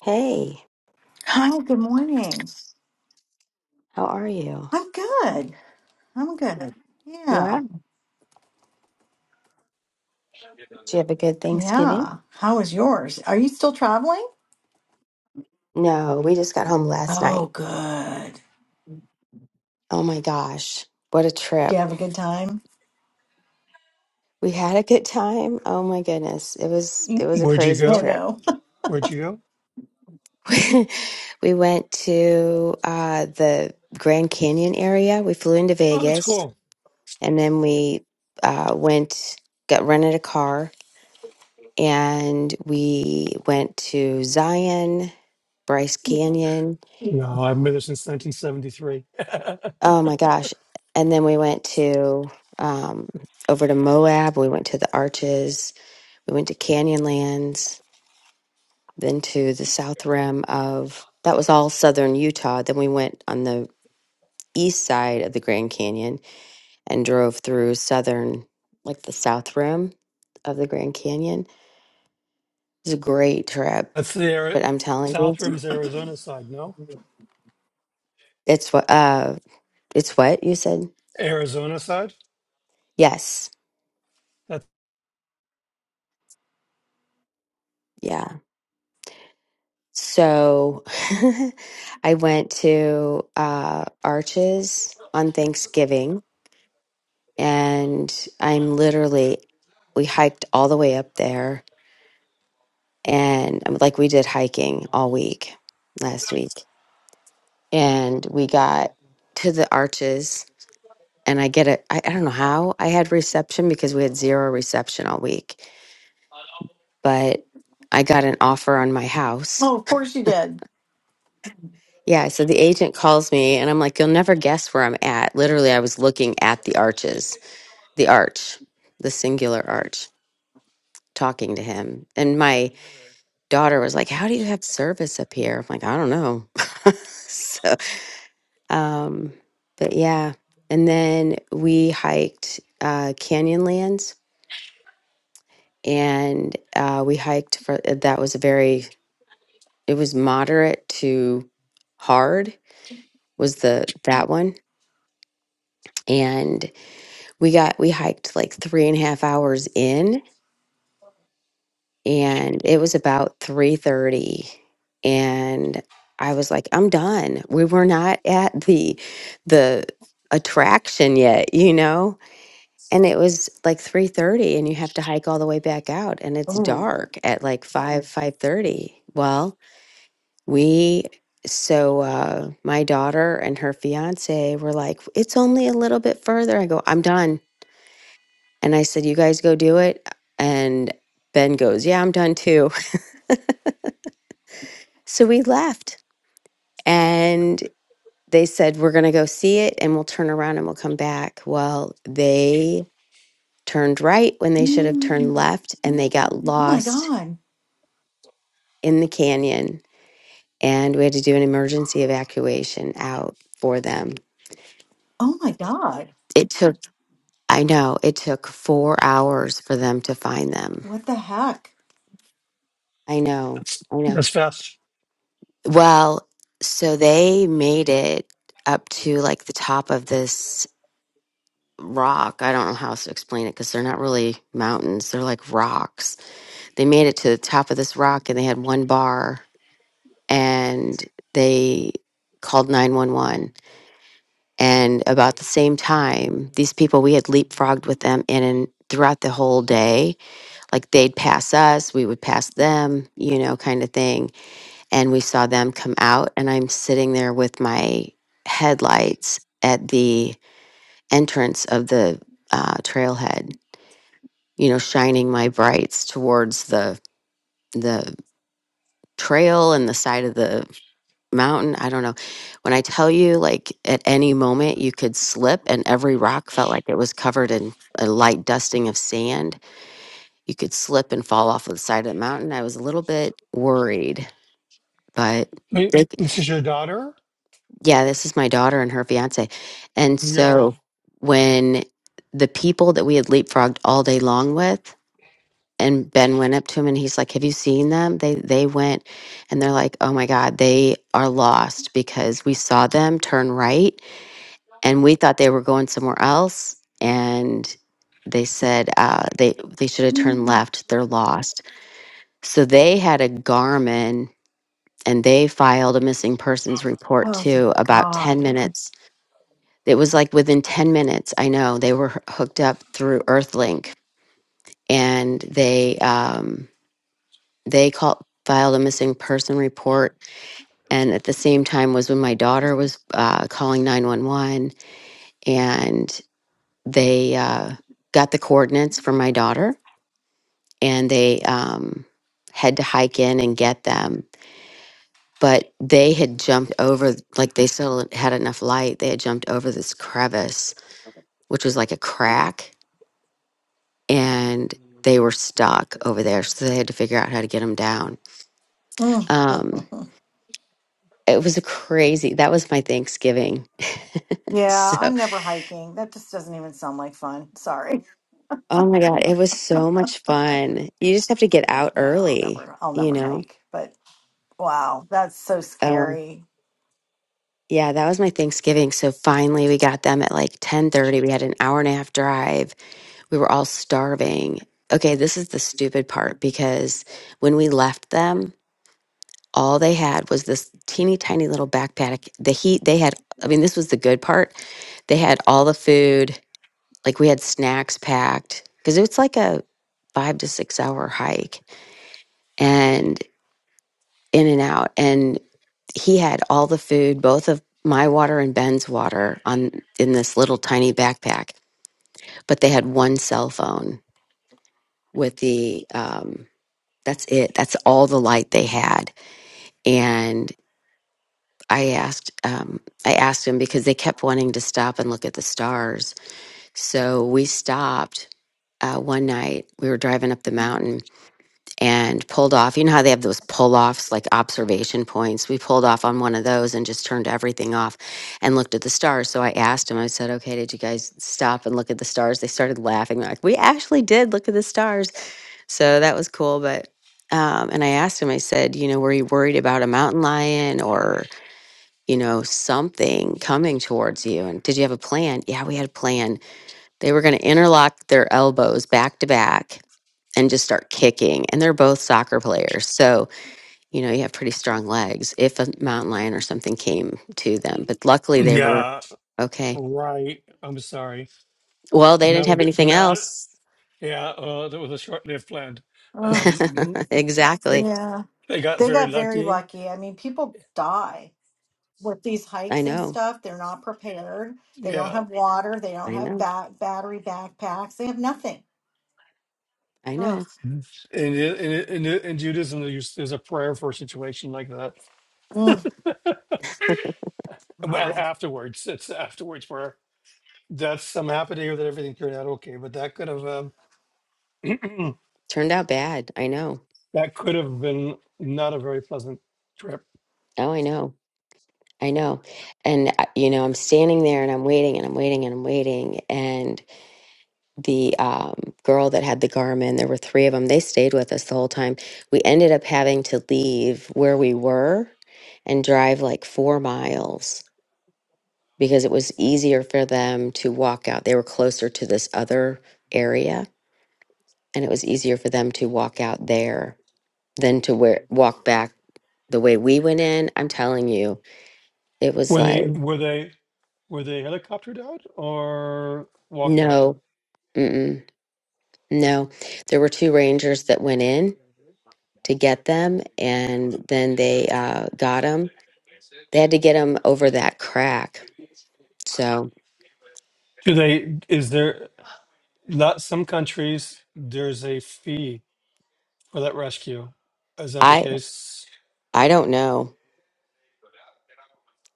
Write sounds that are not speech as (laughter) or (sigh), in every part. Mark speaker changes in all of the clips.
Speaker 1: Hey,
Speaker 2: Hi, good morning.
Speaker 1: how are you?
Speaker 2: I'm good. I'm good. Yeah.
Speaker 1: Yeah. Did you have a good Thanksgiving?
Speaker 2: Yeah. How was yours? Are you still traveling?
Speaker 1: No, we just got home last
Speaker 2: Oh,
Speaker 1: night.
Speaker 2: good.
Speaker 1: Oh my gosh, what a
Speaker 2: Do
Speaker 1: trip.
Speaker 2: you have a good time?
Speaker 1: We had a good time. Oh my goodness. It was it was a
Speaker 3: Where'd you
Speaker 1: crazy
Speaker 2: Oh,
Speaker 3: go?
Speaker 1: trip.
Speaker 2: no. (laughs)
Speaker 3: Where'd you go?
Speaker 1: (laughs) We went to uh the Grand Canyon area. We flew into
Speaker 3: Oh, that's
Speaker 1: Vegas
Speaker 3: cool.
Speaker 1: and then we uh went got rented a car and we went to Zion, Bryce Canyon.
Speaker 3: No, I've been there since 1973.
Speaker 1: Oh my gosh. And then we went to um over to Moab, we went to the Arches, we went to Canyonlands, then to the south rim of that was all southern Utah. Then we went on the east side of the Grand Canyon and drove through southern like the south rim of the Grand Canyon. It was a great trip.
Speaker 3: That's the Ari-
Speaker 1: But I'm telling you,
Speaker 3: South Rim's Arizona side. No,
Speaker 1: it's what uh it's what you said?
Speaker 3: Arizona side.
Speaker 1: Yes.
Speaker 3: That,
Speaker 1: Yeah. So (laughs) I went to uh, Arches on Thanksgiving, and I'm literally, we hiked all the way up there. And um, like we did hiking all week last week. And we got to the Arches, and I get it. I I don't know how I had reception because we had zero reception all week, but I got an offer on my house
Speaker 2: Oh, of course you did.
Speaker 1: Yeah, so the agent calls me and I'm like, you'll never guess where I'm at. Literally, I was looking at the arches, the arch, the singular arch, talking to him. And my daughter was like, How do you have service up here? I'm like, I don't know. (laughs) so, um, but yeah. And then we hiked uh, Canyonlands and uh, we hiked for uh, that was a very, it was moderate to hard, was the that one. And we got we hiked like three and a half hours in and it was about 3.30 and i was like i'm done we were not at the the attraction yet you know and it was like 3.30 and you have to hike all the way back out and it's
Speaker 2: Oh.
Speaker 1: dark at like 5 5.30 well we so uh my daughter and her fiance were like it's only a little bit further i go i'm done And I said, You guys go do it. And Ben goes, Yeah, I'm done too. (laughs) So we left and they said, We're going to go see it and we'll turn around and we'll come back. Well, they turned right when they should have turned
Speaker 2: Mm.
Speaker 1: left and they got
Speaker 2: Oh, my
Speaker 1: lost
Speaker 2: God.
Speaker 1: in the canyon. And we had to do an emergency evacuation out for them.
Speaker 2: Oh, my God.
Speaker 1: It took, I know, it took four hours for them to find them.
Speaker 2: What the heck?
Speaker 1: I know,
Speaker 3: that's
Speaker 1: I know.
Speaker 3: that's fast.
Speaker 1: Well, so they made it up to like the top of this rock. I don't know how else to explain it because they're not really mountains, they're like rocks. They made it to the top of this rock and they had one bar and they called 911. And about the same time, these people, we had leapfrogged with them in and throughout the whole day. Like they'd pass us, we would pass them, you know, kind of thing and we saw them come out and i'm sitting there with my headlights at the entrance of the uh, trailhead you know shining my brights towards the the trail and the side of the mountain i don't know when i tell you like at any moment you could slip and every rock felt like it was covered in a light dusting of sand you could slip and fall off of the side of the mountain i was a little bit worried but
Speaker 3: Wait,
Speaker 1: It
Speaker 3: this is your daughter?
Speaker 1: Yeah, this is my daughter and her fiance. And
Speaker 3: Yo.
Speaker 1: so when the people that we had leapfrogged all day long with, and Ben went up to him and he's like, Have you seen them? They they went and they're like, Oh my God, they are lost because we saw them turn right and we thought they were going somewhere else. And they said uh, they they should have turned
Speaker 2: Mm.
Speaker 1: left. They're lost. So they had a Garmin and they filed a missing persons report
Speaker 2: Oh, thank
Speaker 1: too about 10
Speaker 2: God.
Speaker 1: minutes it was like within 10 minutes, I know they were h- hooked up through Earthlink and they um they called filed a missing person report and at the same time was when my daughter was uh, calling 911 and they uh, got the coordinates from my daughter and they um, had to hike in and get them but they had jumped over like they still had enough light they had jumped over this crevice which was like a crack and they were stuck over there. So they had to figure out how to get them down.
Speaker 2: Mm.
Speaker 1: Um, it was a crazy, that was my Thanksgiving. (laughs)
Speaker 2: Yeah,
Speaker 1: so,
Speaker 2: I'm never hiking. That just doesn't even sound like fun. (laughs) Sorry.
Speaker 1: oh my God, it was so much fun. You just have to get out
Speaker 2: No, I'll
Speaker 1: early,
Speaker 2: never. I'll
Speaker 1: you
Speaker 2: never
Speaker 1: know?
Speaker 2: hike. But wow, that's so
Speaker 1: Um,
Speaker 2: scary.
Speaker 1: yeah, that was my Thanksgiving. So finally we got them at like 10:30. We had an hour and a half drive. We were all starving. Okay, this is the stupid part because when we left them, all they had was this teeny tiny little backpack. The heat they had, I mean, this was the good part. They had all the food, like we had snacks packed because it's like a five to six hour hike and in and out. And he had all the food, both of my water and Ben's water on in this little tiny backpack, but they had one cell phone with the, um, that's it. That's all the light they had. and. I asked um, I asked him because they kept wanting to stop and look at the stars. So we stopped uh, one night. We were driving up the mountain and pulled off. You know how they have those pull offs, like observation points. We pulled off on one of those and just turned everything off and looked at the stars. So I asked him. I said, "Okay, did you guys stop and look at the stars?" They started laughing. They're like, "We actually did look at the stars." So that was cool, but. Um, and I asked him, I said, you know, were you worried about a mountain lion or?" you know, something coming towards you. And did you have a plan? Yeah, we had a plan. They were going to interlock their elbows back to back and just start kicking. And they're both soccer players. So, you know, you have pretty strong legs if a mountain lion or something came to them. But luckily they were
Speaker 3: Yeah.
Speaker 1: okay.
Speaker 3: Right. I'm sorry.
Speaker 1: Well, they didn't
Speaker 3: Not a
Speaker 1: have
Speaker 3: good.
Speaker 1: anything
Speaker 3: Not.
Speaker 1: else.
Speaker 3: Yeah. Uh, that was a short-lived plan.
Speaker 1: (laughs)
Speaker 2: Ugh.
Speaker 3: Um, (clears throat) they
Speaker 1: exactly.
Speaker 2: yeah.
Speaker 3: they got
Speaker 2: They
Speaker 3: very
Speaker 2: got very
Speaker 3: lucky.
Speaker 2: lucky. I mean, people die with these
Speaker 1: I
Speaker 2: hikes and
Speaker 1: know.
Speaker 2: stuff. They're not prepared. They don't
Speaker 3: Yeah.
Speaker 2: have water. They don't
Speaker 1: I
Speaker 2: have
Speaker 1: know.
Speaker 2: ba- battery backpacks. They have nothing.
Speaker 1: I
Speaker 2: Ugh.
Speaker 1: know.
Speaker 3: In in in, in Judaism, there's, there's a prayer for a situation like that.
Speaker 2: Mm.
Speaker 3: And wha-
Speaker 2: Wow.
Speaker 3: afterwards, it's afterwards where that's I'm happy to hear that everything turned out okay, but that could have um, (clears throat)
Speaker 1: Turned out bad. I know.
Speaker 3: that could have been not a very pleasant trip.
Speaker 1: Oh, I know. I know. And, uh, you know, I'm standing there and I'm waiting and I'm waiting and I'm waiting. And the um, girl that had the Garmin, there were three of them, they stayed with us the whole time. We ended up having to leave where we were and drive like four miles because it was easier for them to walk out. They were closer to this other area and it was easier for them to walk out there than to where walk back the way we went in. I'm telling you, it was
Speaker 3: Were
Speaker 1: like,
Speaker 3: they
Speaker 1: Mm.
Speaker 3: were they were they helicoptered out or walked out?
Speaker 1: no. No, there were two rangers that went in to get them, and then they uh, got them. They had to get them over that crack. So
Speaker 3: Do they is there lot some countries there's a fee for that rescue? Is that the
Speaker 1: I,
Speaker 3: case?
Speaker 1: I don't know.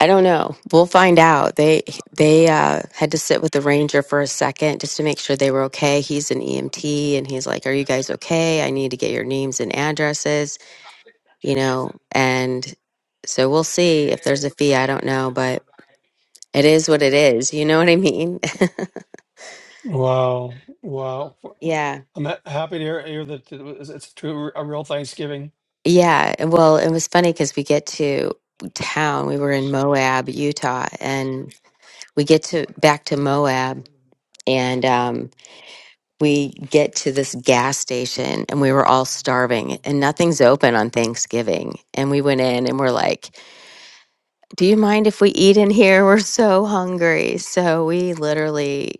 Speaker 1: I don't know. We'll find out. They they uh, had to sit with the ranger for a second just to make sure they were okay. He's an EMT, and he's like, "Are you guys okay? I need to get your names and addresses." You know, and so we'll see if there's a fee. I don't know, but it is what it is. You know what I mean?
Speaker 3: Wow, wow.
Speaker 1: (laughs) yeah.
Speaker 3: I'm ha- happy to hear, hear that it was, it's true a real Thanksgiving.
Speaker 1: Yeah, and- well, it was funny because we get to town. We were in Moab, Utah, and we get to back to Moab, and um, we get to this gas station, and we were all starving, and nothing's open on Thanksgiving. And we went in, and we're like, "Do you mind if we eat in here? We're so hungry." So we literally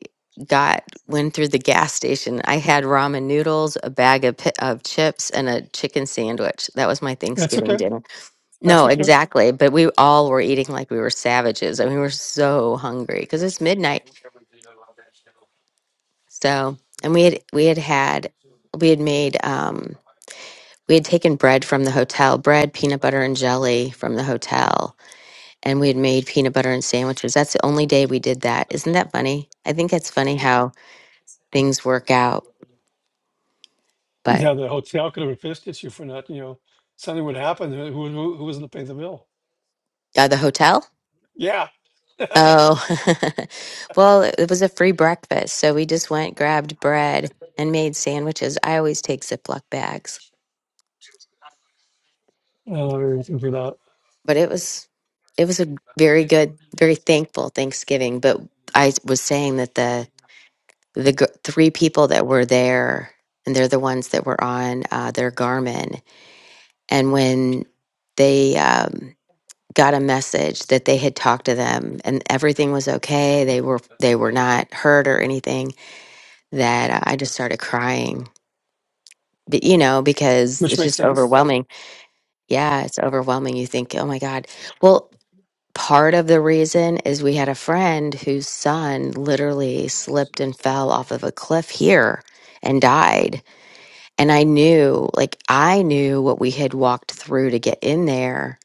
Speaker 1: got went through the gas station. I had ramen noodles, a bag of pi- of chips, and a chicken sandwich. That was my
Speaker 3: That's
Speaker 1: Thanksgiving
Speaker 3: okay.
Speaker 1: dinner.
Speaker 3: That's
Speaker 1: No,
Speaker 3: okay.
Speaker 1: exactly. But we all were eating like we were savages, and we were so hungry because it's midnight. So, and we had we had had we had made um we had taken bread from the hotel, bread, peanut butter, and jelly from the hotel, and we had made peanut butter and sandwiches. That's the only day we did that. Isn't that funny? I think it's funny how things work out. But
Speaker 3: Yeah, the hotel could have a fist issue for not, you know, something would happen. uh, Who who, who was going to pay the bill?
Speaker 1: uh, the hotel?
Speaker 3: Yeah, (laughs) uh,
Speaker 1: Oh, (laughs) well, it was a free breakfast, so we just went, grabbed bread, and made sandwiches. I always take Ziploc bags,
Speaker 3: everything for that,
Speaker 1: but it was it was a very good, very thankful Thanksgiving. But I was saying that the the gr- three people that were there, and they're the ones that were on uh, their Garmin, and when they um, got a message that they had talked to them and everything was okay, they were they were not hurt or anything that I just started crying. But, you know, because
Speaker 3: which
Speaker 1: it's
Speaker 3: makes
Speaker 1: just
Speaker 3: sense.
Speaker 1: overwhelming. Yeah, it's overwhelming. You think, oh my God. Well, part of the reason is we had a friend whose son literally slipped and fell off of a cliff here and died. And I knew, like, I knew what we had walked through to get in there.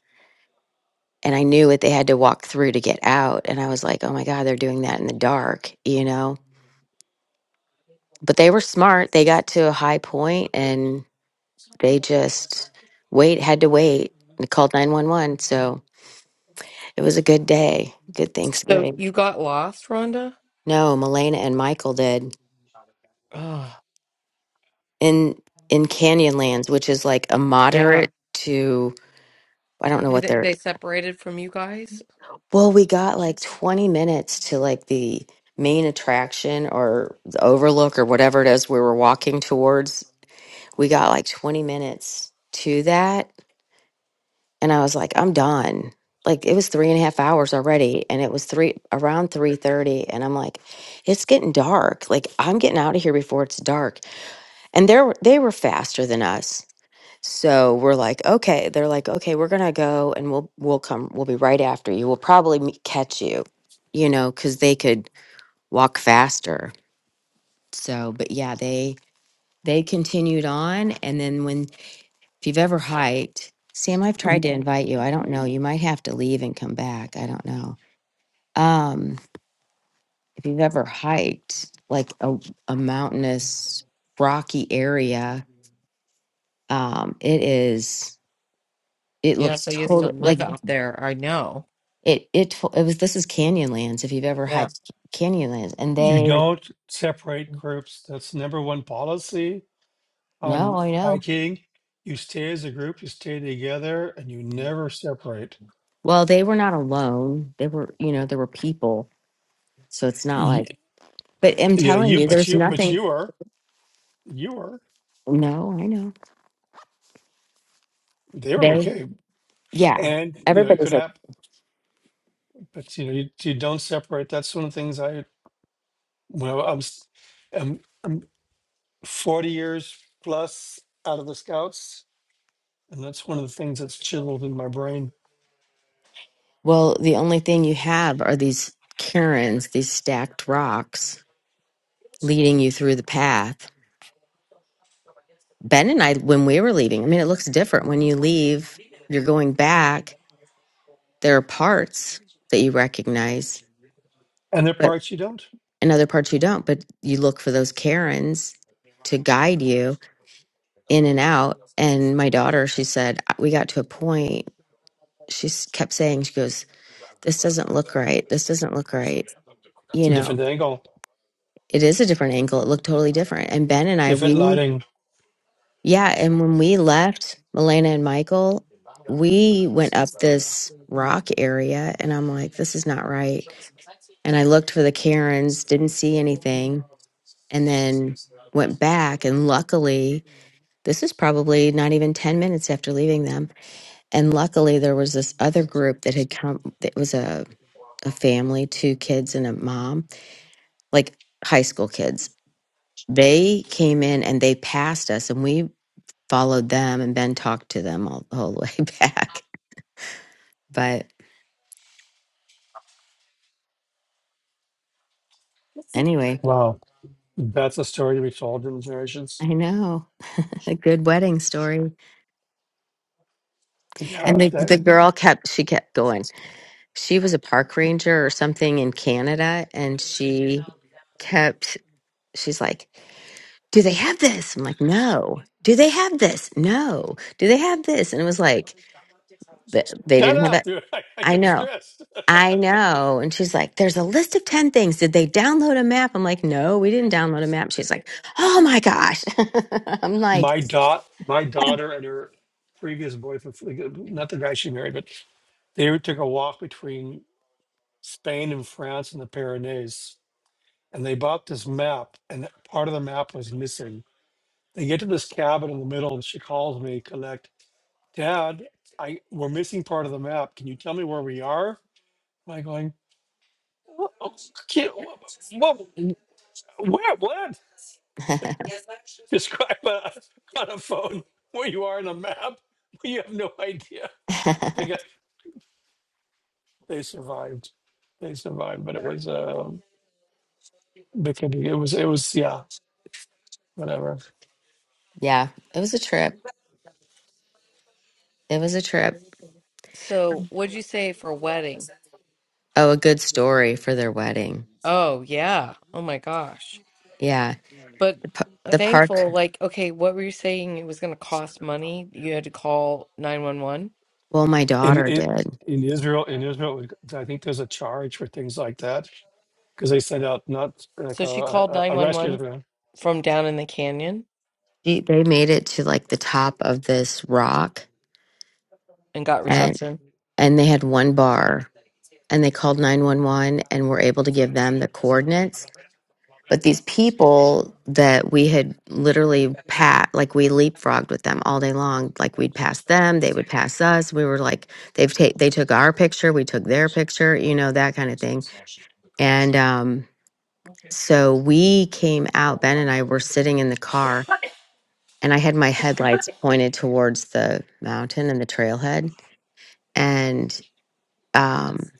Speaker 1: And I knew what they had to walk through to get out. And I was like, oh my God, they're doing that in the dark, you know? But they were smart. They got to a high point and They just wait had to wait. They called nine one one. So it was a good day. Good
Speaker 4: So
Speaker 1: Thanksgiving.
Speaker 4: you got lost, Rhonda?
Speaker 1: No, Milena and Michael did
Speaker 4: Oh,
Speaker 1: in in Canyonlands, which is like a
Speaker 4: yeah.
Speaker 1: moderate to I don't know
Speaker 4: Did
Speaker 1: what
Speaker 4: they,
Speaker 1: they're.
Speaker 4: they separated from you guys?
Speaker 1: Well, we got like twenty minutes to like the main attraction or the overlook or whatever it is we were walking towards. We got like twenty minutes to that and I was like, I'm done. Like it was three and a half hours already, and it was three around three thirty, and I'm like, it's getting dark. Like I'm getting out of here before it's dark. And they are they were faster than us, so we're like, okay. They're like, okay, we're gonna go, and we'll we'll come. We'll be right after you. We'll probably meet, catch you, you know, because they could walk faster. So, but yeah, they they continued on, and then when if you've ever hiked, Sam, I've tried
Speaker 3: W-
Speaker 1: to invite you. I don't know. You might have to leave and come back. I don't know. Um, if you've ever hiked like a, a mountainous, rocky area, um, it is, it
Speaker 4: Yes,
Speaker 1: looks
Speaker 4: I used to
Speaker 1: total
Speaker 4: live
Speaker 1: like Mhm.
Speaker 4: out there. I know.
Speaker 1: it, it, to- it was, this is Canyonlands. If you've ever
Speaker 4: Yeah.
Speaker 1: hiked Canyonlands and
Speaker 3: You
Speaker 1: they,
Speaker 3: don't separate groups. That's number one policy
Speaker 1: no,
Speaker 3: on
Speaker 1: I know.
Speaker 3: hiking. You stay as a group. You stay together, and you never separate.
Speaker 1: Well, they were not alone. They were, you know, there were people. So it's not
Speaker 3: Y-
Speaker 1: like, but I'm
Speaker 3: Yeah,
Speaker 1: telling
Speaker 3: you,
Speaker 1: you,
Speaker 3: but
Speaker 1: there's
Speaker 3: you, but
Speaker 1: nothing.
Speaker 3: you were, you were,
Speaker 1: No, I know.
Speaker 3: they were
Speaker 1: They,
Speaker 3: okay,
Speaker 1: Yeah,
Speaker 3: and you know it
Speaker 1: everybody's
Speaker 3: could
Speaker 1: like,
Speaker 3: happen. But you know, you, you don't separate. That's one of the things I, well, I'm, s- I'm I'm 40 years plus out of the scouts and that's one of the things that's chiseled in my brain
Speaker 1: well, the only thing you have are these cairns, these stacked rocks leading you through the path. Ben and I, when we were leaving, I mean, it looks different. When you leave, you're going back, there are parts that you recognize,
Speaker 3: and there are
Speaker 1: but
Speaker 3: parts you don't
Speaker 1: and other parts you don't. But you look for those cairns to guide you in and out. And my daughter, she said, "Uh, we got to a point, she s- kept saying, she goes, this doesn't look right. This doesn't look right.
Speaker 3: it's
Speaker 1: You
Speaker 3: a
Speaker 1: know,
Speaker 3: different angle
Speaker 1: It is a different angle. It looked totally different. And Ben and I,
Speaker 3: different
Speaker 1: we,
Speaker 3: lighting
Speaker 1: yeah. And when we left Milena and Michael, we went up this rock area and I'm like, this is not right. And I looked for the Karens, didn't see anything, and then went back. And luckily, this is probably not even 10 minutes after leaving them. And luckily, there was this other group that had come, that was a, a family, two kids and a mom, like high school kids They came in and they passed us, and we followed them and then talked to them all the whole way (laughs) back. But anyway,
Speaker 3: wow that's a story to be told in
Speaker 1: I
Speaker 3: generations
Speaker 1: know (laughs) a good wedding story.
Speaker 3: yeah
Speaker 1: And the,
Speaker 3: that,
Speaker 1: the girl kept, she kept going. She was a park ranger or something in Canada, and she kept, she's like, Do they have this? I'm like, No. Do they have this? No. Do they have this? And it was like, th- they
Speaker 3: shut
Speaker 1: didn't have
Speaker 3: up
Speaker 1: it.
Speaker 3: dude. (laughs) I, I
Speaker 1: I
Speaker 3: get
Speaker 1: know.
Speaker 3: stressed (laughs)
Speaker 1: I know. And she's like, there's a list of 10 things. Did they download a map? I'm like, no, we didn't download a map. She's like, oh my gosh. (laughs) I'm like,
Speaker 3: My dot, my daughter and her previous boyfriend, like, not the guy she married, but they took a walk between Spain and France and the Pyrenees, and they bought this map, and part of the map was missing. They get to this cabin in the middle, and she calls me, collect, Dad, I we're missing part of the map. Can you tell me where we are? Am I going? What? What? Where? What?
Speaker 1: (laughs)
Speaker 3: Describe a, on a phone where you are on a map. You have no idea. They got they survived. They survived, but it was uh, beginning. It was it was yeah, whatever.
Speaker 1: yeah, it was a trip. It was a trip.
Speaker 4: So what'd you say for wedding?
Speaker 1: Oh, a good story for their wedding.
Speaker 4: Oh, yeah. Oh my gosh.
Speaker 1: Yeah.
Speaker 4: But
Speaker 1: The, pa-
Speaker 4: uh,
Speaker 1: the park.
Speaker 4: thankful, like, okay, what were you saying? It was going to cost money. You had to call 911.
Speaker 1: Well, my
Speaker 3: In
Speaker 1: daughter
Speaker 3: it
Speaker 1: did.
Speaker 3: in Israel, in Israel, I think there's a charge for things like that because they send out not like
Speaker 4: So
Speaker 3: a,
Speaker 4: she called
Speaker 3: a a rescue.
Speaker 4: 911
Speaker 3: plan.
Speaker 4: from down in the canyon
Speaker 1: She, they made it to like the top of this rock
Speaker 4: and got
Speaker 1: and,
Speaker 4: reception.
Speaker 1: and they had one bar and they called 911 and were able to give them the coordinates But these people that we had literally pat, like we leapfrogged with them all day long. Like we'd pass them, they would pass us. We were like, they've take they took our picture, we took their picture, you know, that kind of thing. And um, so we came out. Ben and I were sitting in the car, and I had my headlights pointed towards the mountain and the trailhead. And um,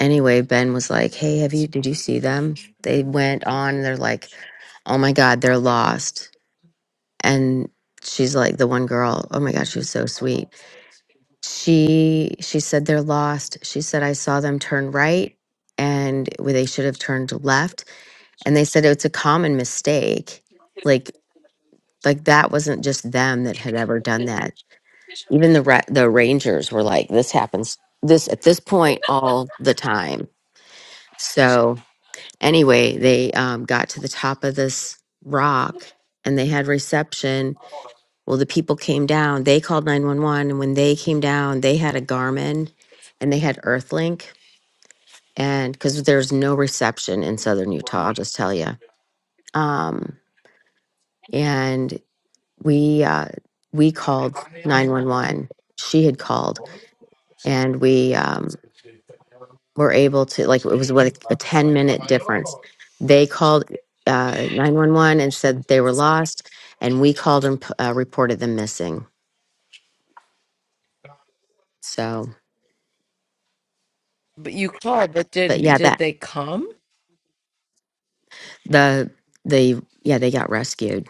Speaker 1: anyway, Ben was like, "Hey, have you? Did you see them? They went on. They're like." oh my god they're lost and she's like the one girl oh my god she was so sweet she she said they're lost she said i saw them turn right and where they should have turned left and they said it's a common mistake like like that wasn't just them that had ever done that even the ra- the rangers were like this happens this at this point all the time so anyway they um, got to the top of this rock and they had reception Well, the people came down, they called 911, and when they came down, they had a Garmin and they had Earthlink. And because there's no reception in southern Utah, I'll just tell you. Um, and we uh, we called 911. She had called, and we um, were able to like it was what a 10 minute difference. They called uh, 911 and said they were lost, and we called and uh, reported them missing. So,
Speaker 4: But you called, but
Speaker 1: but
Speaker 4: did
Speaker 1: yeah, that
Speaker 4: did they come?
Speaker 1: The they yeah, they got rescued.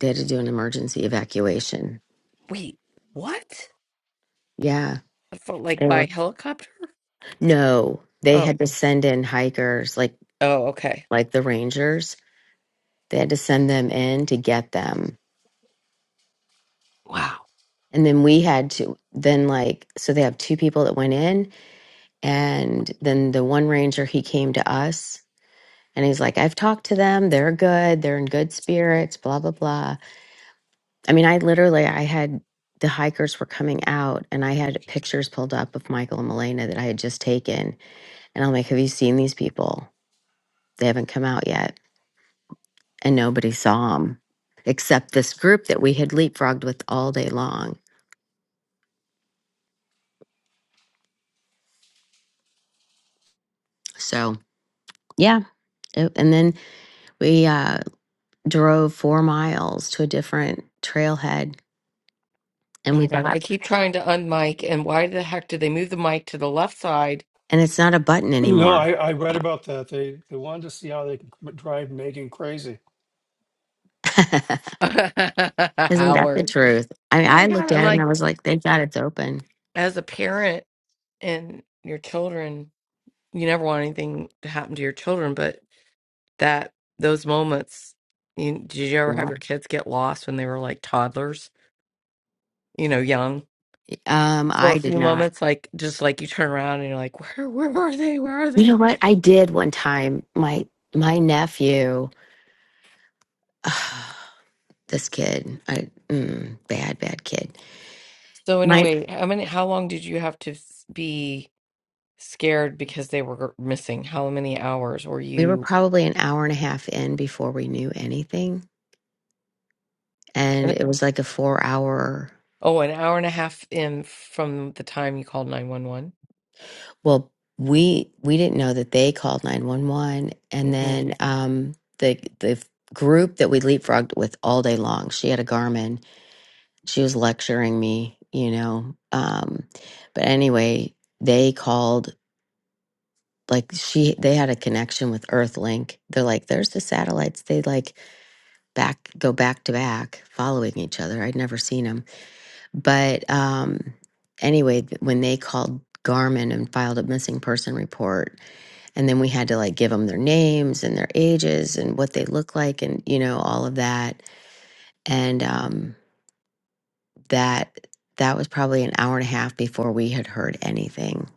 Speaker 1: They had to do an emergency evacuation.
Speaker 4: Wait, what?
Speaker 1: Yeah.
Speaker 4: I felt like
Speaker 1: They
Speaker 4: by
Speaker 1: were
Speaker 4: helicopter?
Speaker 1: no, they
Speaker 4: Oh,
Speaker 1: had to send in hikers like
Speaker 4: oh, okay.
Speaker 1: like the rangers. They had to send them in to get them.
Speaker 4: Wow.
Speaker 1: And then we had to then like so they have two people that went in and then the one ranger he came to us and he's like, I've talked to them, they're good, they're in good spirits, blah blah blah. I mean, I literally I had the hikers were coming out and I had pictures pulled up of Michael and Milena that I had just taken. And I'm like, have you seen these people? They haven't come out yet. And nobody saw them except this group that we had leapfrogged with all day long. So, yeah. it- and then we uh, drove four miles to a different trailhead
Speaker 4: Oh
Speaker 1: and
Speaker 4: my
Speaker 1: we
Speaker 4: God.
Speaker 1: got,
Speaker 4: I keep trying to unmic, and why the heck did they move the mic to the left side?
Speaker 1: and it's not a button
Speaker 3: No,
Speaker 1: anymore.
Speaker 3: I, I read about that. They they wanted to see how they could m- drive Megan crazy.
Speaker 1: (laughs)
Speaker 4: (laughs)
Speaker 1: Isn't that the
Speaker 4: Howard.
Speaker 1: truth? I mean,
Speaker 4: Oh my
Speaker 1: I
Speaker 4: God.
Speaker 1: looked
Speaker 4: I'm
Speaker 1: at it and
Speaker 4: like,
Speaker 1: I was like, thank God it's open.
Speaker 4: as a parent and your children, you never want anything to happen to your children, but that, those moments, you, did you ever
Speaker 1: Yeah.
Speaker 4: have your kids get lost when they were like toddlers, you know, young
Speaker 1: Um,
Speaker 4: for a
Speaker 1: I did
Speaker 4: few
Speaker 1: not.
Speaker 4: moments? Like, just like you turn around and you're like, where, where are they? Where are
Speaker 1: You
Speaker 4: they?
Speaker 1: know what? I did one time. My my nephew, (sighs) this kid, I mm, bad bad kid.
Speaker 4: So
Speaker 1: My
Speaker 4: anyway, how many, how long did you have to s- be? scared because they were missing how many hours were
Speaker 1: we were
Speaker 4: you
Speaker 1: probably an hour and a half in before we knew anything, and
Speaker 4: and-
Speaker 1: it was like a four hour.
Speaker 4: oh an hour and a half in from the time you called 911
Speaker 1: Well, we we didn't know that they called nine one one, and
Speaker 4: hmm
Speaker 1: then um the the group that we leapfrogged with all day long. She had a Garmin, she was lecturing me, you know. Um, but anyway, they called like she they had a connection with Earthlink. They're like, there's the satellites. They like back go back to back, following each other. I'd never seen them, but um, anyway, th- when they called. Garmin and filed a missing person report. And then we had to like give them their names and their ages and what they look like and, you know, all of that. And, um, that that was probably an hour and a half before we had heard anything.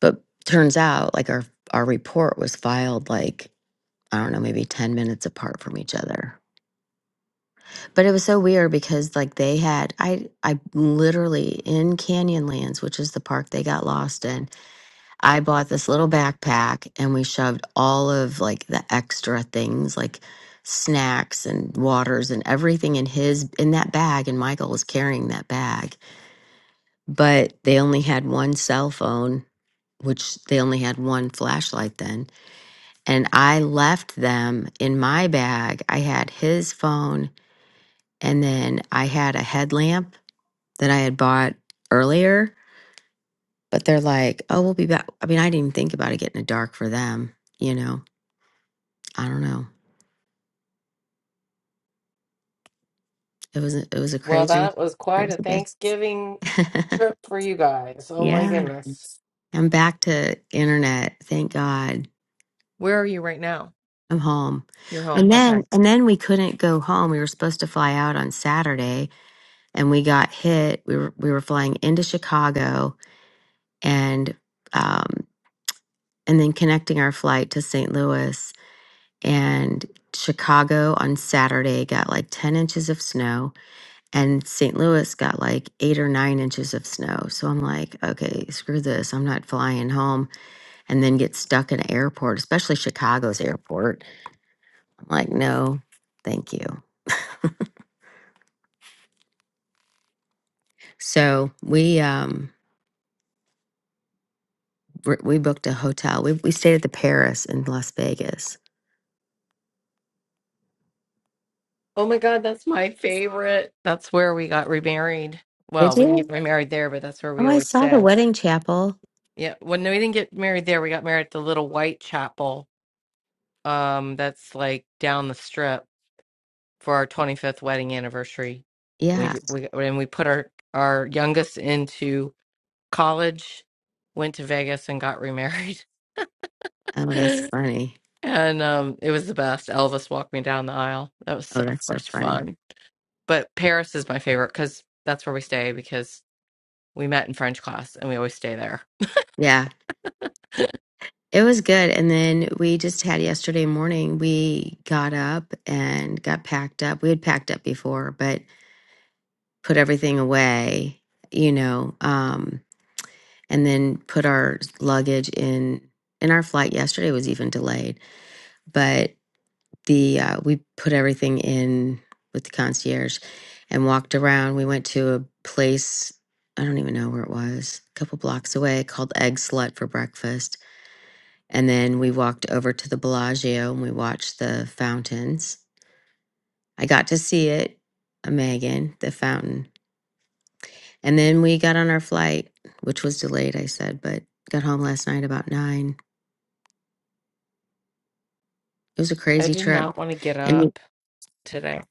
Speaker 1: But turns out like our our report was filed like I don't know, maybe 10 minutes apart from each other. But it was so weird because like they had I I literally in Canyonlands, which is the park they got lost in, I bought this little backpack and we shoved all of like the extra things like snacks and waters and everything in his in that bag and Michael was carrying that bag but they only had one cell phone, which they only had one flashlight then. And I left them in my bag. I had his phone, and then I had a headlamp that I had bought earlier. But they're like, "Oh, we'll be back." I mean, I didn't even think about it getting it dark for them. You know, I don't know. It was a, it was a
Speaker 4: well
Speaker 1: crazy,
Speaker 4: that was quite a
Speaker 1: crazy day.
Speaker 4: thanksgiving
Speaker 1: (laughs)
Speaker 4: trip for you guys oh my
Speaker 1: yeah,
Speaker 4: goodness
Speaker 1: I'm back to internet. Thank God.
Speaker 4: where are you right now
Speaker 1: I'm home.
Speaker 4: you're home
Speaker 1: And
Speaker 4: okay
Speaker 1: then and then we couldn't go home. We were supposed to fly out on Saturday and we got hit. We were we were flying into Chicago and um and then connecting our flight to St. Louis and Chicago on Saturday got like 10 inches of snow and St. Louis got like 8 or 9 inches of snow. So I'm like, okay, screw this. I'm not flying home and then get stuck in an airport, especially Chicago's airport. I'm like, no, thank you. So we um we we booked a hotel. We we stayed at the Paris in Las Vegas.
Speaker 4: oh my god that's my favorite that's where we got remarried well
Speaker 1: Did
Speaker 4: we didn't get
Speaker 1: you?
Speaker 4: remarried there but that's where we
Speaker 1: Oh, I
Speaker 4: always
Speaker 1: saw the
Speaker 4: stay
Speaker 1: wedding chapel.
Speaker 4: yeah well no we didn't get married there we got married at the little white chapel um that's like down the strip for our 25th wedding anniversary.
Speaker 1: Yeah.
Speaker 4: We we and we put our our youngest into college, went to Vegas and got remarried. (laughs)
Speaker 1: Oh, that's funny.
Speaker 4: and um it was the best. Elvis walked me down the aisle. That was so
Speaker 1: Oh, that's
Speaker 4: (laughs)
Speaker 1: so
Speaker 4: much
Speaker 1: funny.
Speaker 4: fun. But Paris is my favorite cuz that's where we stay because we met in French class and we always stay there.
Speaker 1: Yeah. It was good. And then we just had yesterday morning, we got up and got packed up. We had packed up before, but put everything away, you know, um, and then put our luggage in. And our flight yesterday was even delayed. but. the uh, we put everything in with the concierge and walked around. We went to a place I don't even know where it was, a couple blocks away, called Egg Slut for breakfast. And then we walked over to the Bellagio and we watched the fountains. I got to see it, uh, Megan, the fountain. And then we got on our flight, which was delayed, I said, but got home last night about nine. It was a
Speaker 4: I
Speaker 1: crazy
Speaker 4: did
Speaker 1: trip.
Speaker 4: not want to get
Speaker 1: And
Speaker 4: up today.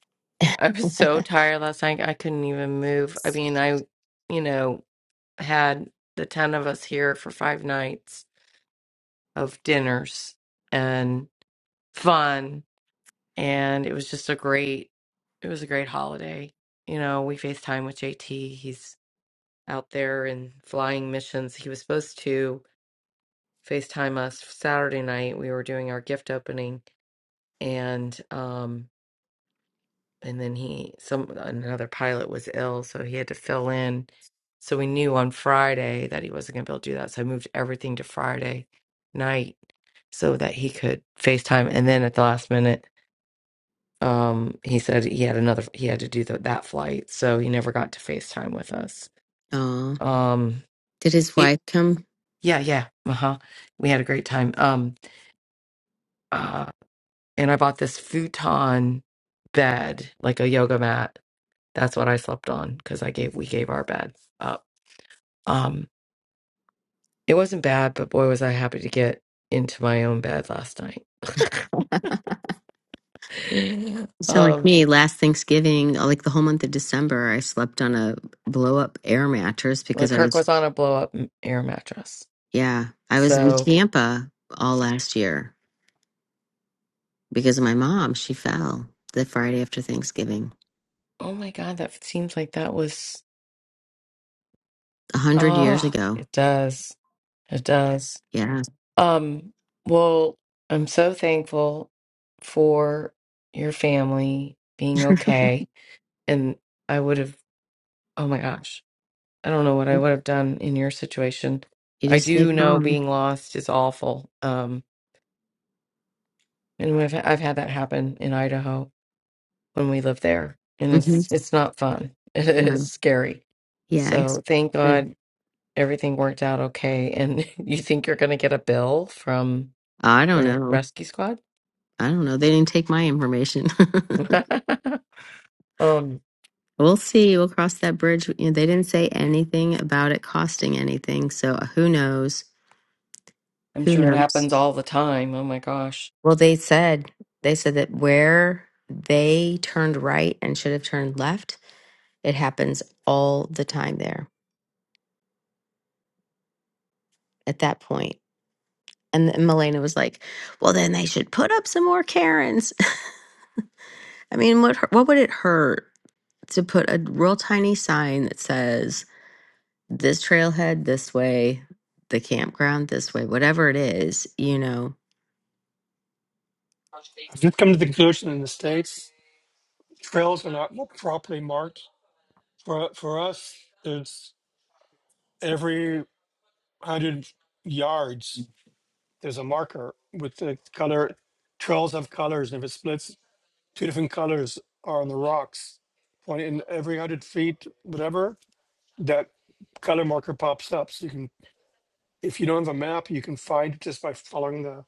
Speaker 4: I was so
Speaker 1: (laughs)
Speaker 4: tired last night. I couldn't even move. I mean, I you know, had the 10 of us here for 5 nights of dinners and fun and it was just a great it was a great holiday you know we facetime with jt he's out there in flying missions he was supposed to facetime us saturday night we were doing our gift opening and um and then he some another pilot was ill so he had to fill in so we knew on friday that he wasn't going to be able to do that so i moved everything to friday night so that he could facetime and then at the last minute Um, he said he had another, he had to do the, that flight, so he never got to FaceTime with us.
Speaker 1: oh,
Speaker 4: Um,
Speaker 1: did his
Speaker 4: it,
Speaker 1: wife come?
Speaker 4: yeah, yeah, uh huh. We had a great time. Um, uh, and I bought this futon bed, like a yoga mat. That's what I slept on because I gave we gave our bed up. Um, it wasn't bad, but boy, was I happy to get into my own bed last night. (laughs)
Speaker 1: You sound like
Speaker 4: um,
Speaker 1: me. Last Thanksgiving, uh, like the whole month of December, I slept on a blow up air mattress
Speaker 4: well,
Speaker 1: because I
Speaker 4: Kirk
Speaker 1: was,
Speaker 4: was on a blow up air mattress,
Speaker 1: yeah, I was in
Speaker 4: so
Speaker 1: Tampa all last year because of my mom. She fell the Friday after Thanksgiving,
Speaker 4: oh my god, that seems like that was.
Speaker 1: a hundred years
Speaker 4: Oh,
Speaker 1: ago.
Speaker 4: it does. It does.
Speaker 1: Yeah.
Speaker 4: Um, well, I'm so thankful for your family being okay. And I would have, oh my gosh, I don't know what I would have done in your situation.
Speaker 1: You
Speaker 4: I
Speaker 1: just stay
Speaker 4: do know
Speaker 1: calm.
Speaker 4: being lost is awful. Um, and I've I've had that happen in Idaho when we lived there, and
Speaker 1: hmm
Speaker 4: it's it's not fun. (laughs) It
Speaker 1: Yeah.
Speaker 4: is scary.
Speaker 1: Yeah. It's,
Speaker 4: So thank God everything worked out okay. And (laughs) you think you're going to get a bill from
Speaker 1: I don't
Speaker 4: the
Speaker 1: know.
Speaker 4: rescue squad.
Speaker 1: I don't know. They didn't take my information. (laughs)
Speaker 4: (laughs) um,
Speaker 1: We'll see. We'll cross that bridge. You know, they didn't say anything about it costing anything. So uh, who knows?
Speaker 4: I'm
Speaker 1: Who
Speaker 4: sure it
Speaker 1: knows?
Speaker 4: happens all the time. Oh my gosh.
Speaker 1: Well, they said they said that where they turned right and should have turned left, it happens all the time there at that point. And then Milena was like, "Well, then they should put up some more Karens." (laughs) I mean, what hu- what would it hurt to put a real tiny sign that says this trailhead this way, the campground this way, whatever it is, you know?
Speaker 3: I've just come to the conclusion in the states trails are not properly marked For for us, there's every hundred yards there's a marker with the color trails of colors, and if it splits, two different colors are on the rocks. Point in every hundred feet, whatever that color marker pops up. So you can, if you don't have a map, you can find it just by following the,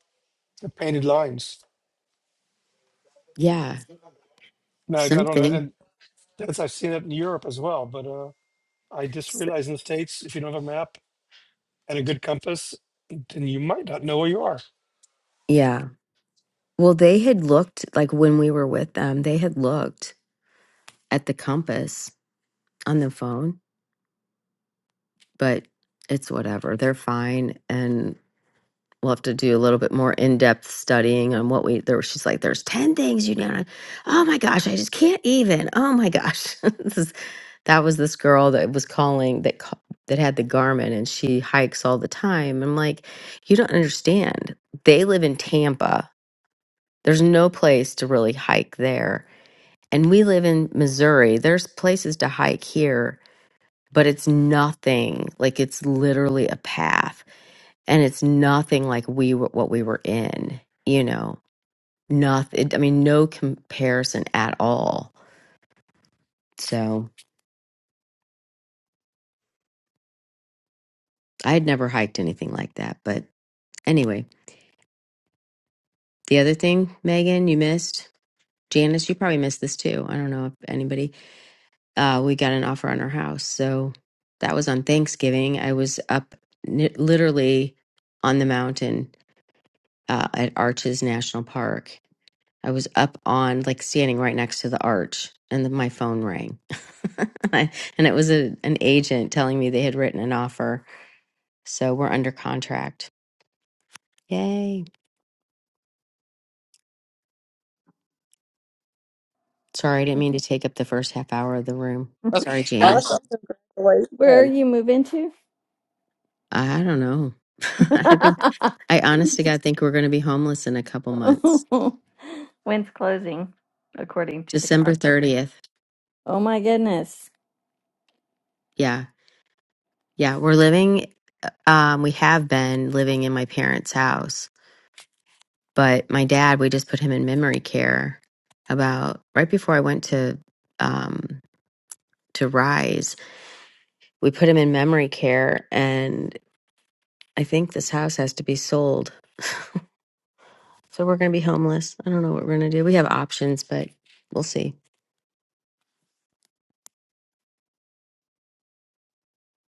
Speaker 3: the painted lines.
Speaker 1: Yeah,
Speaker 3: Now I don't know,
Speaker 1: something.
Speaker 3: and that's I've seen it in Europe as well. But uh, I just
Speaker 1: S-
Speaker 3: realized in the states, if you don't have a map and a good compass, then you might not know where you are.
Speaker 1: Yeah. Well, they had looked like when we were with them, they had looked at the compass on the phone, but it's whatever. They're fine. And we'll have to do a little bit more in depth studying on what we there. She's like, there's 10 things you know. Oh my gosh, I just can't even. Oh my gosh. (laughs) this is, that was this girl that was calling that ca- that had the Garmin, and she hikes all the time. I'm like, you don't understand. They live in Tampa. There's no place to really hike there. And we live in Missouri. There's places to hike here but it's nothing like it's literally a path and it's nothing like we were what we were in you know nothing i mean no comparison at all so i had never hiked anything like that but anyway the other thing megan you missed janice you probably missed this too i don't know if anybody uh we got an offer on our house so that was on thanksgiving i was up ni- literally on the mountain uh, at arches national park I was up on like standing right next to the arch, and then my phone rang, (laughs) and it was a, an agent telling me they had written an offer, so we're under contract. Yay! Sorry, I didn't mean to take up the first half hour of the room.
Speaker 4: Okay.
Speaker 1: Sorry, Janice.
Speaker 5: Awesome.
Speaker 6: Where
Speaker 5: Congratulations.
Speaker 6: are you moving to?
Speaker 1: I don't know. (laughs) I think I honest to God think we're going to be homeless in a couple months.
Speaker 6: (laughs) When's closing, according to the
Speaker 1: December
Speaker 6: contract?
Speaker 1: thirtieth.
Speaker 6: Oh my goodness.
Speaker 1: Yeah, yeah, we're living. uh, Um, we have been living in my parents' house But my dad, we just put him in memory care about right before I went to um to Rise. We put him in memory care and I think this house has to be sold. So we're going to be homeless. I don't know what we're going to do. We have options, but we'll see.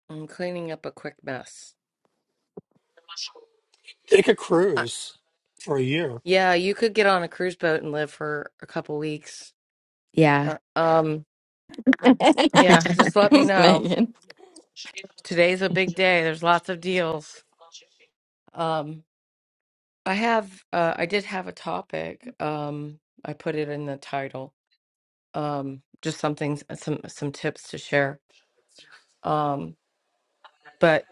Speaker 4: I'm cleaning up a quick mess.
Speaker 3: Take a
Speaker 4: Uh,
Speaker 3: cruise for a year.
Speaker 4: yeah, you could get on a cruise boat and live for a couple weeks.
Speaker 1: Yeah.
Speaker 4: Uh, um,
Speaker 6: (laughs)
Speaker 4: yeah, just let me know.
Speaker 6: Megan,
Speaker 4: Today's a big day. There's lots of deals. Um. I have uh I did have a topic. Um I put it in the title. Um just something some some tips to share. Um but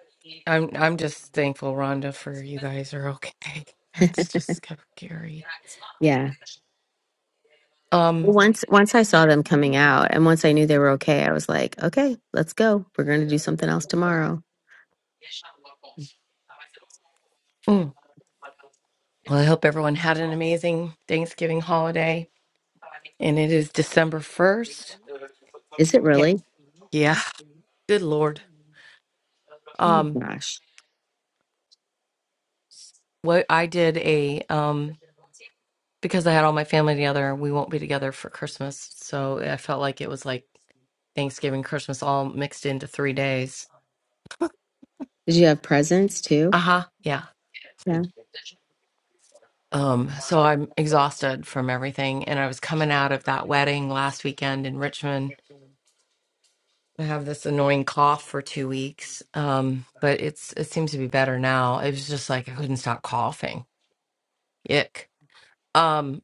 Speaker 4: I'm I'm just thankful Rhonda for you guys are okay. (laughs) That's just kind of scary.
Speaker 1: Yeah.
Speaker 4: Um
Speaker 1: Once once I saw them coming out and once I knew they were okay, I was like, okay, let's go. We're going to do something else tomorrow.
Speaker 4: mm. well I hope everyone had an amazing Thanksgiving holiday and it is December 1st.
Speaker 1: Is it
Speaker 4: Yeah.
Speaker 1: really?
Speaker 4: Yeah. Good Lord.
Speaker 1: Oh my
Speaker 4: Um
Speaker 1: gosh.
Speaker 4: what I did a um because I had all my family together, we won't be together for Christmas. So I felt like it was like Thanksgiving, Christmas all mixed into three days.
Speaker 1: Did you have presents too?
Speaker 4: Uh huh. Yeah.
Speaker 1: Yeah.
Speaker 4: Um, so I'm exhausted from everything. And I was coming out of that wedding last weekend in Richmond. I have this annoying cough for two weeks. Um, but it's it seems to be better now. It was just like I couldn't stop coughing. Ick. Um,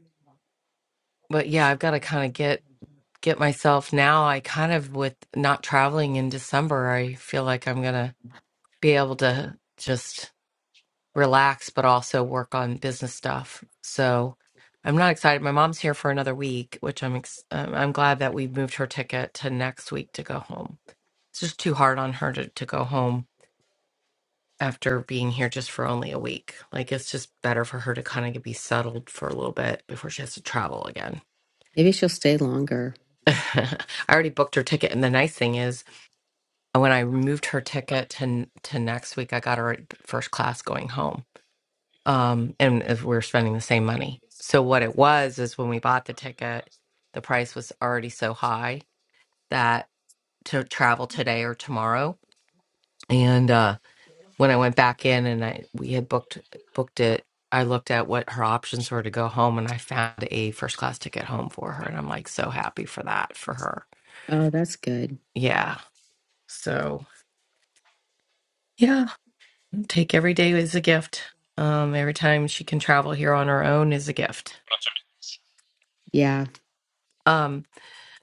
Speaker 4: but yeah, I've got to kind of get get myself now. I kind of, with not traveling in December, I feel like I'm going to be able to just relax, but also work on business stuff. So I'm not excited. My mom's here for another week, which I'm ex- um, I'm glad that we moved her ticket to next week to go home. It's just too hard on her to, to go home after being here just for only a week. Like it's just better for her to kind of be settled for a little bit before she has to travel again.
Speaker 1: Maybe she'll stay longer.
Speaker 4: (laughs) I already booked her ticket, and the nice thing is And when I moved her ticket to to next week, I got her first class going home. Um, and if we were spending the same money. So what it was is when we bought the ticket, the price was already so high that to travel today or tomorrow. And uh, when I went back in and I we had booked booked it, I looked at what her options were to go home, and I found a first class ticket home for her. And I'm like so happy for that for her.
Speaker 1: Oh, that's good.
Speaker 4: Yeah. So yeah. Take every day as a gift. Um, every time she can travel here on her own is a gift.
Speaker 1: Yeah.
Speaker 4: Um,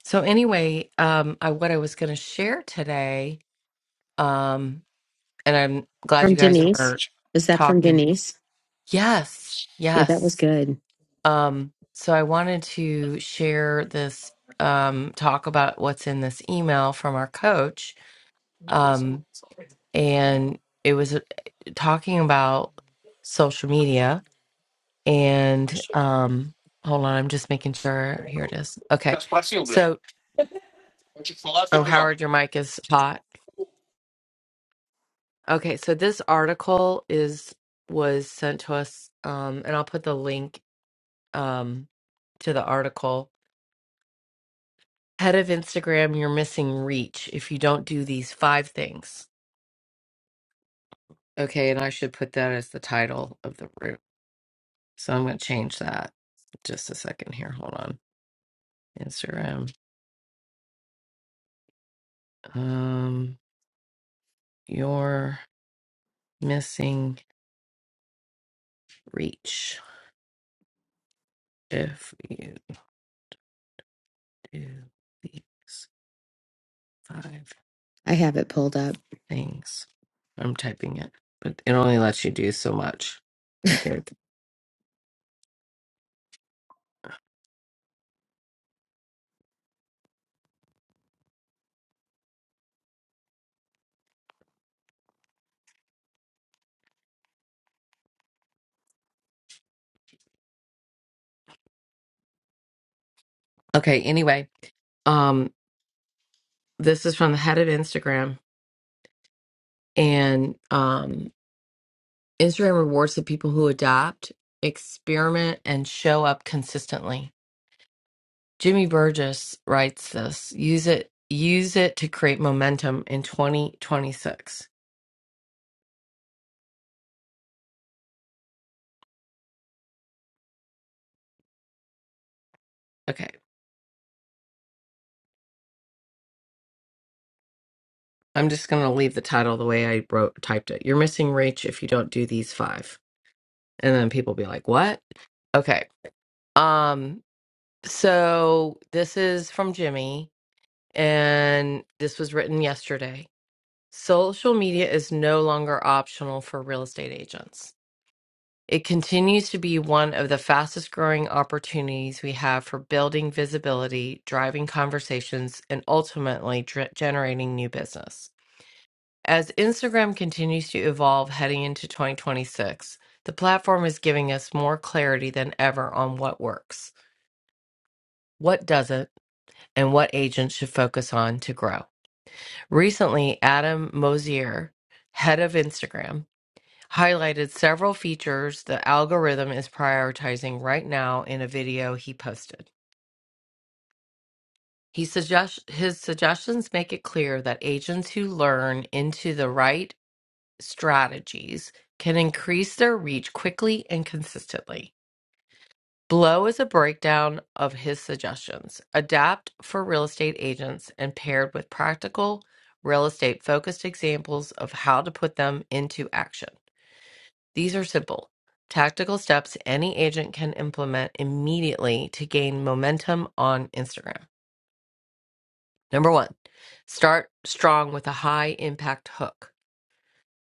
Speaker 4: so anyway, um, I, what I was going to share today, um, and I'm glad you
Speaker 1: From
Speaker 4: guys
Speaker 1: Denise.
Speaker 4: were
Speaker 1: Is that from
Speaker 4: talking.
Speaker 1: Denise?
Speaker 4: Yes,
Speaker 1: Yeah, that was
Speaker 4: yes.
Speaker 1: good.
Speaker 4: Um, so I wanted to share this, um, talk about what's in this email from our coach. Um, and it was uh, talking about social media And um, hold on, I'm just making sure. Here it is. Okay. So, oh, Howard, your mic is hot. Okay. So this article is was sent to us, um, and I'll put the link um, to the article. Head of Instagram, you're missing reach if you don't do these five things. Okay, and I should put that as the title of the room. So I'm going to change that. Just a second here. Hold on. Instagram. Um, you're missing reach if you do these five
Speaker 1: I have it pulled up.
Speaker 4: things. I'm typing it, but it only lets you do so much, I think. Okay, anyway, um this is from the head of Instagram and um Instagram rewards the people who adopt, experiment and show up consistently. Jimmy Burgess writes this. Use it use it to create momentum in 2026. Okay. I'm just going to leave the title the way I wrote typed it. You're missing reach if you don't do these five. And then people be like, "What?" Okay. Um so this is from Jimmy and this was written yesterday. Social media is no longer optional for real estate agents. It continues to be one of the fastest growing opportunities we have for building visibility, driving conversations, and ultimately dr- generating new business. As Instagram continues to evolve heading into 2026, the platform is giving us more clarity than ever on what works, what doesn't, and what agents should focus on to grow. Recently, Adam Mosier, head of Instagram, highlighted several features the algorithm is prioritizing right now in a video he posted. He suggest- his suggestions make it clear that agents who learn into the right strategies can increase their reach quickly and consistently. Below is a breakdown of his suggestions. Adapt for real estate agents and paired with practical real estate focused examples of how to put them into action. These are simple, tactical steps any agent can implement immediately to gain momentum on Instagram. Number one, start strong with a high impact hook.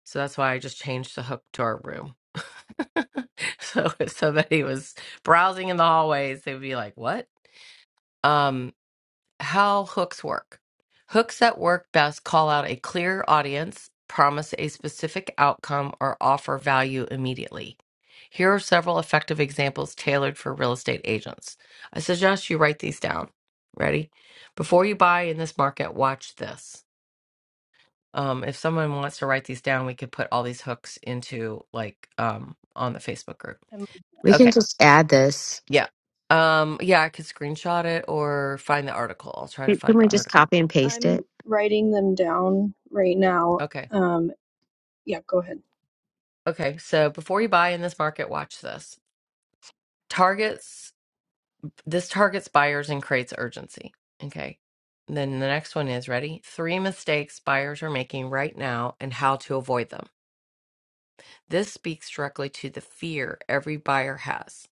Speaker 4: So that's why I just changed the hook to our room. (laughs) so if somebody was browsing in the hallways, they'd be like, "What?" Um, how hooks work? Hooks that work best call out a clear audience, promise a specific outcome, or offer value immediately. Here are several effective examples tailored for real estate agents. I suggest you write these down. Ready? Before you buy in this market, watch this. Um, if someone wants to write these down, we could put all these hooks into like um on the Facebook group.
Speaker 7: I'm
Speaker 1: We can
Speaker 4: Okay.
Speaker 1: just add this.
Speaker 4: Yeah. Um, yeah, I could screenshot it or find the article. I'll try to
Speaker 1: Can can
Speaker 4: find the
Speaker 1: we just
Speaker 4: article.
Speaker 1: copy and paste
Speaker 7: I'm
Speaker 1: it?
Speaker 7: writing them down right now.
Speaker 4: Okay.
Speaker 7: Um, yeah, go ahead.
Speaker 4: Okay. So before you buy in this market, watch this. Targets this targets buyers and creates urgency. Okay. Then the next one is ready? Three mistakes buyers are making right now and how to avoid them. This speaks directly to the fear every buyer has.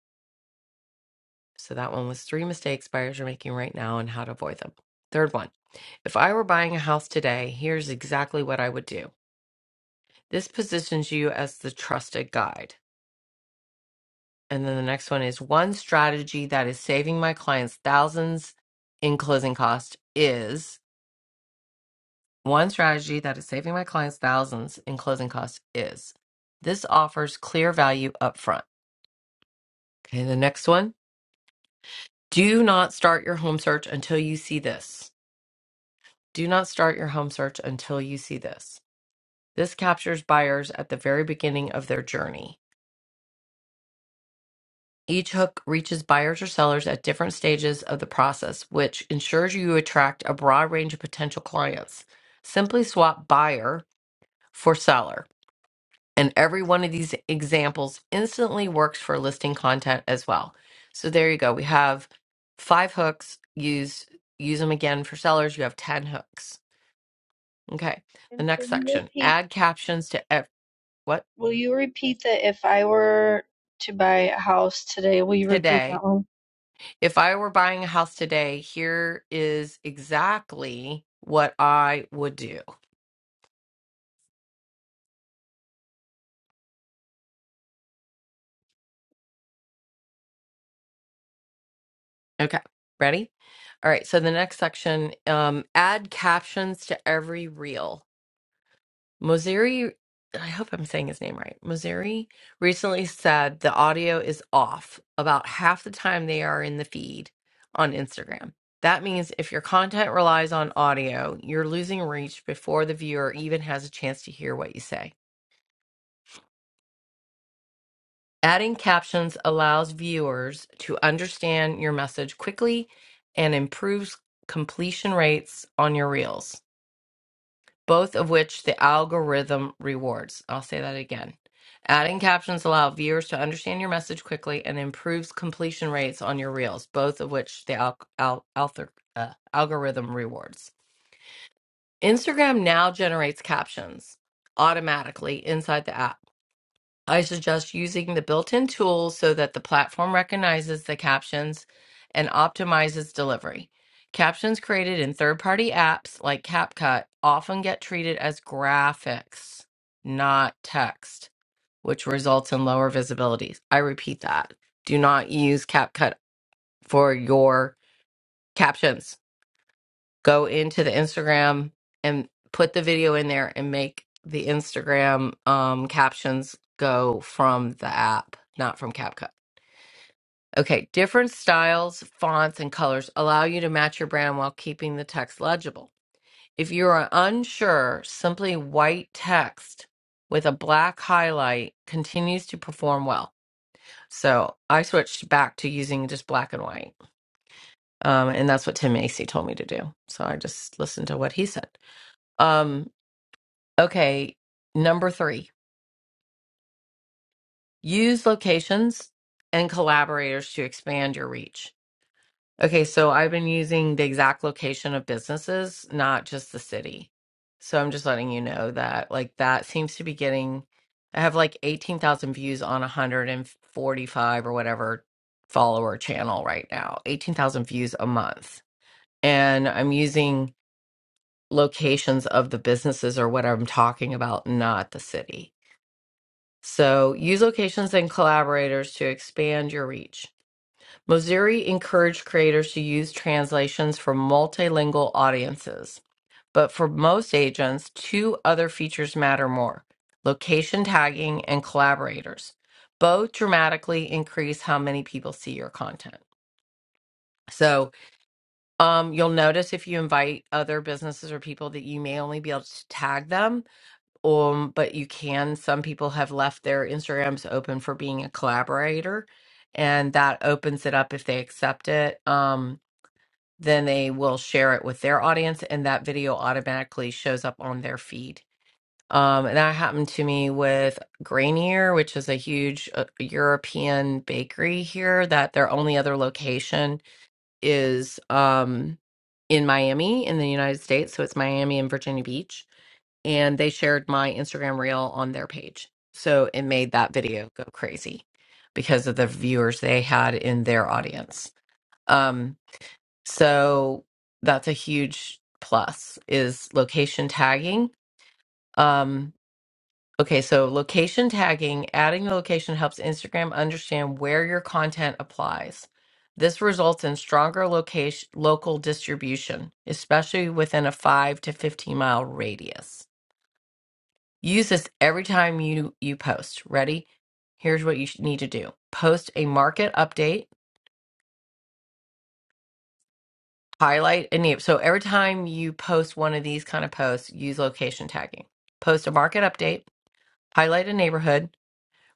Speaker 4: So that one was three mistakes buyers are making right now and how to avoid them. Third one, if I were buying a house today, here's exactly what I would do. This positions you as the trusted guide. And then the next one is one strategy that is saving my clients thousands in closing cost is one strategy that is saving my clients thousands in closing cost is this offers clear value up front. Okay, the next one, do not start your home search until you see this. Do not start your home search until you see this. This captures buyers at the very beginning of their journey. Each hook reaches buyers or sellers at different stages of the process, which ensures you attract a broad range of potential clients. Simply swap buyer for seller, and every one of these examples instantly works for listing content as well. So there you go. We have five hooks. Use use them again for sellers. You have ten hooks. Okay. The
Speaker 7: And
Speaker 4: next
Speaker 7: will you
Speaker 4: section:
Speaker 7: repeat?
Speaker 4: add captions to every. what
Speaker 7: Will you repeat that if I were to buy a house today, will you repeat that
Speaker 4: today
Speaker 7: one?
Speaker 4: if i were buying a house today here is exactly what i would do okay ready all right so the next section um add captions to every reel mozeri i hope i'm saying his name right mozeri recently said the audio is off about half the time they are in the feed on instagram that means if your content relies on audio, you're losing reach before the viewer even has a chance to hear what you say. Adding captions allows viewers to understand your message quickly and improves completion rates on your reels, both of which the algorithm rewards. I'll say that again. Adding captions allow viewers to understand your message quickly and improves completion rates on your reels, both of which the al- al- althor- uh, algorithm rewards. Instagram now generates captions automatically inside the app I suggest using the built-in tools so that the platform recognizes the captions and optimizes delivery. Captions created in third-party apps like CapCut often get treated as graphics, not text, which results in lower visibilities. I repeat that. Do not use CapCut for your captions go into the Instagram and put the video in there and make the Instagram um, captions go from the app, not from CapCut. Okay, different styles, fonts, and colors allow you to match your brand while keeping the text legible. If you are unsure, simply white text with a black highlight continues to perform well. So I switched back to using just black and white. Um, and that's what Tim Macy told me to do. So I just listened to what he said. Um, Okay, number three, use locations and collaborators to expand your reach. Okay, so I've been using the exact location of businesses, not just the city. So I'm just letting you know that, like, that seems to be getting, I have like 18,000 views on 145 or whatever follower channel right now, 18,000 views a month. And I'm using locations of the businesses or what I'm talking about, not the city. So use locations and collaborators to expand your reach. Moziri encouraged creators to use translations for multilingual audiences, but for most agents, two other features matter more location tagging and collaborators. Both dramatically increase how many people see your content. So um, you'll notice if you invite other businesses or people that you may only be able to tag them, um, but you can. Some people have left their Instagrams open for being a collaborator, and that opens it up if they accept it. Um, then they will share it with their audience, and that video automatically shows up on their feed. Um, and that happened to me with Grainier, which is a huge uh, European bakery here, that their only other location is um, in Miami in the United States. So it's Miami and Virginia Beach and they shared my Instagram reel on their page. So it made that video go crazy because of the viewers they had in their audience. Um, so that's a huge plus is location tagging. Um, okay, so location tagging, adding a location helps Instagram understand where your content applies. This results in stronger location local distribution, especially within a 5 to 15 mile radius. Use this every time you you post. Ready? Here's what you sh- need to do. Post a market update, highlight a name. So every time you post one of these kind of posts, use location tagging. Post a market update, highlight a neighborhood,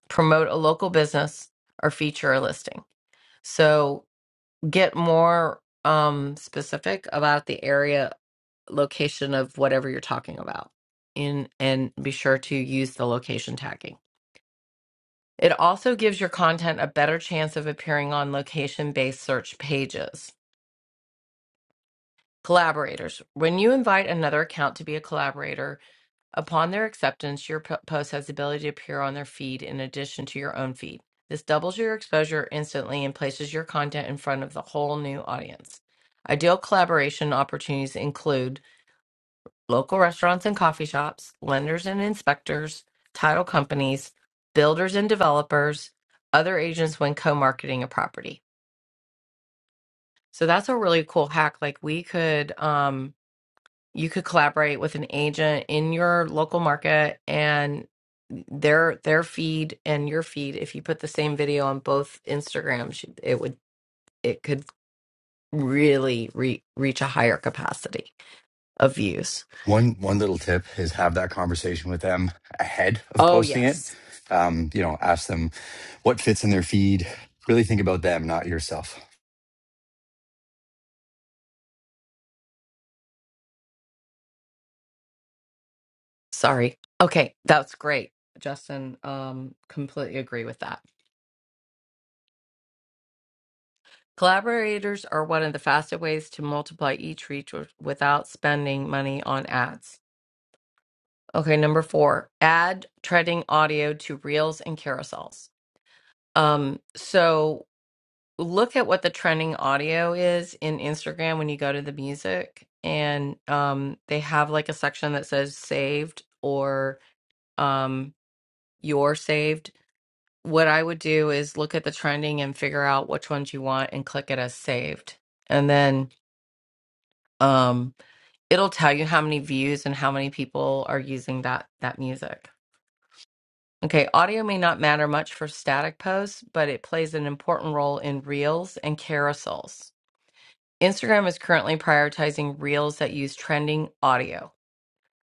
Speaker 4: promote a local business or feature a listing. So get more um specific about the area location of whatever you're talking about. In and be sure to use the location tagging. It also gives your content a better chance of appearing on location based search pages. Collaborators. When you invite another account to be a collaborator, upon their acceptance, your po- post has the ability to appear on their feed in addition to your own feed. This doubles your exposure instantly and places your content in front of the whole new audience. Ideal collaboration opportunities include local restaurants and coffee shops, lenders and inspectors, title companies, builders and developers, other agents when co-marketing a property. So that's a really cool hack. Like we could um you could collaborate with an agent in your local market and their their feed and your feed if you put the same video on both Instagrams should- it would it could really re- reach a higher capacity of views.
Speaker 8: One one little tip is have that conversation with them ahead of
Speaker 4: Oh
Speaker 8: posting it.
Speaker 4: yes.
Speaker 8: Um, you know, ask them what fits in their feed. Really think about them, not yourself.
Speaker 4: Sorry. Okay, that's great. Justin, um, completely agree with that. Collaborators are one of the fastest ways to multiply each reach with- without spending money on ads. Okay, number four, add trending audio to reels and carousels. Um, so look at what the trending audio is in Instagram when you go to the music, and um, they have like a section that says saved or um, you're saved what I would do is look at the trending and figure out which ones you want and click it as saved. And then um it'll tell you how many views and how many people are using that that music. Okay, audio may not matter much for static posts, but it plays an important role in reels and carousels. Instagram is currently prioritizing reels that use trending audio,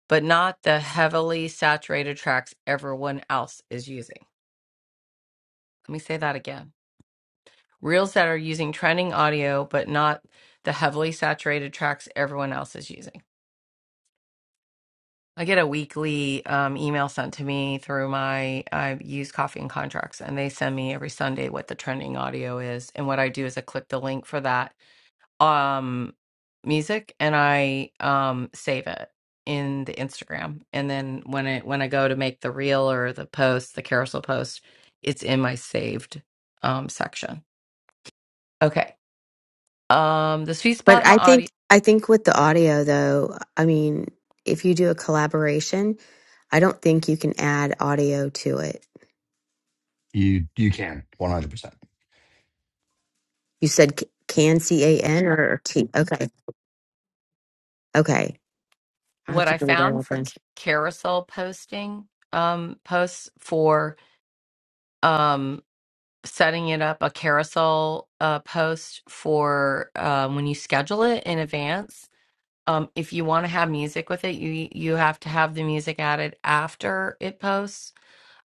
Speaker 4: but not the heavily saturated tracks everyone else is using. Let me say that again Reels that are using trending audio, but not the heavily saturated tracks everyone else is using. I get a weekly um, email sent to me through my, I use Coffee and Contracts, and they send me every Sunday what the trending audio is. And what I do is I click the link for that um, music and I um, save it in the Instagram. And then when it when I go to make the reel or the post, the carousel post, it's in my saved um, section. Okay. Um, the sweet spot
Speaker 1: But I
Speaker 4: in
Speaker 1: think I think with the audio though, I mean, if you do a collaboration, I don't think you can add audio to it.
Speaker 8: You you can 100%.
Speaker 1: You said c- can C A N or T? Okay, okay. I have
Speaker 4: what
Speaker 1: to
Speaker 4: I
Speaker 1: go get
Speaker 4: found
Speaker 1: out
Speaker 4: for
Speaker 1: there.
Speaker 4: c- carousel posting um, posts for um, setting it up a carousel uh, post for um, when you schedule it in advance. Um, if you want to have music with it, you you have to have the music added after it posts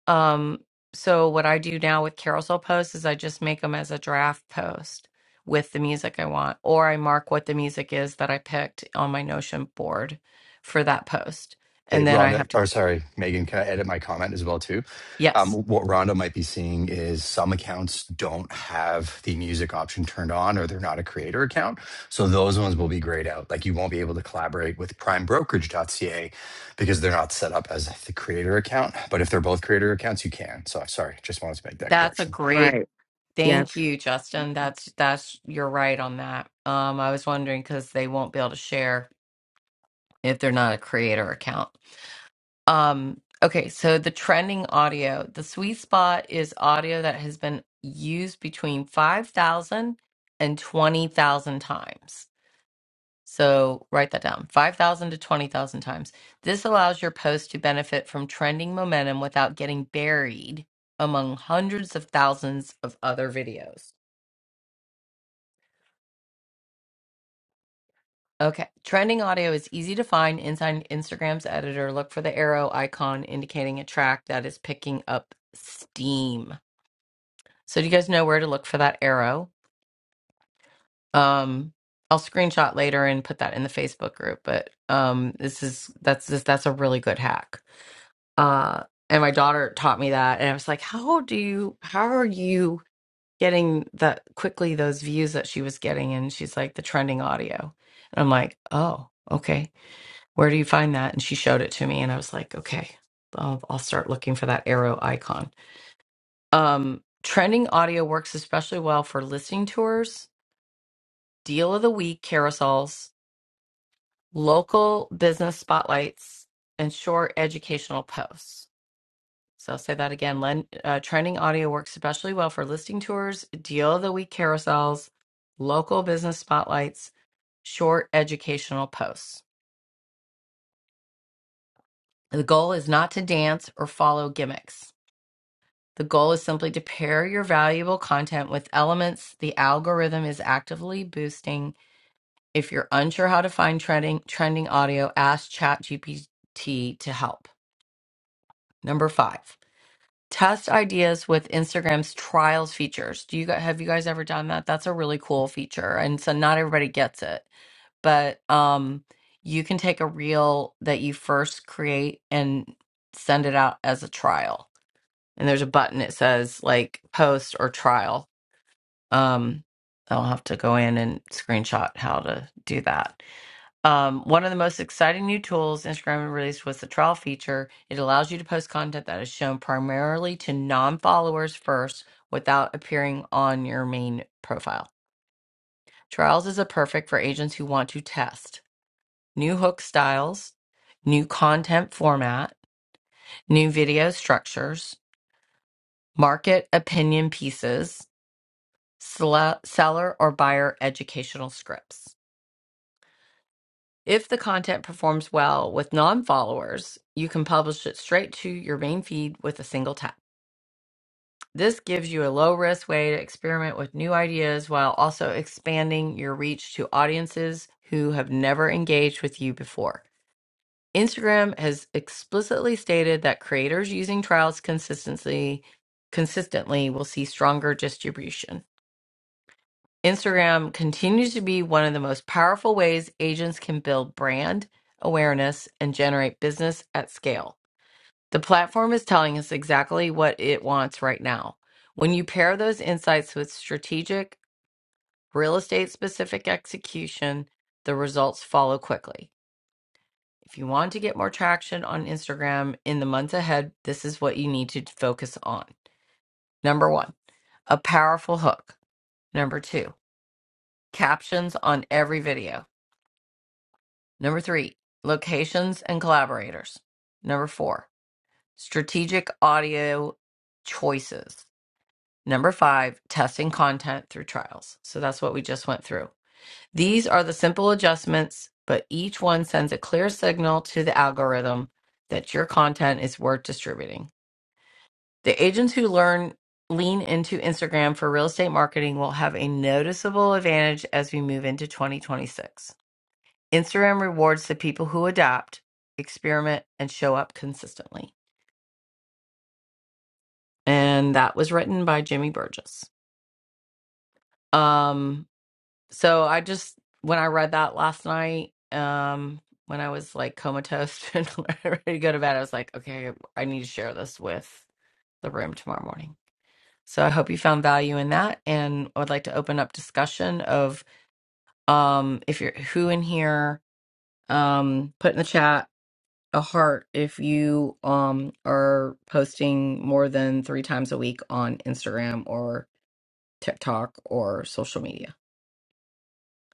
Speaker 4: um, so what I do now with carousel posts is I just make them as a draft post with the music I want, or I mark what the music is that I picked on my Notion board for that post.
Speaker 8: Hey,
Speaker 4: And then I
Speaker 8: Rhonda,
Speaker 4: have to,
Speaker 8: or sorry, Megan, can I edit my comment as well too? Um,
Speaker 4: yes,
Speaker 8: what Rhonda might be seeing is some accounts don't have the music option turned on or they're not a creator account. So those ones will be grayed out. Like you won't be able to collaborate with primebrokerage.ca because they're not set up as the creator account. But if they're both creator accounts, you can. So sorry, just wanted to make that
Speaker 4: that's a
Speaker 8: correction.
Speaker 4: great,
Speaker 1: Right. Yeah.
Speaker 4: thank you, Justin. That's, that's, you're right on that. Um, I was wondering because they won't be able to share if they're not a creator account. Um, okay, so the trending audio, the sweet spot is audio that has been used between 5,000 and 20,000 times. So write that down 5,000 to 20,000 times. This allows your post to benefit from trending momentum without getting buried among hundreds of thousands of other videos. Okay, trending audio is easy to find inside Instagram's editor. Look for the arrow icon indicating a track that is picking up steam. So do you guys know where to look for that arrow? Um, I'll screenshot later and put that in the Facebook group. But um, this is that's this, that's a really good hack. Uh, and my daughter taught me that, and I was like, how do you how are you getting that quickly those views that she was getting? And she's like the trending audio, and I'm like, oh, okay. Where do you find that? And she showed it to me, and I was like, okay, I'll, I'll start looking for that arrow icon. Um, trending audio works especially well for listening tours deal of the week carousels, local business spotlights, and short educational posts. So I'll say that again. Len, uh, trending audio works especially well for listing tours, deal of the week carousels, local business spotlights, short educational posts. The goal is not to dance or follow gimmicks. The goal is simply to pair your valuable content with elements the algorithm is actively boosting If you're unsure how to find trending trending audio, ask ChatGPT to help. Number five, test ideas with Instagram's trials features. Do you guys have you guys ever done that? That's a really cool feature, and so not everybody gets it, but um, you can take a reel that you first create and send it out as a trial. And there's a button that says like post or trial. Um, I'll have to go in and screenshot how to do that Um, one of the most exciting new tools Instagram released was the trial feature. It allows you to post content that is shown primarily to non followers first without appearing on your main profile. Trials is a perfect for agents who want to test new hook styles, new content format, new video structures, market opinion pieces, sele- seller or buyer educational scripts. If the content performs well with non followers, you can publish it straight to your main feed with a single tap. This gives you a low risk way to experiment with new ideas while also expanding your reach to audiences who have never engaged with you before. Instagram has explicitly stated that creators using trials consistently consistently will see stronger distribution. Instagram continues to be one of the most powerful ways agents can build brand awareness and generate business at scale. The platform is telling us exactly what it wants right now. When you pair those insights with strategic, real estate specific execution, the results follow quickly. If you want to get more traction on Instagram in the months ahead, this is what you need to focus on. Number one, a powerful hook. Number two, captions on every video. Number three, locations and collaborators. Number four, strategic audio choices. Number five, testing content through trials. So that's what we just went through. These are the simple adjustments, but each one sends a clear signal to the algorithm that your content is worth distributing. The agents who learn lean into Instagram for real estate marketing will have a noticeable advantage as we move into 2026. Instagram rewards the people who adapt, experiment, and show up consistently. And that was written by Jimmy Burgess. Um, so I just when I read that last night, um, when I was like comatose (laughs) and ready to go to bed, I was like, okay, I need to share this with the room tomorrow morning. So I hope you found value in that, and I would like to open up discussion of um, if you're who in here, um, put in the chat a heart if you um are posting more than three times a week on Instagram or TikTok or social media.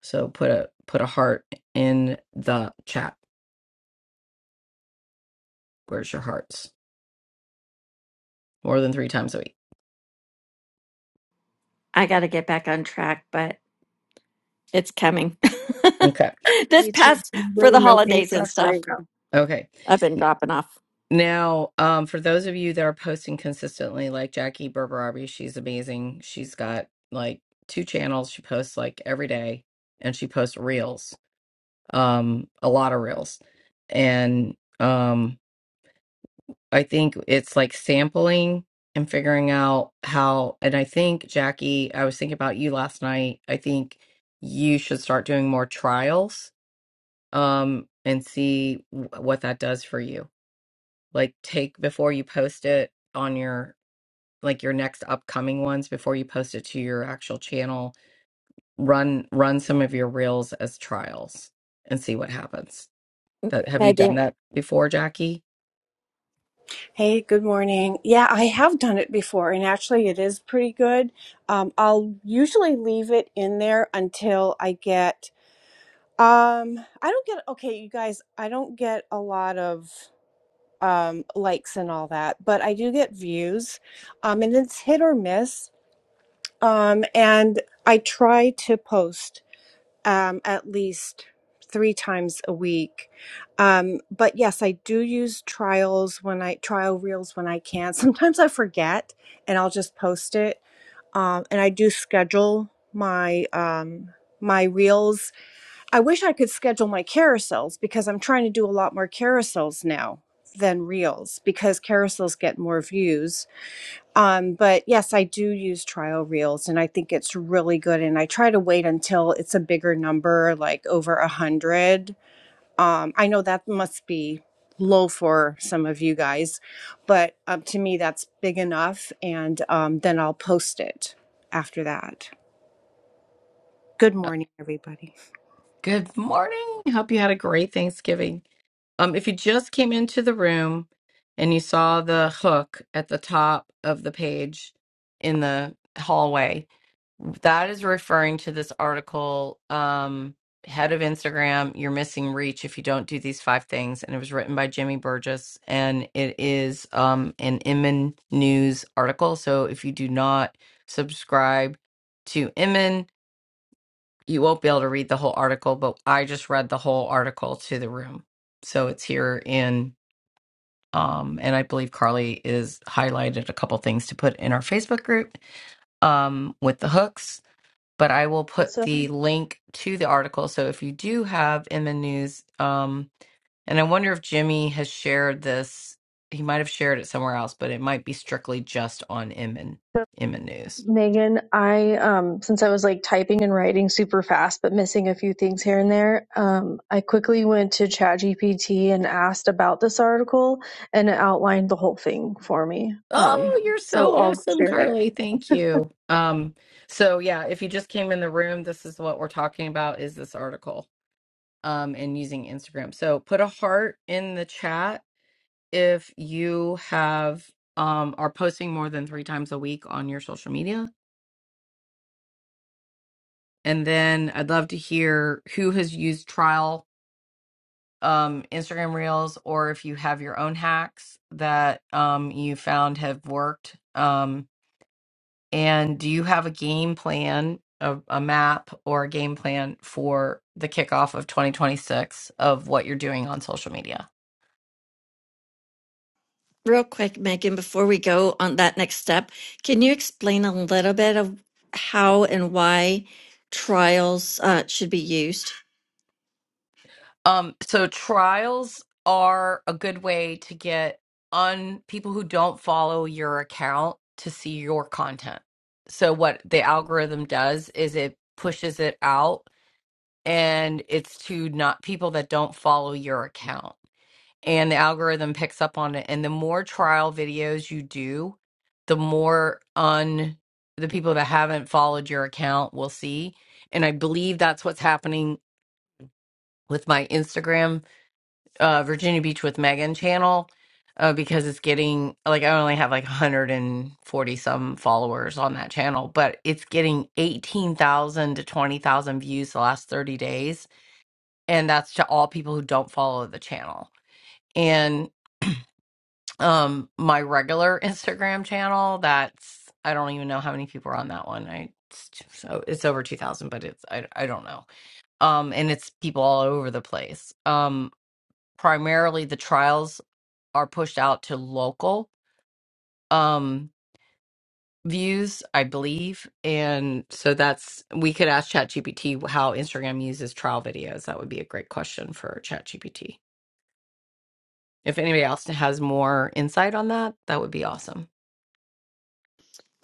Speaker 4: So put a put a heart in the chat. Where's your hearts? More than three times a week.
Speaker 6: I got to get back on track, but it's coming.
Speaker 4: Okay.
Speaker 6: (laughs) this
Speaker 7: You too.
Speaker 6: past
Speaker 7: are
Speaker 6: for
Speaker 7: really
Speaker 6: the
Speaker 7: making
Speaker 6: holidays and
Speaker 7: stuff right
Speaker 6: stuff,
Speaker 7: now.
Speaker 4: Okay.
Speaker 6: I've been dropping off.
Speaker 4: Now, um, for those of you that are posting consistently, like Jackie Berberabi, she's amazing. She's got like two channels. She posts like every day and she posts reels um, a lot of reels. And um, I think it's like sampling and figuring out how. And I think, Jackie, I was thinking about you last night. I think you should start doing more trials um, and see w- what that does for you. Like, take before you post it on your like your next upcoming ones before you post it to your actual channel run run some of your reels as trials and see what happens That have you done
Speaker 6: Megan.
Speaker 4: that before, Jackie?
Speaker 9: Hey, good morning. Yeah, I have done it before, and actually, it is pretty good. Um, I'll usually leave it in there until I get. Um, I don't get. Okay, you guys, I don't get a lot of um, likes and all that, but I do get views, um, and it's hit or miss. Um, and I try to post um, at least three times a week. Um, but yes, I do use trials when I trial reels when I can. (laughs) Sometimes I forget and I'll just post it. Um, and I do schedule my um, my reels. I wish I could schedule my carousels because I'm trying to do a lot more carousels now than reels because carousels get more views um, but yes, I do use trial reels and I think it's really good. And I try to wait until it's a bigger number, like over a hundred. Um, I know that must be low for some of you guys, but um, to me, that's big enough. And um, then I'll post it after that. Good
Speaker 4: Uh,
Speaker 9: morning, everybody.
Speaker 4: Good morning. Hope you had a great Thanksgiving. Um, if you just came into the room and you saw the hook at the top of the page in the hallway, That is referring to this article, um, Head of Instagram, You're Missing Reach If You Don't Do These Five Things. And it was written by Jimmy Burgess. And it is um, an Inman News article. So if you do not subscribe to Inman, you won't be able to read the whole article. But I just read the whole article to the room. So it's here in, um, and I believe Carly is highlighted a couple things to put in our Facebook group um, with the hooks but I will put
Speaker 7: Also.
Speaker 4: the link to the article. So if you do have MN news, um, and I wonder if Jimmy has shared this, he might have shared it somewhere else, but it might be strictly just on Inman Inman News.
Speaker 7: Megan, I um since I was like typing and writing super fast but missing a few things here and there, um I quickly went to ChatGPT and asked about this article and it outlined the whole thing for me. Um
Speaker 4: Oh, you're
Speaker 7: so
Speaker 4: so
Speaker 7: I'll
Speaker 4: awesome,
Speaker 7: share it.
Speaker 4: Carly. Thank
Speaker 7: (laughs)
Speaker 4: you. Um, so yeah, if you just came in the room, this is what we're talking about is this article um and using Instagram. So put a heart in the chat if you have um are posting more than three times a week on your social media And then I'd love to hear who has used trial um, Instagram Reels or if you have your own hacks that um, you found have worked. Um, and do you have a game plan, a, a map or a game plan for the kickoff of 2026 of what you're doing on social media?
Speaker 6: Real quick, Megan, before we go on that next step, can you explain a little bit of how and why trials uh, should be used?
Speaker 4: Um, so trials are a good way to get un people who don't follow your account to see your content. So what the algorithm does is it pushes it out and it's to not people that don't follow your account. And the algorithm picks up on it. And the more trial videos you do, the more un the people that haven't followed your account will see. And I believe that's what's happening with my Instagram uh, Virginia Beach with Megan channel uh, because it's getting like I only have like 140 some followers on that channel, but it's getting 18,000 to 20,000 views the last 30 days, and that's to all people who don't follow the channel. And um, my regular (laughs) Instagram channel, that's I don't even know how many people are on that one. I it's, so it's over 2,000, but it's I I don't know. Um, and it's people all over the place. Um, primarily the trials are pushed out to local um views i believe and so that's we could ask ChatGPT how instagram uses trial videos that would be a great question for ChatGPT if anybody else has more insight on that that would be awesome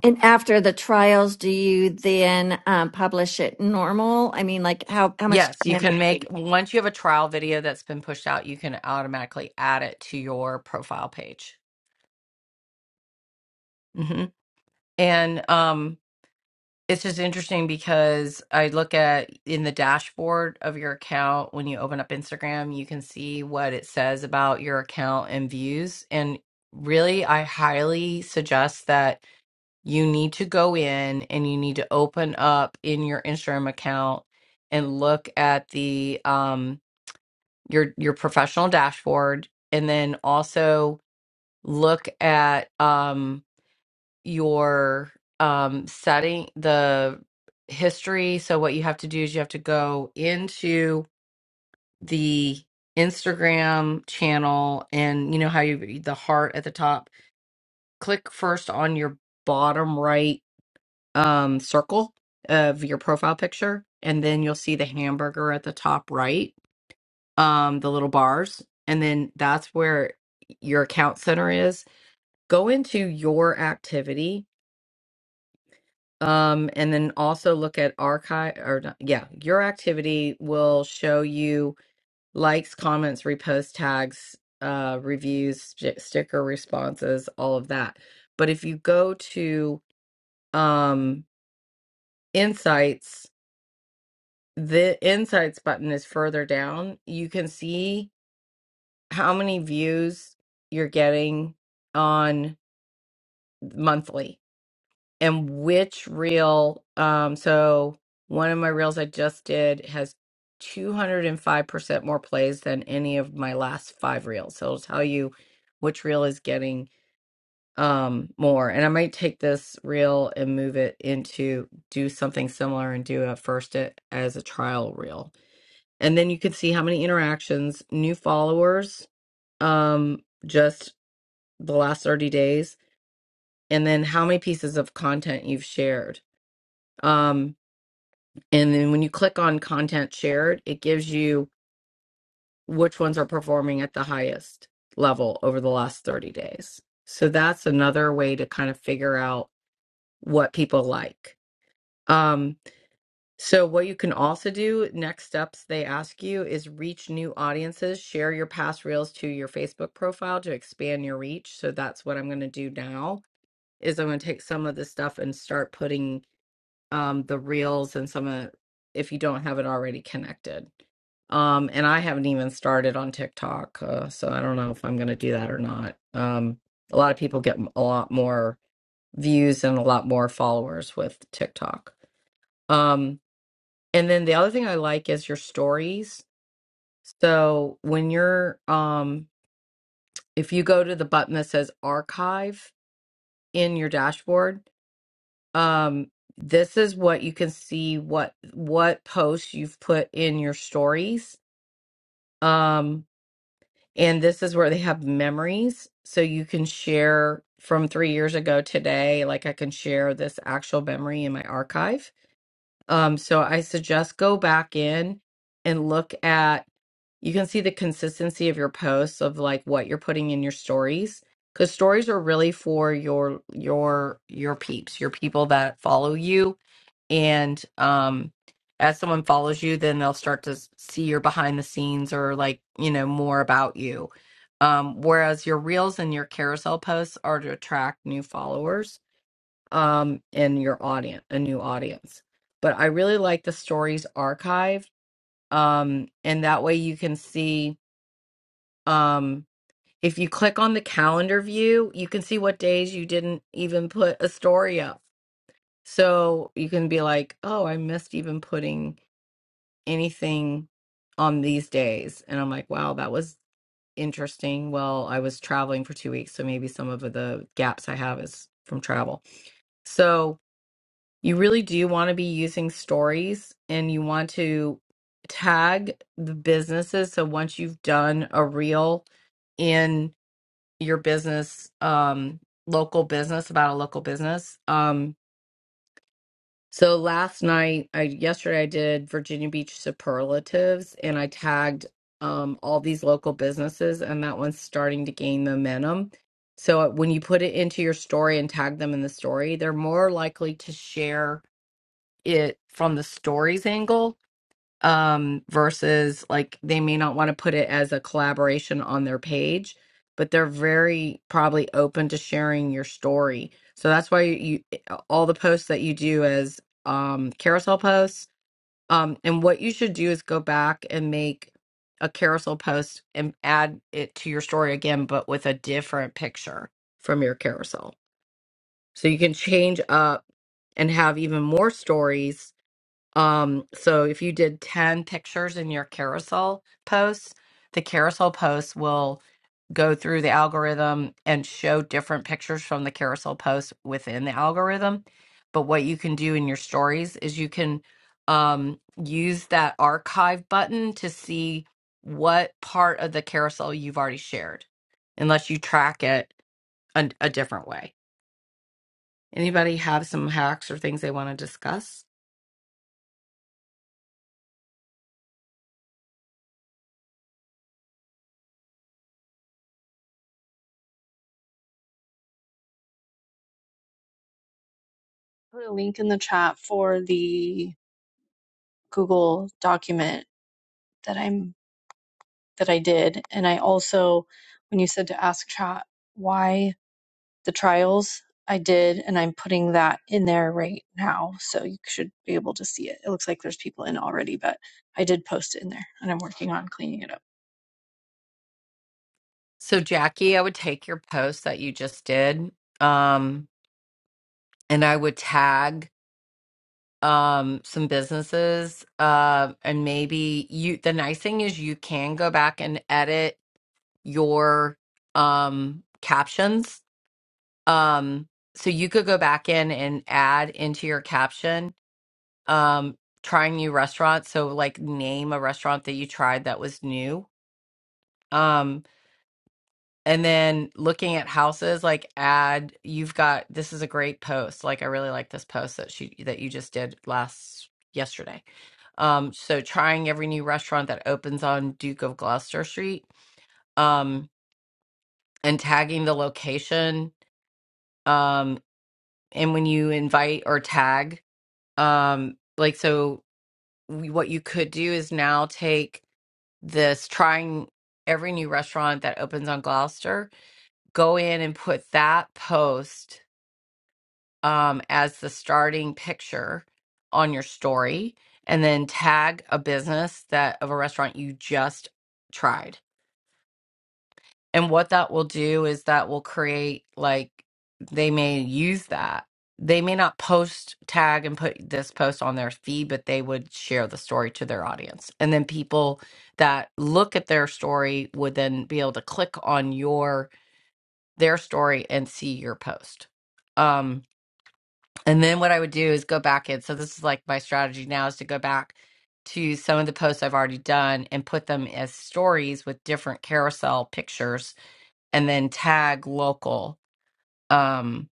Speaker 6: And after the trials, do you then um, publish it normal? I mean, like how how much
Speaker 4: yes
Speaker 6: time
Speaker 4: you
Speaker 6: in
Speaker 4: can
Speaker 6: between?
Speaker 4: make once you have a trial video that's been pushed out you can automatically add it to your profile page hmm and um It's just interesting because I look at in the dashboard of your account when you open up Instagram, you can see what it says about your account and views. And really, I highly suggest that you need to go in and you need to open up in your Instagram account and look at the um your your professional dashboard and then also look at um your um, setting, the history. So, what you have to do is you have to go into the Instagram channel and you know how you the heart at the top. Click first on your bottom right um, circle of your profile picture, and then you'll see the hamburger at the top right, um, the little bars, and then that's where your account center is. Go into your activity Um, and then also look at archive or not- yeah, your activity will show you likes, comments, repost tags, uh, reviews, sti- sticker responses, all of that. But if you go to um, insights, the insights button is further down. You can see how many views you're getting on monthly and which reel um so one of my reels i just did has 205% more plays than any of my last five reels so it'll tell you which reel is getting um more and i might take this reel and move it into do something similar and do at first it as a trial reel and then you can see how many interactions new followers um just the last 30 days and then how many pieces of content you've shared Um, And then when you click on content shared, it gives you which ones are performing at the highest level over the last 30 days. So that's another way to kind of figure out what people like. Um, so what you can also do, next steps they ask you is reach new audiences, share your past reels to your Facebook profile to expand your reach. So that's what I'm going to do now is I'm going to take some of this stuff and start putting um, the reels and some of if you don't have it already connected. Um, and I haven't even started on TikTok, uh, so I don't know if I'm going to do that or not. Um, a lot of people get a lot more views and a lot more followers with TikTok. Um, and then the other thing I like is your stories. So when you're, um, if you go to the button that says archive in your dashboard, um, this is what you can see what what posts you've put in your stories. Um, And this is where they have memories. So you can share from three years ago today, like I can share this actual memory in my archive. Um, so I suggest go back in and look at, you can see the consistency of your posts of like what you're putting in your stories. Because stories are really for your your your peeps, your people that follow you and um as someone follows you then they'll start to s- see your behind the scenes or like you know more about you um whereas your reels and your carousel posts are to attract new followers um and your audience a new audience but i really like the stories archive um and that way you can see um if you click on the calendar view you can see what days you didn't even put a story up so you can be like, oh, I missed even putting anything on these days. And I'm like, wow, that was interesting. Well, I was traveling for two weeks, so maybe some of the gaps I have is from travel. So you really do want to be using stories and you want to tag the businesses. So once you've done a reel in your business, um, local business about a local business, um, So last night, I yesterday I did Virginia Beach superlatives and I tagged um all these local businesses and that one's starting to gain momentum. So uh, when you put it into your story and tag them in the story, they're more likely to share it from the stories angle um versus like they may not want to put it as a collaboration on their page but they're very probably open to sharing your story so that's why you all the posts that you do as um carousel posts um and what you should do is go back and make a carousel post and add it to your story again but with a different picture from your carousel so you can change up and have even more stories um, so if you did 10 pictures in your carousel posts, the carousel posts will go through the algorithm and show different pictures from the carousel posts within the algorithm. But what you can do in your stories is you can um, use that archive button to see what part of the carousel you've already shared, unless you track it a, a different way. Anybody have some hacks or things they want to discuss?
Speaker 7: Put a link in the chat for the Google document that I'm that I did. And I also, when you said to ask chat why the trials, I did, and I'm putting that in there right now. So you should be able to see it. It looks like there's people in already, but I did post it in there and I'm working on cleaning it up.
Speaker 4: So, Jackie, I would take your post that you just did, um, and I would tag um, some businesses, uh, and maybe you. The nice thing is you can go back and edit your um, captions. Um, so you could go back in and add into your caption, um, trying new restaurants. So, like, name a restaurant that you tried that was new. Um, And then looking at houses, like add, you've got this is a great post. Like I really like this post that she that you just did last yesterday. Um, so trying every new restaurant that opens on Duke of Gloucester Street, um, and tagging the location. Um, and when you invite or tag, um, like so we, what you could do is now take this trying every new restaurant that opens on Gloucester, go in and put that post um, as the starting picture on your story and then tag a business that of a restaurant you just tried. And what that will do is that will create like they may use that. They may not post tag and put this post on their feed, but they would share the story to their audience. And then people that look at their story would then be able to click on your their story and see your post. Um And then what I would do is go back in. So this is like my strategy now is to go back to some of the posts I've already done and put them as stories with different carousel pictures and then tag local. Um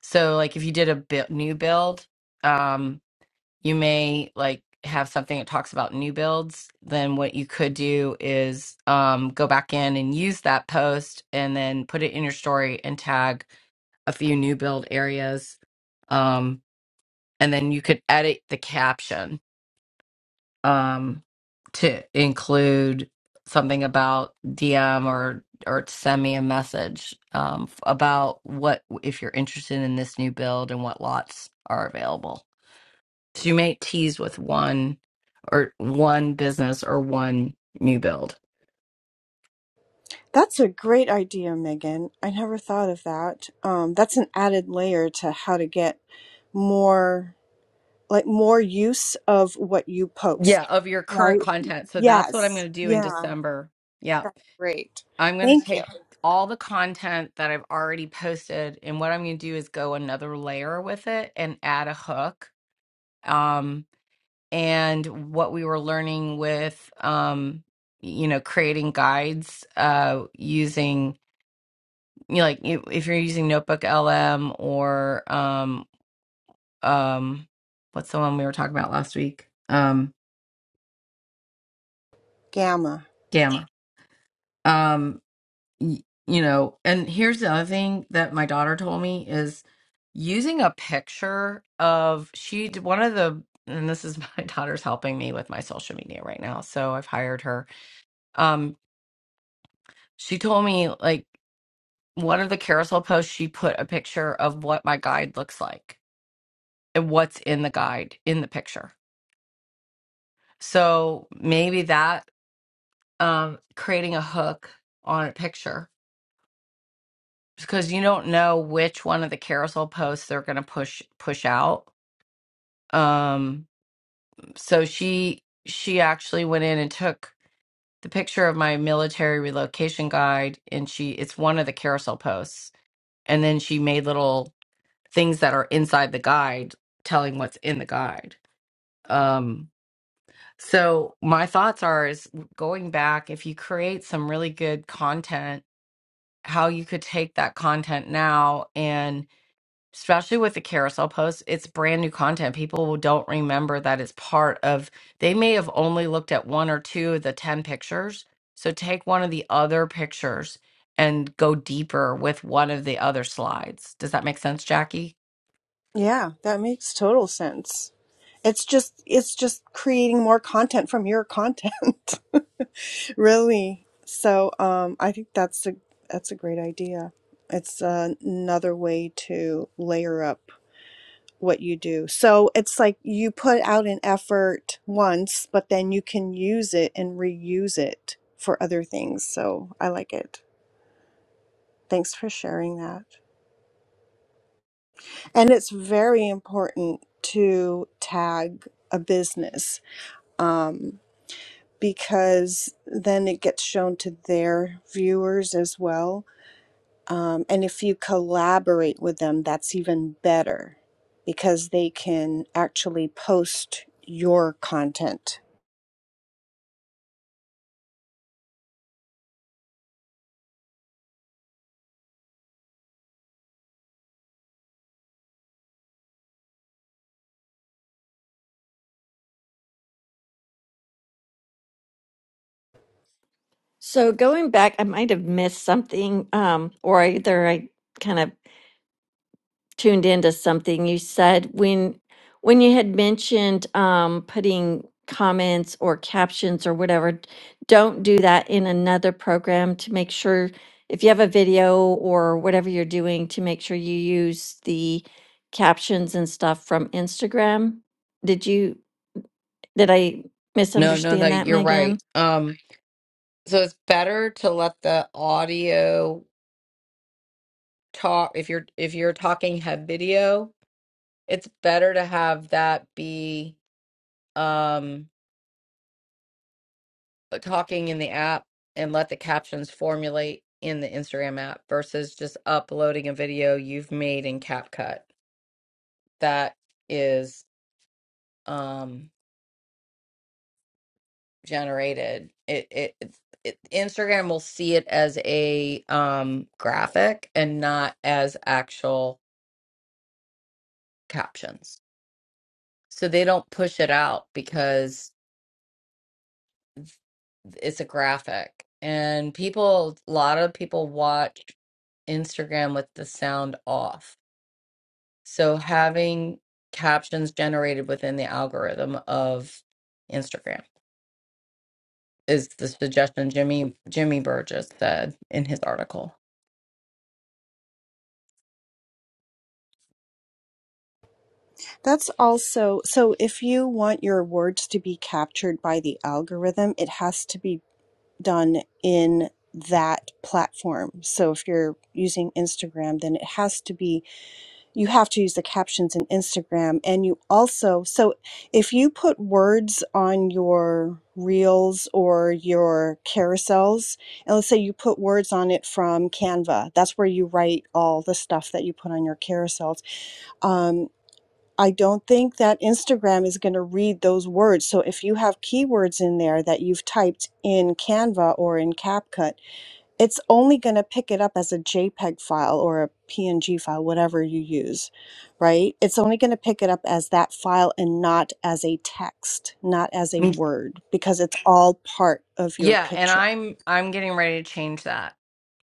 Speaker 4: so like if you did a bu- new build, um you may like have something that talks about new builds, then what you could do is um go back in and use that post and then put it in your story and tag a few new build areas. Um and then you could edit the caption um, to include something about DM or or to send me a message um, about what if you're interested in this new build and what lots are available. So you may tease with one or one business or one new build.
Speaker 9: That's a great idea, Megan. I never thought of that. Um, that's an added layer to how to get more. like more use of what you
Speaker 4: Yeah,
Speaker 9: post,
Speaker 4: of your current
Speaker 9: right?
Speaker 4: content. So that's what I'm going
Speaker 9: Yes.
Speaker 4: to do in
Speaker 9: Yeah.
Speaker 4: December. Yeah.
Speaker 9: That's great.
Speaker 4: I'm going to
Speaker 9: Thank you.
Speaker 4: take all the content that I've already posted, and what I'm going to do is go another layer with it and add a hook. Um, and what we were learning with, um, you know, creating guides uh, using, you know, like you- if you're using Notebook LM or um, um, what's the one we were talking about last week? Um,
Speaker 9: Gamma.
Speaker 4: Gamma. Um, y- you know, and here's the other thing that my daughter told me is using a picture of she d- one of the and this is (laughs) my daughter's helping me with my social media right now, so I've hired her. Um, she told me like one of the carousel posts she put a picture of what my guide looks like and what's in the guide in the picture. So maybe that um creating a hook on a picture because you don't know which one of the carousel posts they're going to push push out. Um, so she she actually went in and took the picture of my military relocation guide, and she it's one of the carousel posts, and then she made little things that are inside the guide, telling what's in the guide. Um, so my thoughts are is going back if you create some really good content, how you could take that content now and. especially with the carousel posts, it's brand new content. People don't remember that it's part of, they may have only looked at one or two of the 10 pictures. So take one of the other pictures and go deeper with one of the other slides. Does that make sense, Jackie?
Speaker 9: Yeah, that makes total sense. It's just it's just creating more content from your content. (laughs) really. So, um I think that's a that's a great idea. It's another way to layer up what you do. So it's like you put out an effort once, but then you can use it and reuse it for other things. So I like it. Thanks for sharing that. And it's very important to tag a business um, because then it gets shown to their viewers as well. Um, and if you collaborate with them, that's even better because they can actually post your content
Speaker 6: So going back, I might have missed something, um, or either I kind of tuned into something you said when when you had mentioned um, putting comments or captions or whatever. Don't do that in another program to make sure if you have a video or whatever you're doing to make sure you use the captions and stuff from Instagram. Did you did I
Speaker 4: No, no, no,
Speaker 6: misunderstand that,
Speaker 4: you're
Speaker 6: Megan?
Speaker 4: right. Um, so it's better to let the audio talk if you're if you're talking have video, it's better to have that be um uh, talking in the app and let the captions formulate in the Instagram app versus just uploading a video you've made in CapCut that is um generated. It it, it's- it Instagram will see it as a um graphic and not as actual captions. So they don't push it out because it's a graphic. And people, a lot of people watch Instagram with the sound off. So having captions generated within the algorithm of Instagram is the suggestion Jimmy Jimmy Burgess said in his article.
Speaker 9: That's also so if you want your words to be captured by the algorithm, it has to be done in that platform. So if you're using Instagram, then it has to be you have to use the captions in Instagram and you also so if you put words on your reels or your carousels, and let's say you put words on it from Canva, that's where you write all the stuff that you put on your carousels. Um. I don't think that Instagram is going to read those words. So if you have keywords in there that you've typed in Canva or in CapCut, it's only going to pick it up as a JPEG file or a PNG file, whatever you use, right? It's only going to pick it up as that file and not as a text, not as a
Speaker 4: Mm,
Speaker 9: word, because it's all part of your
Speaker 4: Yeah, and
Speaker 9: picture.
Speaker 4: I'm I'm getting ready to change that.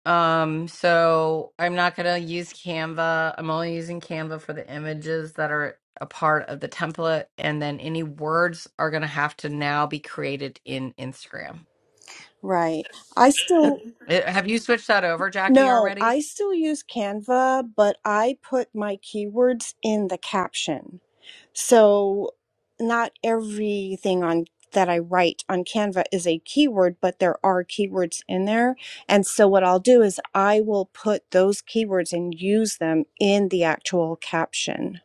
Speaker 4: Um, so I'm not gonna use Canva. I'm only using Canva for the images that are a part of the template, and then any words are gonna have to now be created in Instagram.
Speaker 9: Right. I still
Speaker 4: Eh, Have you switched that over, Jackie,
Speaker 9: no,
Speaker 4: already?
Speaker 9: I still use Canva, but I put my keywords in the caption. So not everything on that I write on Canva is a keyword, but there are keywords in there. And so what I'll do is I will put those keywords and use them in the actual caption.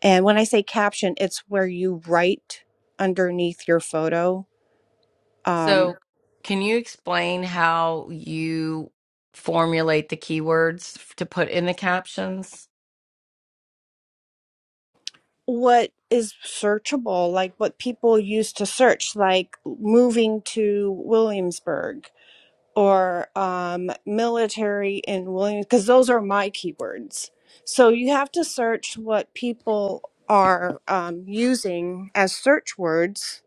Speaker 9: And when I say caption, it's where you write underneath your photo. Um,
Speaker 4: So can you explain how you formulate the keywords f- to put in the captions?
Speaker 9: what is searchable, like what people used to search, like moving to Williamsburg or um, military in Williams, because those are my keywords. So you have to search what people are um, using as search words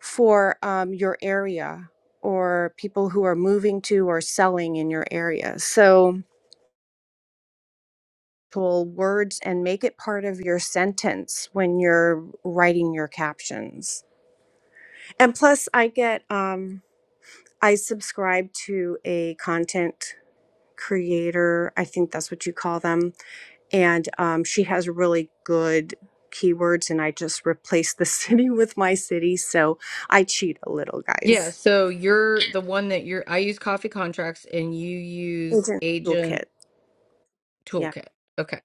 Speaker 9: for um, your area or people who are moving to or selling in your area. So pull words and make it part of your sentence when you're writing your captions. And plus, I get um, I subscribe to a content. creator. I think that's what you call them. And um, she has really good keywords, and I just replaced the (laughs) city with my city. So I cheat a little,
Speaker 4: Yeah,
Speaker 9: guys.
Speaker 4: so you're the one that you're I use coffee contracts and you use
Speaker 9: Agent
Speaker 4: agent
Speaker 9: toolkit. Yeah.
Speaker 4: toolkit. Okay.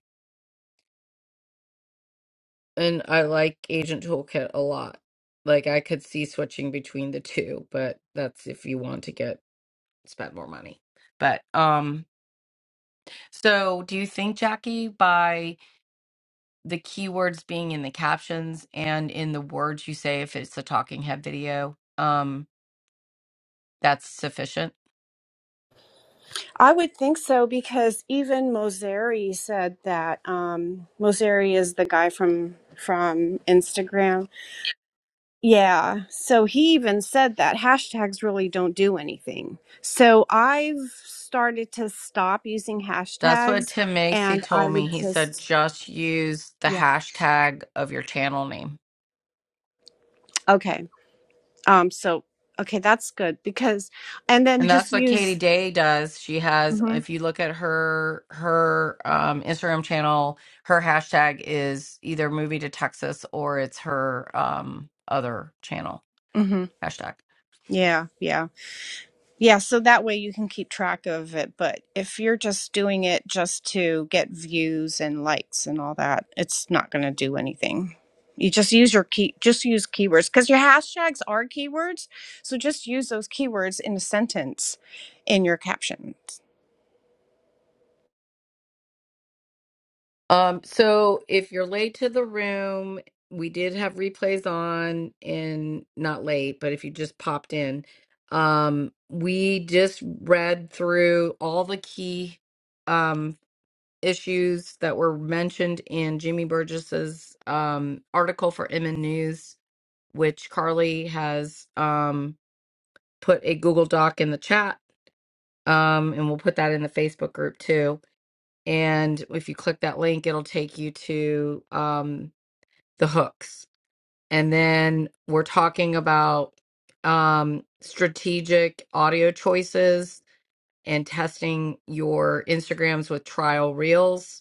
Speaker 4: and I like Agent Toolkit a lot. Like I could see switching between the two, but that's if you want to get spend more money. But um so do you think Jackie by the keywords being in the captions and in the words you say if it's a talking head video, um that's sufficient?
Speaker 9: I would think so because even Moseri said that um, Moseri is the guy from from Instagram Yeah. So he even said that hashtags really don't do anything. So I've started to stop using
Speaker 4: That's what
Speaker 9: hashtags
Speaker 4: Tim Macy
Speaker 9: and I
Speaker 4: told me.
Speaker 9: would
Speaker 4: He said
Speaker 9: just,
Speaker 4: just use the
Speaker 9: yeah.
Speaker 4: hashtag of your channel name.
Speaker 9: Okay. Um, so, okay, that's good because, and then
Speaker 4: And that's
Speaker 9: just
Speaker 4: what Katie
Speaker 9: use,
Speaker 4: Day does. She has,
Speaker 9: hmm
Speaker 4: if you look at her her um, Instagram channel, her hashtag is either movie to Texas or it's her um, other channel
Speaker 9: hmm
Speaker 4: hashtag.
Speaker 9: Yeah. Yeah. Yeah, so that way you can keep track of it. But if you're just doing it just to get views and likes and all that, it's not going to do anything. You just use your key, just use keywords because your hashtags are keywords. So just use those keywords in a sentence in your captions.
Speaker 4: Um, so if you're late to the room, we did have replays on and not late, but if you just popped in, um, we just read through all the key um issues that were mentioned in Jimmy Burgess's um, article for MN News, which Carly has um, put a Google Doc in the chat, um, and we'll put that in the Facebook group too. And if you click that link, it'll take you to um, the hooks. And then we're talking about um, strategic audio choices and testing your Instagrams with trial reels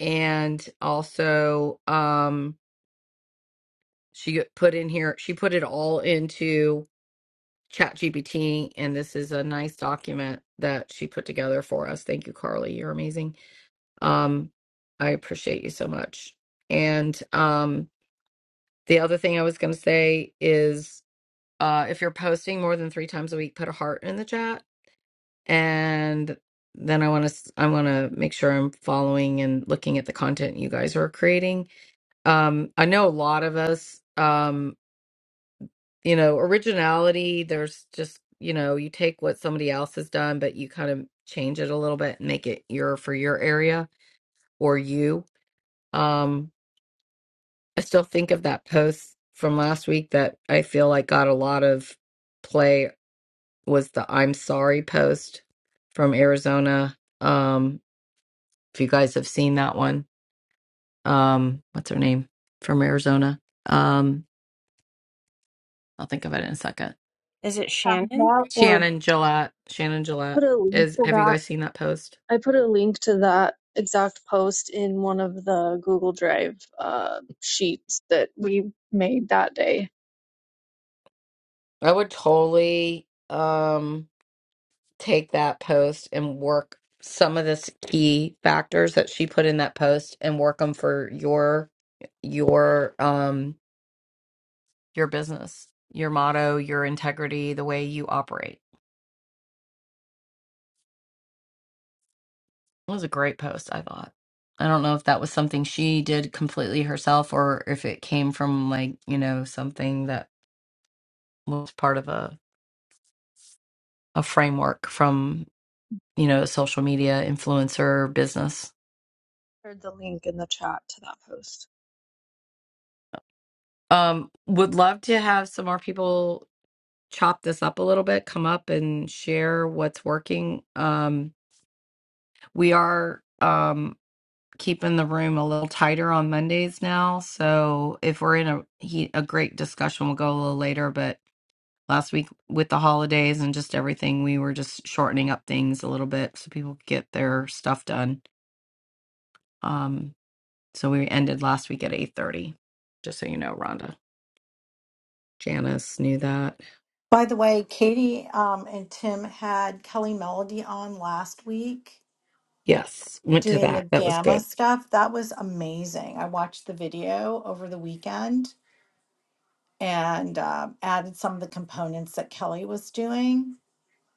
Speaker 4: and also um she got- put in here she put it all into ChatGPT, and this is a nice document that she put together for us thank you carly you're amazing um i appreciate you so much and um the other thing i was going to say is uh if you're posting more than three times a week put a heart in the chat and then i want to i want to make sure i'm following and looking at the content you guys are creating um i know a lot of us um you know originality there's just you know you take what somebody else has done but you kind of change it a little bit and make it your for your area or you um i still think of that post from last week that i feel like got a lot of play was the i'm sorry post from arizona um if you guys have seen that one um what's her name from arizona um i'll think of it in a second
Speaker 9: Is it
Speaker 7: Have
Speaker 9: Shannon?
Speaker 7: that or
Speaker 4: Shannon Gillette. Shannon
Speaker 7: I
Speaker 4: Gillette.
Speaker 7: put a link
Speaker 4: Is
Speaker 7: to
Speaker 4: have you
Speaker 7: that.
Speaker 4: guys seen that post?
Speaker 7: I put a link to that exact post in one of the Google Drive uh, sheets that we made that day.
Speaker 4: I would totally um take that post and work some of the key factors that she put in that post and work them for your your um your business, your motto, your integrity, the way you operate. It was a great post, I thought. I don't know if that was something she did completely herself or if it came from like, you know, something that was part of a a framework from. you know, social media influencer business.
Speaker 7: shared the link in the chat to that post.
Speaker 4: Um, would love to have some more people chop this up a little bit, come up and share what's working. Um, we are um keeping the room a little tighter on Mondays now, so if we're in a he, a great discussion, we'll go a little later. But last week with the holidays and just everything, we were just shortening up things a little bit so people could get their stuff done. Um, so we ended last week at eight thirty. Just so you know, Rhonda. Janice knew that.
Speaker 2: By the way, Katie um, and Tim had Kelly Melody on last week
Speaker 4: Yes, went to
Speaker 2: doing the
Speaker 4: that. That was
Speaker 2: gamma
Speaker 4: good.
Speaker 2: stuff. That was amazing. I watched the video over the weekend and um added some of the components that Kelly was doing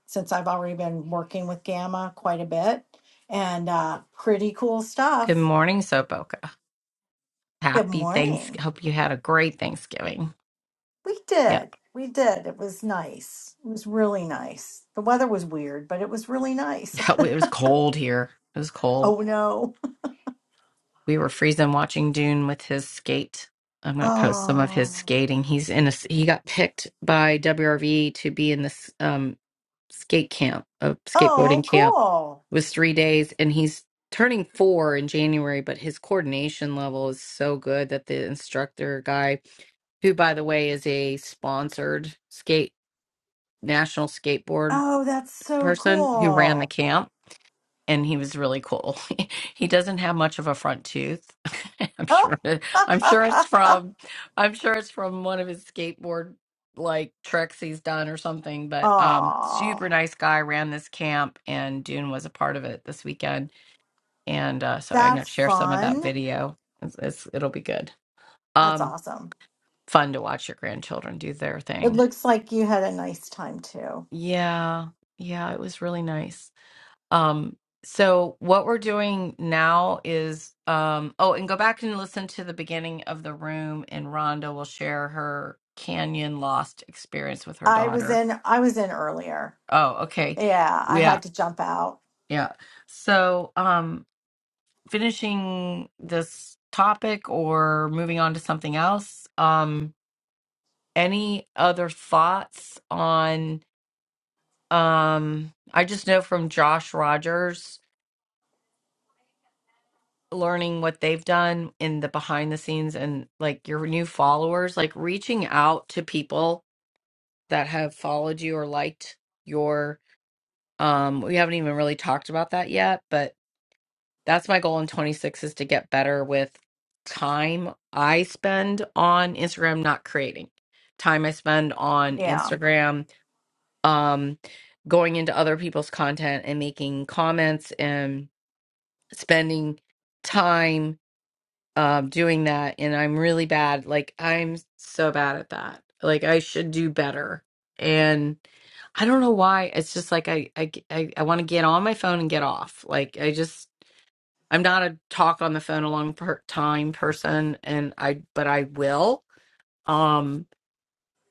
Speaker 2: since I've already been working with Gamma quite a bit and uh, pretty cool
Speaker 4: Good
Speaker 2: stuff.
Speaker 4: morning, Soboka.
Speaker 2: Good
Speaker 4: Happy Thanks.
Speaker 2: morning.
Speaker 4: Hope you had a great Thanksgiving.
Speaker 2: We
Speaker 4: Yeah.
Speaker 2: did. We did. It was nice. It was really nice. The weather was weird, but it was really nice. (laughs)
Speaker 4: Yeah, it was cold here. It was cold.
Speaker 2: Oh no.
Speaker 4: We were freezing watching Dune with his skate. I'm going to post some of his
Speaker 2: Oh.
Speaker 4: skating. He's in a he got picked by WRV to be in this um skate camp, a skateboarding
Speaker 2: Oh,
Speaker 4: camp
Speaker 2: cool.
Speaker 4: was three days and he's turning four in January, but his coordination level is so good that the instructor guy, who by the way is a sponsored skate national skateboard
Speaker 2: Oh, that's so
Speaker 4: person who ran the
Speaker 2: cool.
Speaker 4: camp and he was really cool. (laughs) he doesn't have much of a front tooth. (laughs) I'm
Speaker 2: Oh.
Speaker 4: sure I'm sure it's from I'm sure it's from one of his skateboard like tricks he's done or something, but um super
Speaker 2: Oh.
Speaker 4: nice guy ran this camp and Dune was a part of it this weekend and uh, so I'm gonna
Speaker 2: That's
Speaker 4: share some of that
Speaker 2: fun.
Speaker 4: video. It's, it's it'll be good.
Speaker 2: That's
Speaker 4: Um,
Speaker 2: awesome.
Speaker 4: fun to watch your grandchildren do their
Speaker 2: It
Speaker 4: thing.
Speaker 2: looks like you had a nice time too.
Speaker 4: Yeah, yeah, it was really nice. Um, so what we're doing now is um, oh, and go back and listen to the beginning of the room, and Rhonda will share her canyon lost experience with her
Speaker 2: I was
Speaker 4: daughter.
Speaker 2: in I was in earlier.
Speaker 4: Oh, okay,
Speaker 2: Yeah, I
Speaker 4: yeah,
Speaker 2: had to jump out.
Speaker 4: yeah. So um, finishing this topic or moving on to something else um any other thoughts on um i just know from josh rogers learning what they've done in the behind the scenes and like your new followers like reaching out to people that have followed you or liked your um we haven't even really talked about that yet but. that's my goal in 26 is to get better with time I spend on Instagram not creating. Time I spend on
Speaker 2: Yeah,
Speaker 4: Instagram um going into other people's content and making comments and spending time um doing that and I'm really bad. Like I'm so bad at that. Like I should do better. And I don't know why. It's just like I I I, I want to get on my phone and get off. Like I just I'm not a talk on the phone a long per- time person, and I but I will. Um,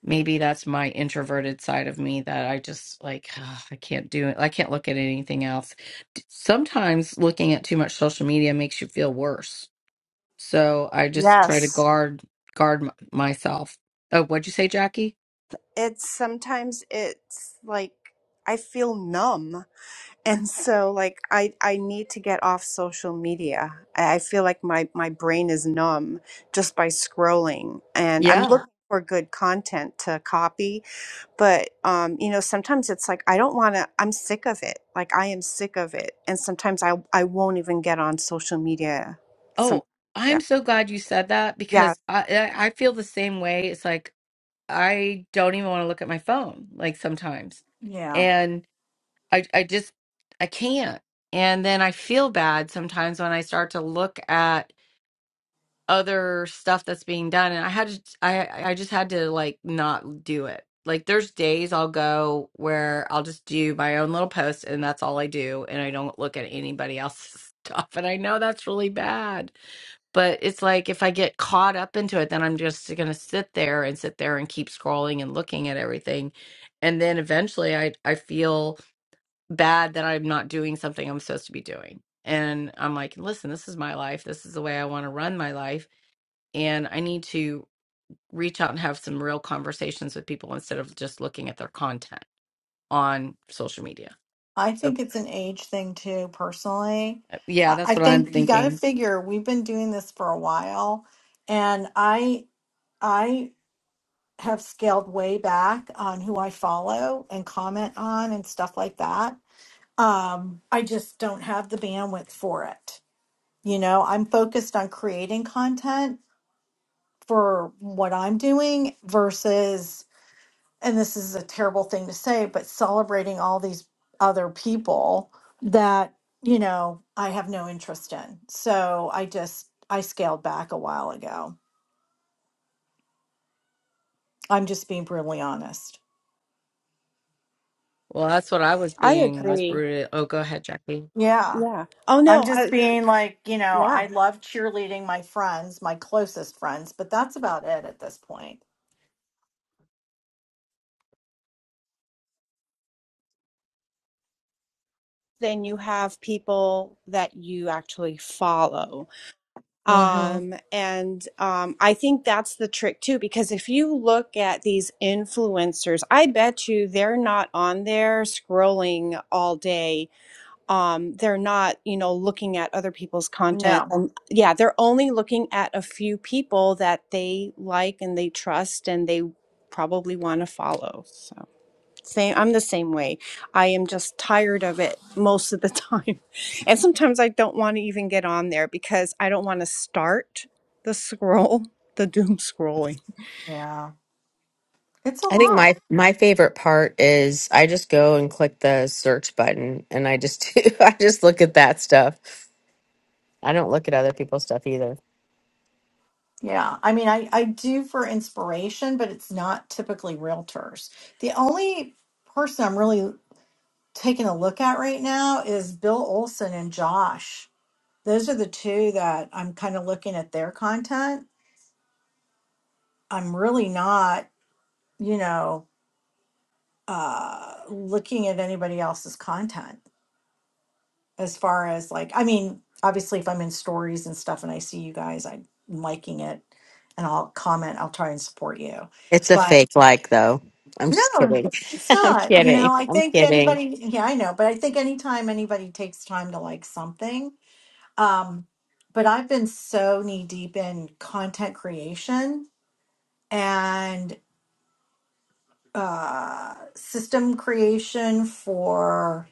Speaker 4: maybe that's my introverted side of me that I just like (sighs) ugh, I can't do it. I can't look at anything else. D- Sometimes looking at too much social media makes you feel worse. So I just try to
Speaker 9: Yes.
Speaker 4: guard guard m- myself. Oh, what'd you say, Jackie?
Speaker 9: It's sometimes it's like I feel numb. and so like i i need to get off social media i I feel like my my brain is numb just by scrolling and i'm Yeah.
Speaker 4: Yeah.
Speaker 9: looking for good content to copy but um you know sometimes it's like i don't want to i'm sick of it like i am sick of it and sometimes i i won't even get on social media some
Speaker 4: Oh,
Speaker 9: yeah
Speaker 4: I'm so glad you said that
Speaker 9: yeah
Speaker 4: because I I I feel the same way. It's like I don't even want to look at my phone like sometimes.
Speaker 2: yeah.
Speaker 4: And I I just I can't. And then I feel bad sometimes when I start to look at other stuff that's being done and I had to I I just had to like not do it. Like there's days I'll go where I'll just do my own little post and that's all I do and I don't look at anybody else's (laughs) stuff and I know that's really bad but it's like if I get caught up into it, then I'm just going to sit there and sit there and keep scrolling and looking at everything. And then eventually I, I feel bad that I'm not doing something I'm supposed to be doing. And I'm like, listen, this is my life. This is the way I want to run my life. And I need to reach out and have some real conversations with people instead of just looking at their content on social media.
Speaker 2: I
Speaker 4: So,
Speaker 2: think it's an age thing too, personally.
Speaker 4: uh, yeah,
Speaker 2: I
Speaker 4: that's
Speaker 2: I
Speaker 4: what I'm
Speaker 2: think you got to
Speaker 4: thinking.
Speaker 2: figure we've been doing this for a while, and I I have scaled way back on who I follow and comment on and stuff like that. Um, I just don't have the bandwidth for it. You know, I'm focused on creating content for what I'm doing versus and this is a terrible thing to say, but celebrating all these other people that, you know, I have no interest in. So I just, I scaled back a while ago. I'm just being brutally honest.
Speaker 4: Well, that's what I was
Speaker 9: i
Speaker 4: being was
Speaker 9: agree
Speaker 4: brooded. Oh, go ahead, Jackie.
Speaker 2: Yeah.
Speaker 9: yeah oh
Speaker 2: I'm
Speaker 9: no
Speaker 2: just
Speaker 9: i
Speaker 2: being like, you know,
Speaker 9: yeah
Speaker 2: I love cheerleading my friends, my closest friends, but that's about it at this point.
Speaker 9: then you have people that you actually follow
Speaker 2: Mm-hmm.
Speaker 9: Um, and um, I think that's the trick too, because if you look at these influencers, I bet you they're not on there scrolling all day. Um, they're not, you know, looking at other people's content.
Speaker 2: No.
Speaker 9: Um, yeah, they're only looking at a few people that they like and they trust and they probably want to follow. So. Same, I'm the same way. I am just tired of it most of the time. (laughs) And sometimes I don't want to even get on there because I don't want to start the scroll, the doom scrolling.
Speaker 2: Yeah. It's a
Speaker 1: I think
Speaker 2: lot.
Speaker 1: my my favorite part is I just go and click the search button and I just (laughs) do, I just look at that stuff. I don't look at other people's stuff either.
Speaker 2: Yeah, I mean, I, I do for inspiration, but it's not typically realtors. The only person I'm really taking a look at right now is Bill Olson and Josh. Those are the two that I'm kind of looking at their content. I'm really not, you know, uh, looking at anybody else's content as far as like, I mean, obviously, if I'm in stories and stuff and I see you guys, I'm liking it and I'll comment, I'll try and support you.
Speaker 1: It's a
Speaker 2: But
Speaker 1: fake like though. I'm just
Speaker 2: No,
Speaker 1: kidding.
Speaker 2: it's
Speaker 1: (laughs) I'm
Speaker 2: not. You know,
Speaker 1: kidding.
Speaker 2: I
Speaker 1: I'm
Speaker 2: think
Speaker 1: kidding.
Speaker 2: anybody, yeah, I know, but I think anytime anybody takes time to like something, um, but I've been so knee deep in content creation and uh, system creation for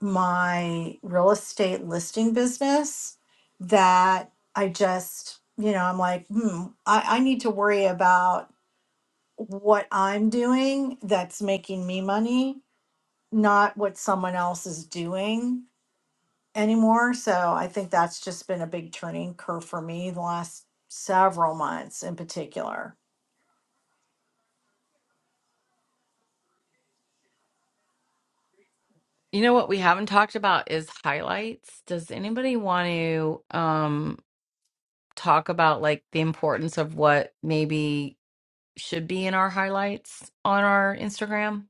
Speaker 2: my real estate listing business that I just, you know, I'm like, hmm, I, I need to worry about what I'm doing that's making me money not what someone else is doing anymore. So I think that's just been a big turning curve for me the last several months in particular.
Speaker 4: You know what we haven't talked about is highlights. Does anybody want to um talk about like the importance of what maybe should be in our highlights on our Instagram?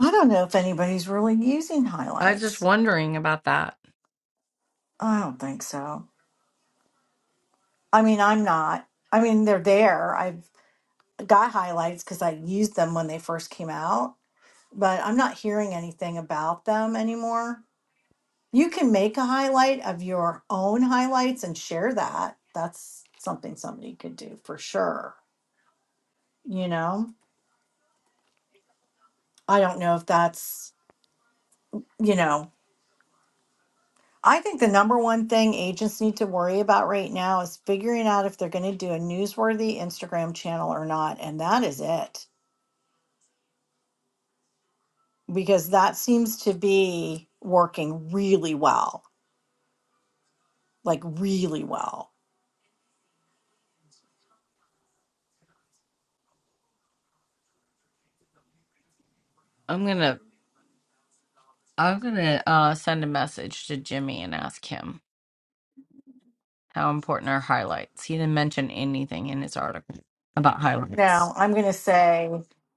Speaker 2: I don't know if anybody's really using
Speaker 4: I was just
Speaker 2: highlights.
Speaker 4: wondering about that.
Speaker 2: I don't think so. I mean, I'm not. I mean, they're there. I've got highlights because I used them when they first came out, but I'm not hearing anything about them anymore. You can make a highlight of your own highlights and share that. That's something somebody could do for sure you know i don't know if that's you know i think the number one thing agents need to worry about right now is figuring out if they're going to do a newsworthy instagram channel or not and that is it because that seems to be working really well like really well
Speaker 4: I'm gonna I'm gonna uh send a message to Jimmy and ask him how important are highlights. He didn't mention anything in his article about highlights.
Speaker 2: now i'm going to say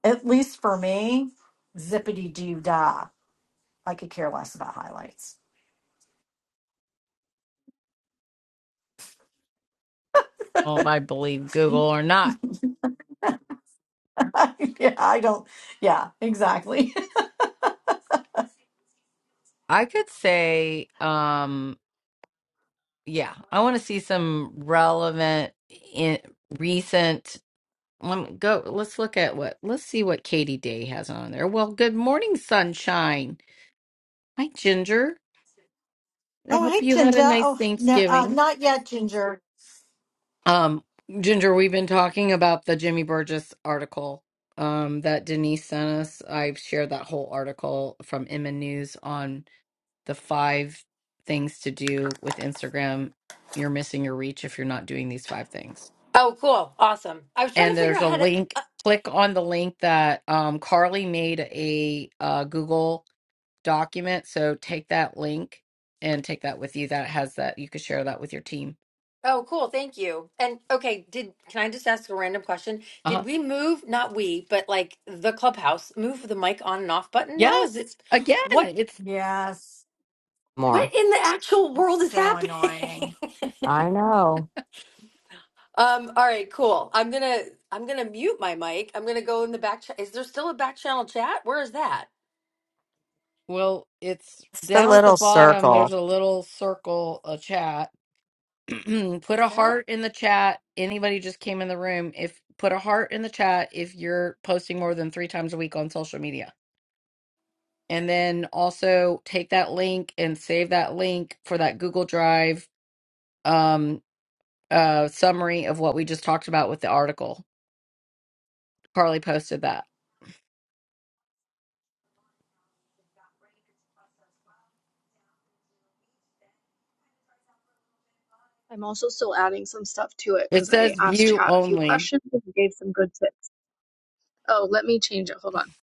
Speaker 2: at least for me zippity doo dah i could care less about highlights
Speaker 4: Well, if I believe Google or not.
Speaker 2: (laughs) yeah i don't yeah exactly
Speaker 4: I could say um yeah, I want to see some relevant in recent. Let me go. Let's look at what. Let's see what Katie Day has on there. Well, good morning, sunshine. Hi, Ginger. I
Speaker 2: Oh,
Speaker 4: hope
Speaker 2: hey,
Speaker 4: you had a
Speaker 2: Ginger.
Speaker 4: nice
Speaker 2: Oh, no, uh,
Speaker 4: Thanksgiving.
Speaker 2: not yet, Ginger.
Speaker 4: Um, Ginger, we've been talking about the Jimmy Burgess article um that Denise sent us. I've shared that whole article from Emma News on the five things to do with Instagram. You're missing your reach if you're not doing these five things
Speaker 10: Oh, cool. Awesome. I was trying to
Speaker 4: and
Speaker 10: figure
Speaker 4: there's
Speaker 10: out
Speaker 4: a
Speaker 10: how to.
Speaker 4: link.
Speaker 10: Uh,
Speaker 4: Click on the link that um, Carly made a uh, Google document. So take that link and take that with you. That has that you could share that with your team.
Speaker 10: oh, cool. Thank you. And okay, did can I just ask a random question?
Speaker 4: Uh
Speaker 10: Did
Speaker 4: huh.
Speaker 10: we move, not we, but like the clubhouse, move the mic on and off button now? Is
Speaker 4: Yes.
Speaker 10: it
Speaker 4: Again,
Speaker 10: what
Speaker 4: it's
Speaker 2: Yes,
Speaker 1: More.
Speaker 10: what in the actual
Speaker 2: it's
Speaker 10: world is
Speaker 2: so
Speaker 10: happening?
Speaker 2: annoying.
Speaker 10: (laughs)
Speaker 1: I know.
Speaker 10: Um, all right, cool. I'm gonna I'm gonna mute my mic. I'm gonna go in the back. Ch- is there still a back channel chat? Where is that?
Speaker 4: well, it's
Speaker 1: It's the
Speaker 4: down at the
Speaker 1: little
Speaker 4: bottom. There's
Speaker 1: circle.
Speaker 4: a little circle, a chat. (clears throat) put
Speaker 10: Is
Speaker 4: a
Speaker 10: that?
Speaker 4: heart in the chat. Anybody just came in the room. If put a heart in the chat if you're posting more than three times a week on social media and then also take that link and save that link for that Google Drive um, uh, summary of what we just talked about with the article. Carly posted that.
Speaker 7: I'm also still adding some stuff to it
Speaker 4: It
Speaker 7: because I
Speaker 4: says
Speaker 7: asked
Speaker 4: view
Speaker 7: chat a few
Speaker 4: only.
Speaker 7: questions and gave some good tips. Oh, let me change it. Hold on.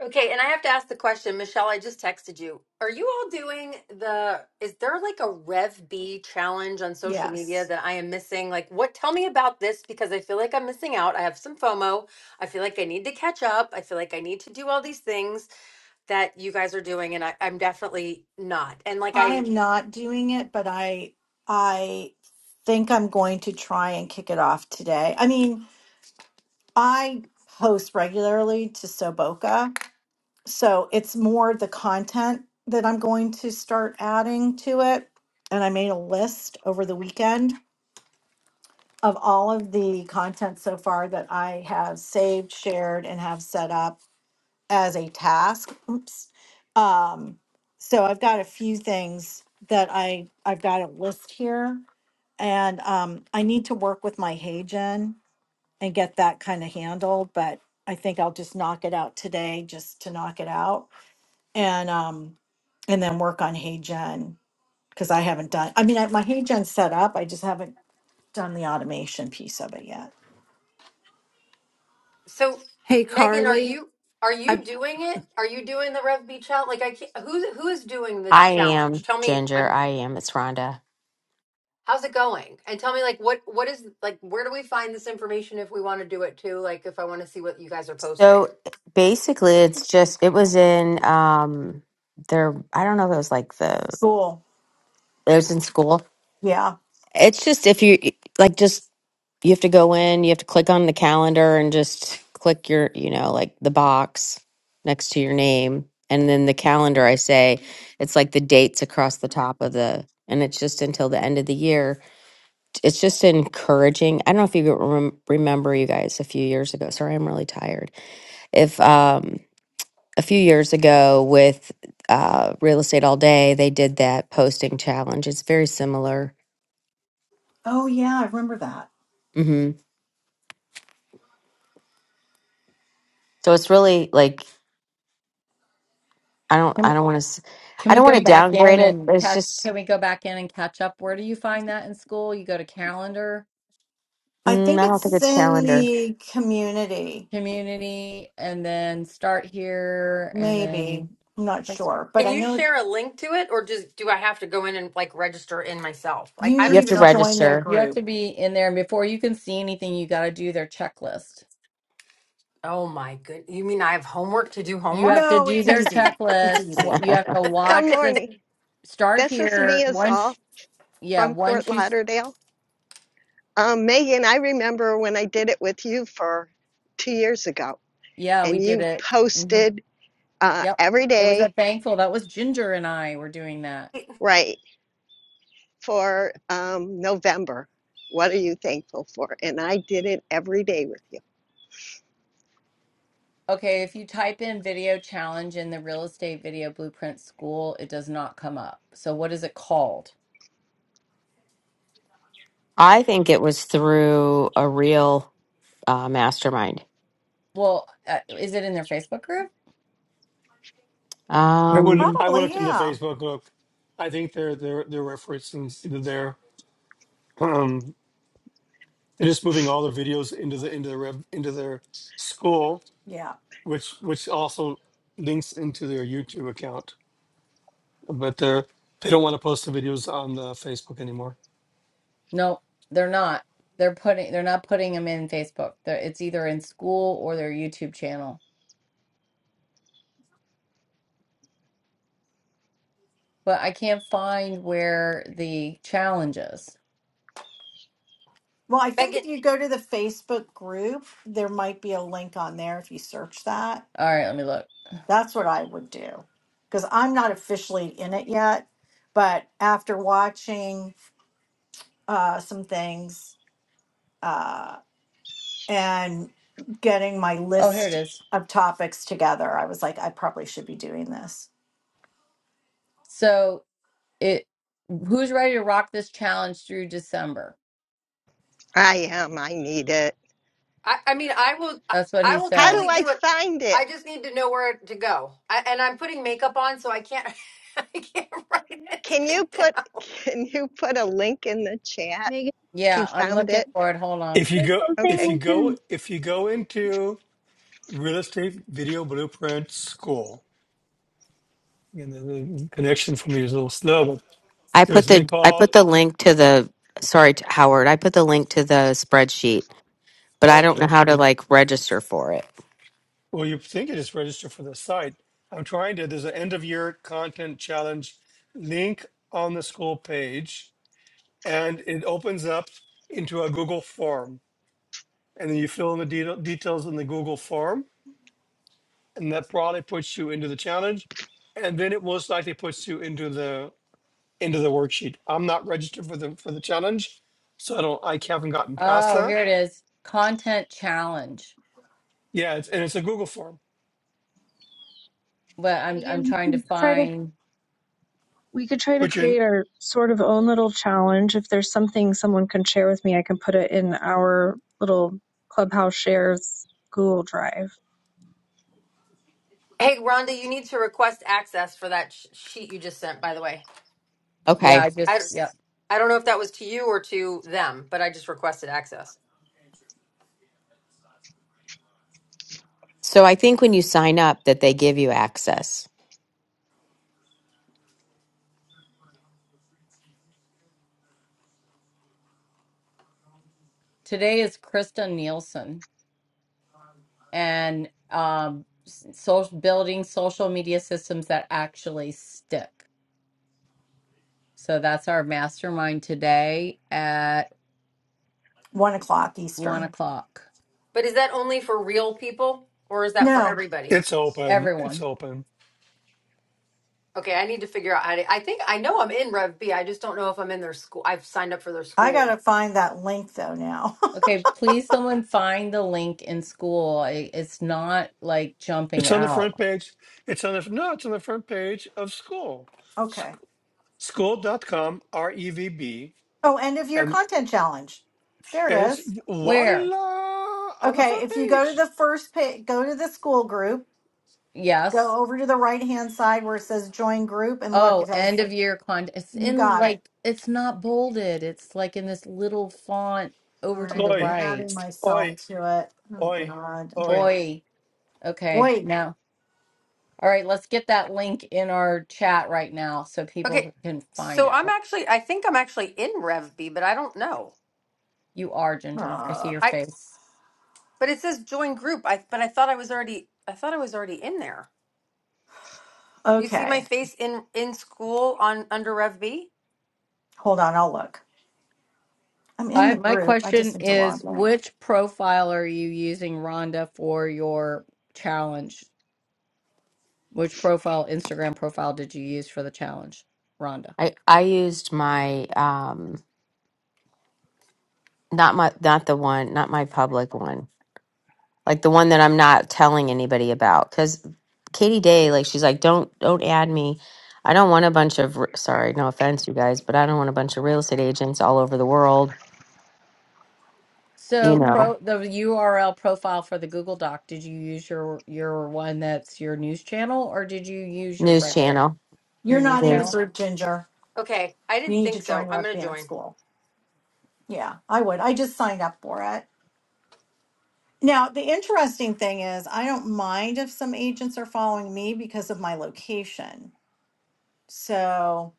Speaker 10: Okay, and I have to ask the question, Michelle. I just texted you. Are you all doing the? Is there like a Rev B challenge on social media
Speaker 2: Yes,
Speaker 10: that I am missing? Like, what? Tell me about this because I feel like I'm missing out. I have some FOMO. I feel like I need to catch up. I feel like I need to do all these things that you guys are doing, and I, I'm definitely not. And like
Speaker 2: I
Speaker 10: I,
Speaker 2: am not doing it, but I, I think I'm going to try and kick it off today. I mean, I post regularly to Soboka, so it's more the content that I'm going to start adding to it. And I made a list over the weekend of all of the content so far that I have saved, shared, and have set up as a task. Oops. Um, so I've got a few things that I, I've got a list here. And um, I need to work with my Hagen and get that kind of handled, but I think I'll just knock it out today just to knock it out. And um, and then work on Hagen because I haven't done, I mean, I, my Hagen's set up. I just haven't done the automation piece of it yet.
Speaker 10: so
Speaker 11: Hey,
Speaker 10: Megan, are
Speaker 11: Carly.
Speaker 10: you are you
Speaker 11: I,
Speaker 10: doing it? Are you doing the Rev B challenge? Like I, can't, who who is doing this
Speaker 1: I
Speaker 10: challenge?
Speaker 1: am
Speaker 10: Tell me.
Speaker 1: Ginger. I am. It's Rhonda.
Speaker 10: How's it going? And tell me like what what is like where do we find this information if we want to do it too? Like if I want to see what you guys are posting.
Speaker 1: So basically it's just it was in um there I don't know if it was like the
Speaker 2: Cool.
Speaker 1: it was in school
Speaker 2: Yeah.
Speaker 1: It's just if you like, just you have to go in, you have to click on the calendar and just click your, you know, like the box next to your name. And then the calendar, I say, it's like the dates across the top of the, and it's just until the end of the year. It's just encouraging. I don't know if you rem- remember you guys a few years ago. Sorry, I'm really tired. If, um, a few years ago with uh, Real Estate All Day, they did that posting challenge. It's very similar.
Speaker 2: Oh, yeah. I remember that.
Speaker 1: hmm so it's really like I don't.
Speaker 4: Can,
Speaker 1: I don't want to.
Speaker 4: can
Speaker 1: I
Speaker 4: we
Speaker 1: don't want
Speaker 4: go
Speaker 1: to
Speaker 4: back in
Speaker 1: downgrade it.
Speaker 4: and
Speaker 1: but It's
Speaker 4: catch,
Speaker 1: just.
Speaker 4: can we go back in and catch up? Where do you find that in school? You go to calendar,
Speaker 2: I
Speaker 1: Mm,
Speaker 2: think
Speaker 1: I don't think
Speaker 2: it's
Speaker 1: it's
Speaker 2: in
Speaker 1: calendar.
Speaker 2: the community,
Speaker 4: community, and then start here, and then
Speaker 2: maybe. I'm not sure, but
Speaker 10: Can
Speaker 2: I
Speaker 10: you
Speaker 2: know
Speaker 10: share a link to it or just do I have to go in and like register in myself? Like
Speaker 2: you
Speaker 10: I
Speaker 1: You
Speaker 10: don't
Speaker 1: have
Speaker 2: need
Speaker 10: even
Speaker 1: to
Speaker 10: know
Speaker 2: to
Speaker 10: if I'm
Speaker 2: join their
Speaker 1: register.
Speaker 4: you have
Speaker 2: group.
Speaker 4: to be in there. And before you can see anything, you got to do their checklist.
Speaker 10: Oh my good. You mean I have homework to do
Speaker 4: You have
Speaker 10: homework?
Speaker 4: to
Speaker 2: No,
Speaker 4: do
Speaker 2: it's
Speaker 4: their
Speaker 2: easy. It's
Speaker 4: checklist. Wa-
Speaker 2: easy.
Speaker 4: You have to
Speaker 12: Good
Speaker 4: watch the
Speaker 12: morning.
Speaker 4: start
Speaker 12: This is
Speaker 4: here.
Speaker 12: Mia
Speaker 4: Once,
Speaker 12: Zoll
Speaker 4: yeah,
Speaker 12: from Fort
Speaker 4: once you, s-
Speaker 12: Lauderdale. Um, Megan, I remember when I did it with you for two years ago,
Speaker 4: yeah, we
Speaker 12: and
Speaker 4: did
Speaker 12: you
Speaker 4: it. hmm
Speaker 12: posted uh,
Speaker 4: Yep.
Speaker 12: every
Speaker 4: It was
Speaker 12: day,
Speaker 4: at Thankful. That was Ginger and I were doing that.
Speaker 12: right, for um, November. What are you thankful for? And I did it every day with you.
Speaker 4: Okay. If you type in video challenge in the real estate video blueprint school, it does not come up. So what is it called?
Speaker 1: I think it was through a real uh, mastermind.
Speaker 4: Well, uh, is it in their Facebook group?
Speaker 3: I would.
Speaker 1: Um,
Speaker 3: I would
Speaker 2: Probably,
Speaker 3: look into
Speaker 2: yeah.
Speaker 3: Facebook. Look, I think they're they're they're referencing their um. They're just moving all the videos into the into the rev, into their school,
Speaker 2: Yeah.
Speaker 3: which which also links into their YouTube account. But they're they don't want to post the videos on the Facebook anymore.
Speaker 4: No, they're not. They're putting, they're not putting them in Facebook. They're, it's either in school or their YouTube channel. but I can't find where the challenge is.
Speaker 2: Well, I think
Speaker 10: Megan,
Speaker 2: if you go to the Facebook group, there might be a link on there if you search that.
Speaker 4: All right, let me look.
Speaker 2: That's what I would do because I'm not officially in it yet. But after watching uh, some things, uh, and getting my
Speaker 4: Oh, here it
Speaker 2: list
Speaker 4: is.
Speaker 2: of topics together. I was like, I probably should be doing this.
Speaker 4: So it who's ready to rock this challenge through December?
Speaker 12: I am. I need it.
Speaker 10: I I mean I will I
Speaker 4: That's what
Speaker 10: I
Speaker 4: he
Speaker 10: will
Speaker 12: How
Speaker 4: said.
Speaker 12: do
Speaker 10: totally
Speaker 12: I
Speaker 10: do it.
Speaker 12: find
Speaker 10: I
Speaker 12: it?
Speaker 10: just need to know where to go. I, and I'm putting makeup on so I can't (laughs) I can't write
Speaker 12: Can you
Speaker 10: anything
Speaker 12: put
Speaker 10: down.
Speaker 12: (laughs) Can you put a link in the chat
Speaker 7: Megan,
Speaker 12: if you
Speaker 4: Yeah, I'm
Speaker 12: found
Speaker 4: looking
Speaker 12: it?
Speaker 4: for it. Hold on.
Speaker 3: If you
Speaker 7: there's
Speaker 3: go
Speaker 7: something
Speaker 3: if
Speaker 12: Okay.
Speaker 3: you
Speaker 7: we
Speaker 3: go
Speaker 7: can
Speaker 3: if you go into real estate video blueprint school, and the the connection for me is a little slow. But
Speaker 1: I put
Speaker 3: there's something
Speaker 1: the I
Speaker 3: called
Speaker 1: put the link to the. Sorry, t- Howard. I put the link to the spreadsheet but I don't know
Speaker 3: okay.
Speaker 1: how to like register for it.
Speaker 3: Well, you think it is registered for the site. I'm trying to, there's an end of year content challenge link on the school page, and it opens up into a Google form. And then you fill in the deta- details in the Google form, and that probably puts you into the challenge. And then it most likely puts you into the into the worksheet. I'm not registered for the for the challenge, so I don't I haven't gotten past
Speaker 4: Oh,
Speaker 3: that.
Speaker 4: here it is. Content challenge.
Speaker 3: Yeah, it's, and it's a Google form.
Speaker 4: But I'm I'm
Speaker 7: Megan we
Speaker 4: trying to
Speaker 7: can try to
Speaker 4: find
Speaker 7: we could try to
Speaker 3: But you, in-
Speaker 7: create our sort of own little challenge. If there's something someone can share with me, I can put it in our little clubhouse shares Google Drive.
Speaker 10: Hey, Rhonda, you need to request access for that sh- sheet you just sent, by the way.
Speaker 4: yeah,
Speaker 1: Okay.
Speaker 4: I
Speaker 10: I
Speaker 4: just yeah.
Speaker 10: I don't know if that was to you or to them, but I just requested access.
Speaker 1: So I think when you sign up that they give you access.
Speaker 4: Today is Krista Nielsen and um social building social media systems that actually stick. So that's our mastermind today at
Speaker 2: One o'clock
Speaker 4: one
Speaker 2: Eastern.
Speaker 4: o'clock.
Speaker 10: But is that only for real people or is that for
Speaker 2: No,
Speaker 10: everybody?
Speaker 3: it's open. It's
Speaker 4: Everyone.
Speaker 3: open.
Speaker 10: Okay, I need to figure out. I, I think I know I'm in Rev B. I just don't know if I'm in their school. I've signed up for their
Speaker 2: I got
Speaker 10: school.
Speaker 2: to find that link though now.
Speaker 4: Okay, please someone find the link in school. I- It's not like jumping
Speaker 3: It's on the
Speaker 4: out.
Speaker 3: front page. It's on the no. It's on the front page of school.
Speaker 2: (laughs) okay.
Speaker 3: Sc- School dot com R E V B
Speaker 2: Oh, end of year
Speaker 3: and
Speaker 2: content challenge. There
Speaker 3: and
Speaker 2: it
Speaker 3: it's
Speaker 2: is.
Speaker 4: Where?
Speaker 3: voila on the
Speaker 2: Okay.
Speaker 3: front
Speaker 2: If you go to
Speaker 3: page.
Speaker 2: the first page, go to the school group,
Speaker 4: Yes.
Speaker 2: go over to the right hand side where it says join group, and look,
Speaker 4: Oh,
Speaker 2: it
Speaker 4: end
Speaker 2: has,
Speaker 4: of year con. It's
Speaker 2: you
Speaker 4: in
Speaker 2: got it.
Speaker 4: like, it's not bolded. It's like in this little font
Speaker 2: All
Speaker 4: over to
Speaker 2: right.
Speaker 4: the
Speaker 2: I'm
Speaker 3: Oi
Speaker 4: right.
Speaker 2: adding myself
Speaker 3: oi
Speaker 2: to it. Oh,
Speaker 3: oi
Speaker 2: God. I'm going
Speaker 3: oi.
Speaker 2: to,
Speaker 4: Oi. Okay,
Speaker 2: wait.
Speaker 4: now. All right, let's get that link in our chat right now so
Speaker 10: Okay,
Speaker 4: people can find
Speaker 10: so
Speaker 4: it.
Speaker 10: I'm actually. I think I'm actually in Rev B, but I don't know.
Speaker 4: You are Ginger. I see
Speaker 2: Uh,
Speaker 4: your
Speaker 10: I
Speaker 4: face.
Speaker 10: but it says join group. I but I thought I was already. I thought I was already in there. You see my
Speaker 2: okay.
Speaker 10: face in in school on under Rev B.
Speaker 2: Hold on. I'll look. I'm in
Speaker 4: I
Speaker 2: the
Speaker 4: my
Speaker 2: group. I just
Speaker 4: question
Speaker 2: need to
Speaker 4: is
Speaker 2: log in.
Speaker 4: which profile are you using, Rhonda, for your challenge? Which profile, Instagram profile did you use for the challenge, Rhonda?
Speaker 1: I I used my um not my not the one, not my public one. like the one that I'm not telling anybody about. Because Katie Day, like she's like, don't don't add me. I don't want a bunch of r- sorry, no offense, you guys, but I don't want a bunch of real estate agents all over the world. You
Speaker 4: So
Speaker 1: know,
Speaker 4: pro the URL profile for the Google Doc, did you use your your one that's your news channel or did you use your
Speaker 1: news
Speaker 4: regular
Speaker 1: channel.
Speaker 4: your
Speaker 2: You're
Speaker 4: news
Speaker 2: not in the
Speaker 4: channel?
Speaker 1: Yes.
Speaker 2: group, Ginger.
Speaker 10: Okay, I
Speaker 2: You
Speaker 10: didn't
Speaker 2: need
Speaker 10: think
Speaker 2: to
Speaker 10: so.
Speaker 2: join
Speaker 10: I'm
Speaker 2: Rev
Speaker 10: gonna
Speaker 2: Band
Speaker 10: join.
Speaker 2: School. Yeah, I would. I just signed up for it. Now, the interesting thing is, I don't mind if some agents are following me because of my location. So,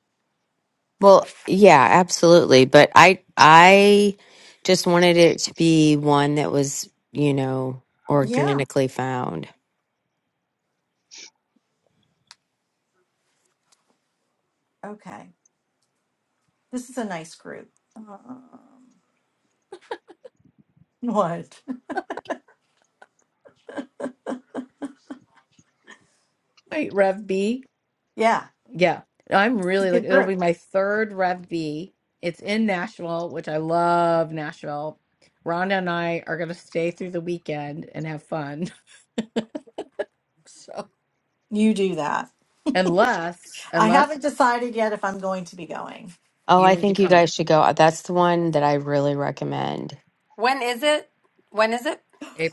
Speaker 1: Well, yeah, absolutely. But I I just wanted it to be one that was you know
Speaker 2: yeah,
Speaker 1: organically found.
Speaker 2: okay. This is a nice group. Um, what? (laughs)
Speaker 4: Wait, Rev B.
Speaker 2: Yeah,
Speaker 4: Yeah, No, I'm
Speaker 2: it's a
Speaker 4: really like
Speaker 2: good
Speaker 4: it'll
Speaker 2: group.
Speaker 4: be my third Rev B. It's in Nashville, which I love Nashville. Rhonda and I are gonna stay through the weekend and have fun. (laughs) So
Speaker 2: You do that.
Speaker 4: unless
Speaker 2: I
Speaker 4: unless
Speaker 2: haven't decided yet if I'm going to be going.
Speaker 1: Oh,
Speaker 4: you
Speaker 1: I
Speaker 4: need to
Speaker 1: think you
Speaker 4: come
Speaker 1: guys should go. uh, That's the one that I really recommend.
Speaker 10: When is it? When is it?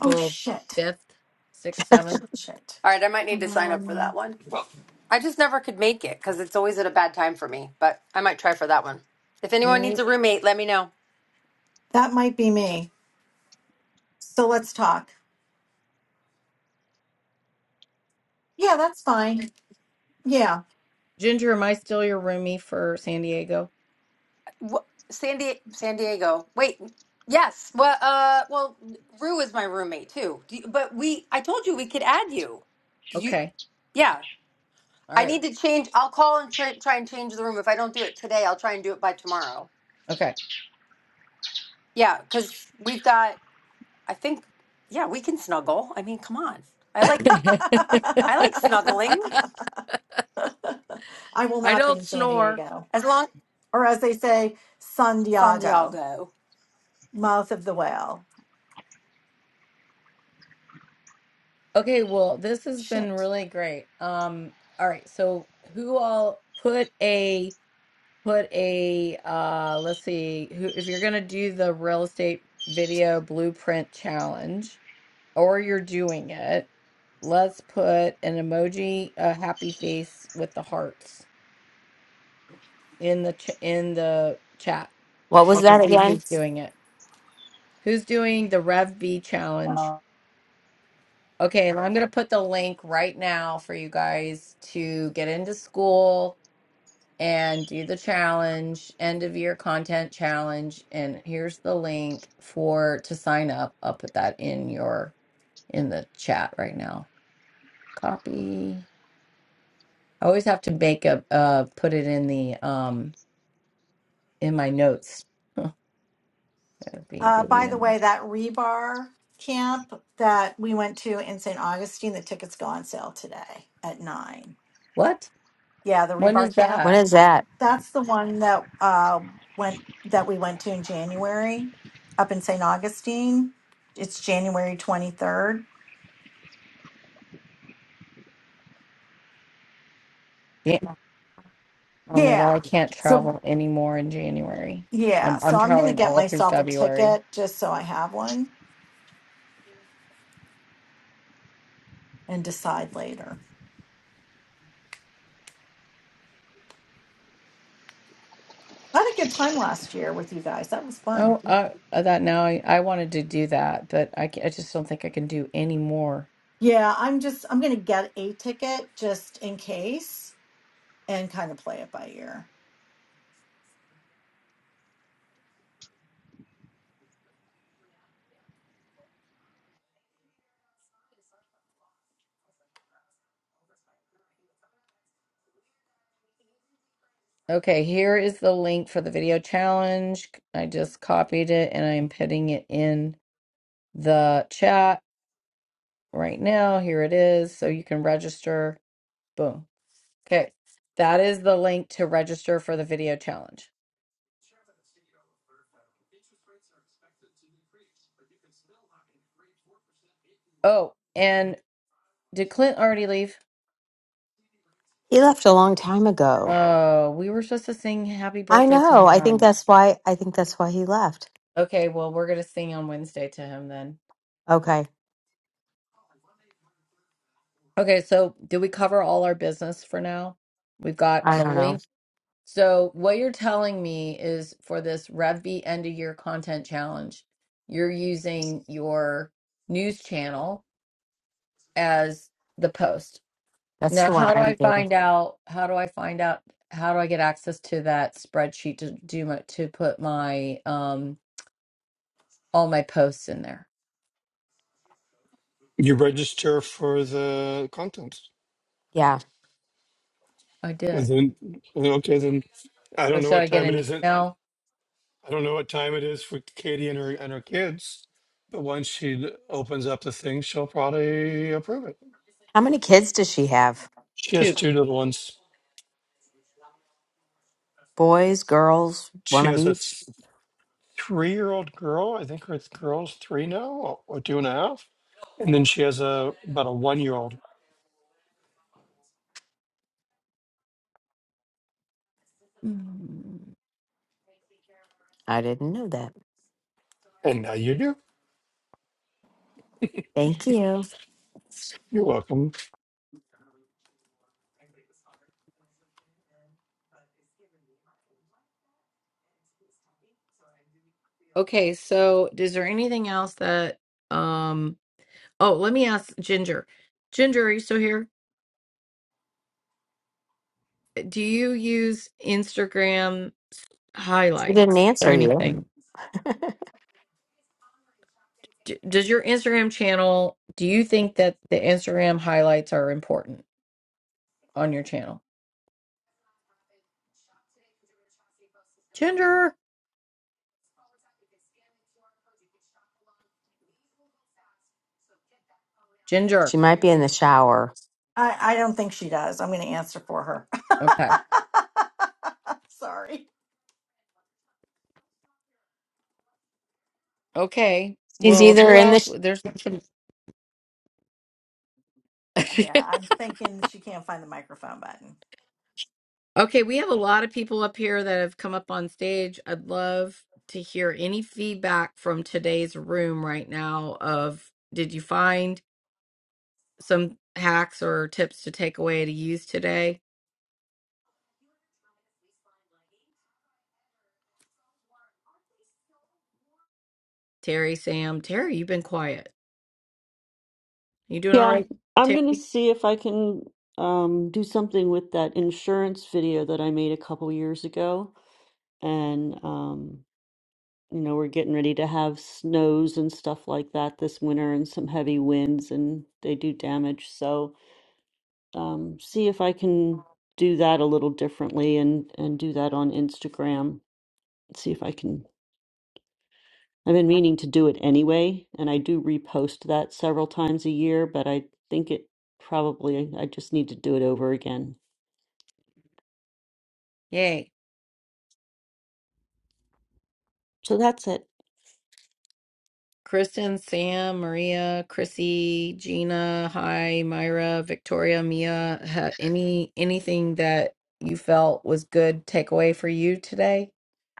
Speaker 2: Oh, shit.
Speaker 4: fifth, sixth,
Speaker 2: Shit,
Speaker 4: seventh,
Speaker 2: shit, shit.
Speaker 10: All right, I might need to sign up for
Speaker 2: Um,
Speaker 10: that one. I just never could make it because it's always at a bad time for me, but I might try for that one. If
Speaker 4: you
Speaker 10: anyone needs
Speaker 4: need
Speaker 10: a roommate, let me know.
Speaker 2: That might be me. So let's talk. Yeah, that's fine. Yeah.
Speaker 4: Ginger. Am I still your roomie for San Diego?
Speaker 10: Wh- San, Di- San Diego. Wait, yes. Well, uh, well, Rue is my roommate too. Do you- but we, I told you we could add you. Do You,
Speaker 4: Okay,
Speaker 10: yeah.
Speaker 4: all
Speaker 10: I
Speaker 4: right,
Speaker 10: need to change. I'll call and try, try and change the room. If I don't do it today, I'll try and do it by tomorrow.
Speaker 4: okay.
Speaker 10: Yeah, because we've got. I think. Yeah, we can snuggle. I mean, come on. I
Speaker 2: (laughs)
Speaker 10: like.
Speaker 2: I
Speaker 4: (laughs)
Speaker 10: I like snuggling.
Speaker 2: will
Speaker 4: I
Speaker 2: not be
Speaker 4: don't
Speaker 2: in San
Speaker 4: snore.
Speaker 2: Diego.
Speaker 10: As long
Speaker 2: Or as they say, San Diego,
Speaker 10: santiago
Speaker 2: mouth of the whale.
Speaker 4: Okay, well, this has
Speaker 2: Shit.
Speaker 4: been really great. Um, all right, so who all put a put a uh let's see who if you're gonna do the real estate video blueprint challenge or you're doing it, let's put an emoji, a happy face with the hearts in the ch in the chat
Speaker 1: What
Speaker 4: so I
Speaker 1: was
Speaker 4: can
Speaker 1: that
Speaker 4: see
Speaker 1: again?
Speaker 4: who's doing it. Who's doing the Rev B challenge? Okay, and I'm going to put the link right now for you guys to get into school and do the challenge, end of year content challenge. And here's the link for to sign up. I'll put that in your in the chat right now. Copy. I always have to make a uh put it in the um in my notes. (laughs) That'd be
Speaker 2: Uh, by the
Speaker 4: video.
Speaker 2: way, that rebar camp that we went to in St. Augustine, the tickets go on sale today at nine.
Speaker 4: What?
Speaker 2: Yeah, the
Speaker 4: When is
Speaker 2: rebar camp.
Speaker 1: What
Speaker 4: that?
Speaker 1: is that?
Speaker 2: That's the one that uh, went that we went to in January up in St. Augustine. It's January 23rd.
Speaker 4: Yeah. Oh my God,
Speaker 2: Yeah.
Speaker 4: I can't
Speaker 2: So
Speaker 4: travel anymore in January.
Speaker 2: yeah,
Speaker 4: I'm
Speaker 2: so
Speaker 4: I'm
Speaker 2: I'm going to
Speaker 4: traveling
Speaker 2: get
Speaker 4: all through
Speaker 2: myself a
Speaker 4: February.
Speaker 2: ticket just so I have one and decide later. I had a good time last year with you guys. That was fun.
Speaker 4: Oh, uh, that now I, I wanted to do that, but I, ca- I just don't think I can do any more.
Speaker 2: Yeah, I'm just I'm going to get a ticket just in case and kind of play it by ear.
Speaker 4: Okay, here is the link for the video challenge. I just copied it and I am putting it in the chat right now. Here it is. So you can register. Boom. Okay, that is the link to register for the video challenge. Oh, and did Clint already leave?
Speaker 1: He left a long time ago.
Speaker 4: Oh, we were supposed to sing happy
Speaker 1: I
Speaker 4: birthday to
Speaker 1: know. I think
Speaker 4: him.
Speaker 1: that's why I think that's why he left.
Speaker 4: Okay, well, we're going to sing on Wednesday to him then.
Speaker 1: Okay.
Speaker 4: Okay, so did we cover all our business for now? We've got
Speaker 1: I
Speaker 4: the
Speaker 1: don't know.
Speaker 4: link. So what you're telling me is for this RevV end of year content challenge, you're using your news channel as the post.
Speaker 1: That's
Speaker 4: Now,
Speaker 1: the one
Speaker 4: how do
Speaker 1: I'm
Speaker 4: I
Speaker 1: doing.
Speaker 4: find out? How do I find out? How do I get access to that spreadsheet to do my, to put my um all my posts in there?
Speaker 3: You register for the content.
Speaker 1: Yeah.
Speaker 4: I
Speaker 3: And
Speaker 4: did.
Speaker 3: then okay then I
Speaker 4: So
Speaker 3: don't know
Speaker 4: should
Speaker 3: what
Speaker 4: I get
Speaker 3: time it
Speaker 4: an
Speaker 3: is. in-
Speaker 4: email
Speaker 3: I don't know what time it is for Katie and her and her kids. But once she l- opens up the thing, she'll probably approve it.
Speaker 1: How many kids does she have?
Speaker 3: She has
Speaker 4: too?
Speaker 3: two little ones.
Speaker 1: Boys, girls, one
Speaker 3: She
Speaker 1: of
Speaker 3: has
Speaker 1: each?
Speaker 3: a three year old girl. I think her it's girl's three now or, or two and a half. And then she has a about a one year old.
Speaker 1: I didn't know that.
Speaker 3: And now you do.
Speaker 1: Thank you.
Speaker 3: You're welcome.
Speaker 4: Okay, so is there anything else that um oh, let me ask Ginger. Ginger, are you still here? Do you use Instagram
Speaker 1: She didn't
Speaker 4: highlights or
Speaker 1: answer you.
Speaker 4: anything? D- does your Instagram channel, do you think that the Instagram highlights are important on your channel? Ginger, Ginger.
Speaker 1: She might be in the shower.
Speaker 2: I I don't think she does. I'm going to answer for her.
Speaker 4: Okay.
Speaker 2: (laughs) Sorry.
Speaker 4: Okay.
Speaker 1: She's
Speaker 4: Well,
Speaker 1: either
Speaker 4: who
Speaker 1: in the
Speaker 4: else?
Speaker 1: sh-
Speaker 4: There's some (laughs)
Speaker 2: Yeah, I'm thinking she can't find the microphone button.
Speaker 4: Okay, we have a lot of people up here that have come up on stage. I'd love to hear any feedback from today's room right now of did you find some hacks or tips to take away to use today? Terry, Sam, Terry, you've been quiet. You doing all
Speaker 13: Yeah,
Speaker 4: right,
Speaker 13: I'm gonna
Speaker 4: Terry?
Speaker 13: see if I can um, do something with that insurance video that I made a couple years ago. And um, you know, we're getting ready to have snows and stuff like that this winter and some heavy winds and they do damage. So um, see if I can do that a little differently and and do that on Instagram. See if I can I've been meaning to do it anyway, and I do repost that several times a year, but I think it probably, I just need to do it over again.
Speaker 4: Yay.
Speaker 13: So that's it.
Speaker 4: Kristen, Sam, Maria, Chrissy, Gina, hi, Myra, Victoria, Mia, ha- any anything that you felt was good takeaway for you today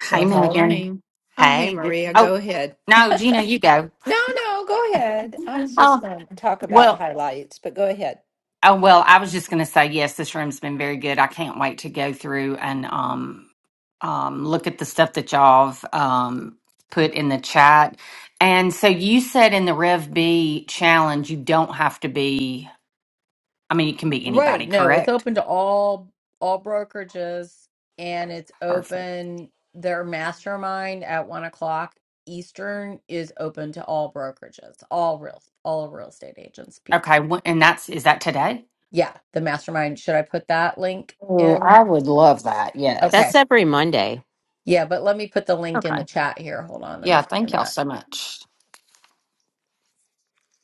Speaker 14: Hey,
Speaker 4: that'll
Speaker 11: Good
Speaker 4: help?
Speaker 14: Megan.
Speaker 11: morning. Oh, hey,
Speaker 14: Hey. G-
Speaker 11: Maria,
Speaker 14: Oh,
Speaker 11: go ahead.
Speaker 14: no, Gina, you go.
Speaker 11: No, no, go ahead. I was
Speaker 14: Oh,
Speaker 11: just going to talk about
Speaker 14: well,
Speaker 11: highlights, but go ahead.
Speaker 14: oh, well, I was just going to say, yes, this room's been very good. I can't wait to go through and um, um, look at the stuff that y'all have um, put in the chat. And so you said in the Rev B challenge, you don't have to be, I mean, it can be
Speaker 4: Right.
Speaker 14: anybody,
Speaker 4: No, it's
Speaker 14: correct?
Speaker 4: open to all all brokerages and it's
Speaker 14: Perfect.
Speaker 4: open their mastermind at one o'clock Eastern is open to all brokerages, all real all real estate agents, people.
Speaker 14: Okay. wh- And that's, is that today?
Speaker 4: Yeah, the mastermind. Should I put that link
Speaker 14: Oh,
Speaker 4: in?
Speaker 14: I would love that.
Speaker 4: Okay.
Speaker 1: That's
Speaker 14: Yes.
Speaker 1: every Monday.
Speaker 4: Yeah, but let me put the link in the
Speaker 14: Okay.
Speaker 4: chat here. Hold on, let
Speaker 14: Yeah.
Speaker 4: me find
Speaker 14: Thank y'all
Speaker 4: that.
Speaker 14: so much.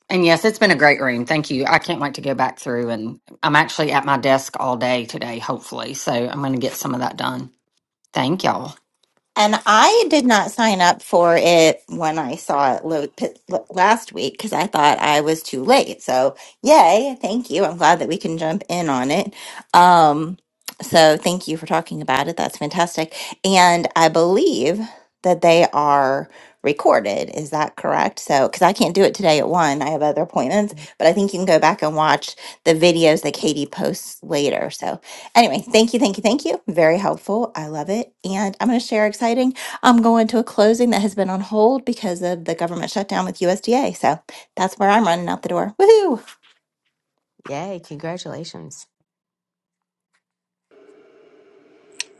Speaker 14: And yes, it's been a great room. Thank you. I can't wait to go back through and I'm actually at my desk all day today, hopefully. So I'm going to get some of that done. Thank y'all.
Speaker 15: And I did not sign up for it when I saw it lo- p- l- last week because I thought I was too late. So, yay, thank you. I'm glad that we can jump in on it. Um, so, thank you for talking about it. That's fantastic. And I believe that they are recorded. Is that correct? So, because I can't do it today at one, I have other appointments, but I think you can go back and watch the videos that Katie posts later. So, Anyway, thank you, thank you, thank you. Very helpful. I love it. And I'm going to share exciting. I'm going to a closing that has been on hold because of the government shutdown with USDA. So that's where I'm running out the door. Woohoo!
Speaker 1: Yay, congratulations.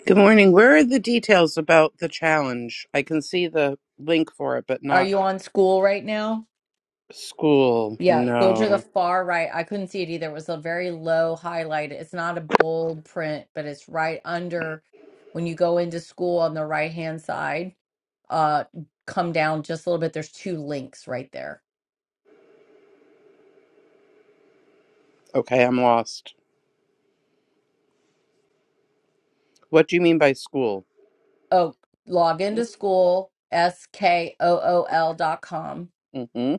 Speaker 16: Good morning. Where are the details about the challenge? I can see the link for it, but
Speaker 4: Are
Speaker 16: not
Speaker 4: you on school right now?
Speaker 16: school.
Speaker 4: Yeah, go to the
Speaker 16: No.
Speaker 4: far right. I couldn't see it either. It was a very low highlight. It's not a bold print, but it's right under when you go into school on the right hand side. Uh, come down just a little bit. There's two links right there.
Speaker 16: Okay, I'm lost. What do you mean by school?
Speaker 4: Oh, log into school, S K O O L dot com
Speaker 16: hmm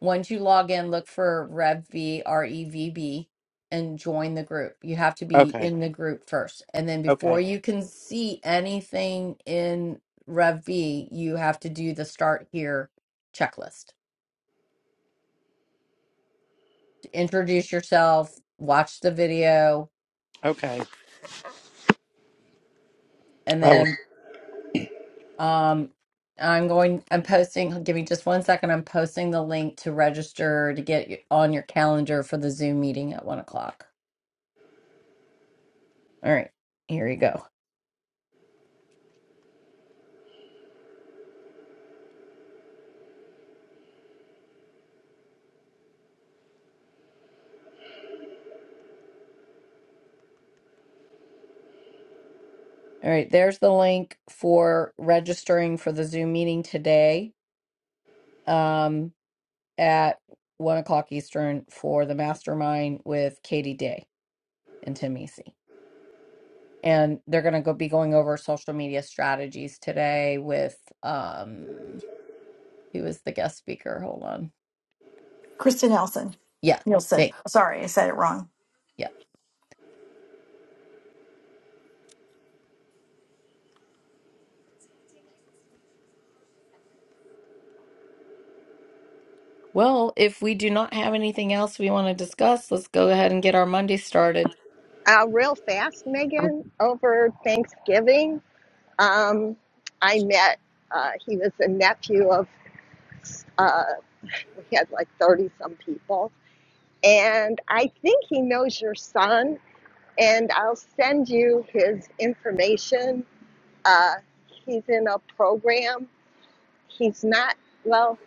Speaker 4: Once you log in, look for RevB, R E V B, and join the group. You have to be
Speaker 16: Okay.
Speaker 4: in the group first. And then before
Speaker 16: Okay.
Speaker 4: you can see anything in RevB, you have to do the start here checklist. Introduce yourself, watch the video,
Speaker 16: Okay.
Speaker 4: and
Speaker 16: I will.
Speaker 4: then um I'm going I'm posting give me just one second. I'm posting the link to register to get on your calendar for the Zoom meeting at one o'clock. All right, here you go. All right, there's the link for registering for the Zoom meeting today um, at one o'clock Eastern for the mastermind with Katie Day and Tim Easy. And they're going to go be going over social media strategies today with um, who was the guest speaker? Hold on.
Speaker 2: Kristen Nelson.
Speaker 4: Yeah,
Speaker 2: Nielsen.
Speaker 4: thanks.
Speaker 2: Sorry, I said it wrong.
Speaker 4: Yeah. Well, if we do not have anything else we want to discuss, let's go ahead and get our Monday started.
Speaker 12: Uh, real fast,
Speaker 1: Um,
Speaker 12: Megan. Over Thanksgiving. Um, I met, uh, he was a nephew of, uh, we had like 30 some people. And I think he knows your son, and I'll send you his information. Uh, he's in a program. He's not, well,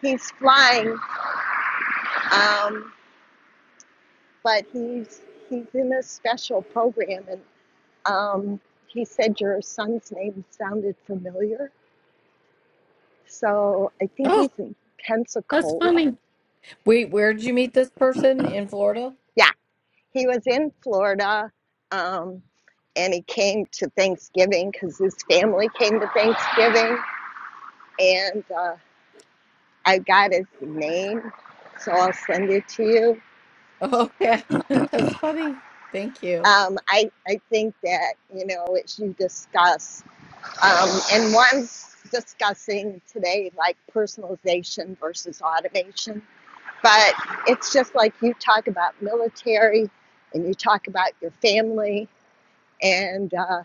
Speaker 12: he's flying, um, but he's, he's in a special program. And um, he said your son's name sounded familiar. So I think
Speaker 4: Oh,
Speaker 12: he's in
Speaker 4: that's
Speaker 12: Pensacola.
Speaker 4: funny. Wait, where did you meet this person in Florida?
Speaker 12: Yeah. He was in Florida, um, and he came to Thanksgiving because his family came to Thanksgiving, and uh, I got his name, so I'll send it to you.
Speaker 4: Oh, yeah. (laughs) That's funny. Thank you.
Speaker 12: Um, I I think that you know as you discuss, um, and one's discussing today like personalization versus automation, but it's just like you talk about military, and you talk about your family, and. uh,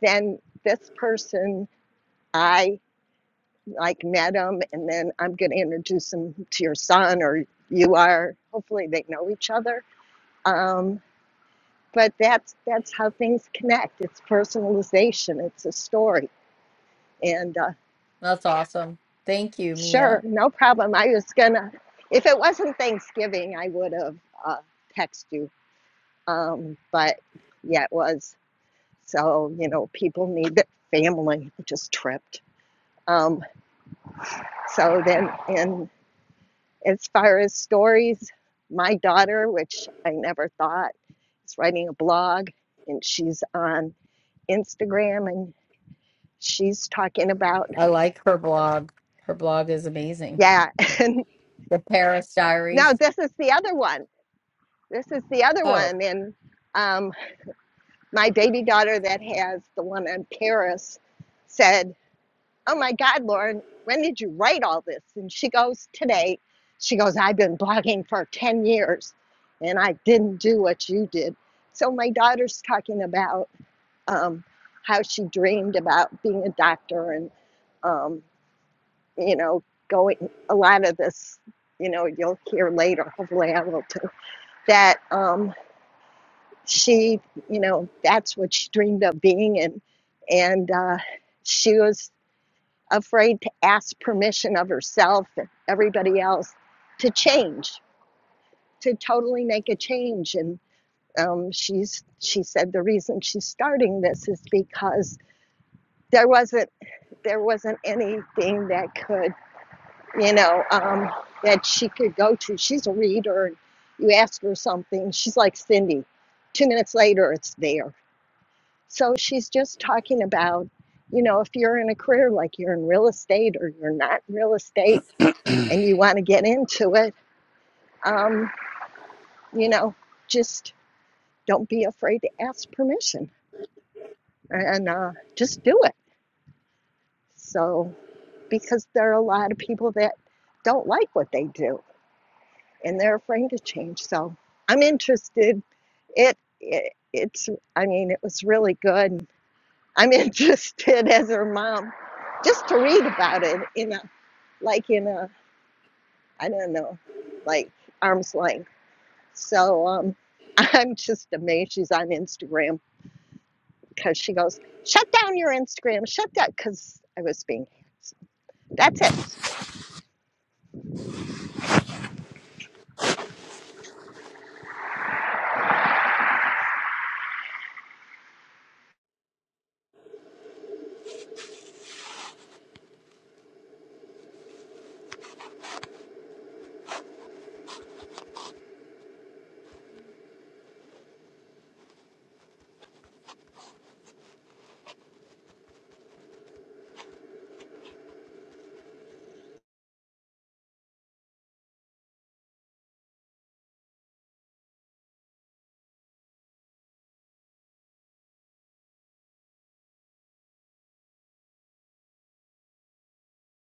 Speaker 12: then this person I like met him and then I'm going to introduce him to your son or you are hopefully they know each other um, but that's that's how things connect it's personalization it's a story and uh,
Speaker 4: That's awesome. Thank you,
Speaker 12: sure
Speaker 4: Mia.
Speaker 12: no problem I was gonna if it wasn't Thanksgiving I would have uh, texted you um, but yeah it was so you know people need that family I just tripped um, so then, and As far as stories, my daughter, which I never thought, is writing a blog and she's on Instagram and she's talking about,
Speaker 4: I like her blog. Her blog is amazing.
Speaker 12: yeah. (laughs) And
Speaker 4: The Paris Diaries.
Speaker 12: now this is the other one. This is the other
Speaker 4: Oh,
Speaker 12: one. And um, my baby daughter that has the one on Paris said, oh my God, Lauren, when did you write all this? And she goes, today. She goes, I've been blogging for 10 years and I didn't do what you did. So my daughter's talking about um, how she dreamed about being a doctor and, um, you know, going a lot of this, you know, you'll hear later, hopefully I will too, that um, she, you know, that's what she dreamed of being. And, and uh, she was afraid to ask permission of herself and everybody else to change, to totally make a change. And um, she's she said the reason she's starting this is because there wasn't there wasn't anything that could you know um, that she could go to. She's a reader, and you ask her something, she's like Cindy. Two minutes later, it's there. So she's just talking about, you know, if you're in a career like you're in real estate or you're not in real estate and you want to get into it, um, you know, just don't be afraid to ask permission and uh, just do it. So, because there are a lot of people that don't like what they do and they're afraid to change. So, I'm interested. It, it it's I mean, it was really good. I'm (laughs) interested as her mom just to read about it in a like in a I don't know, like arm's length. So um, (laughs) I'm just amazed she's on Instagram because she goes, shut down your Instagram, shut down, because I was being. handsome. That's it.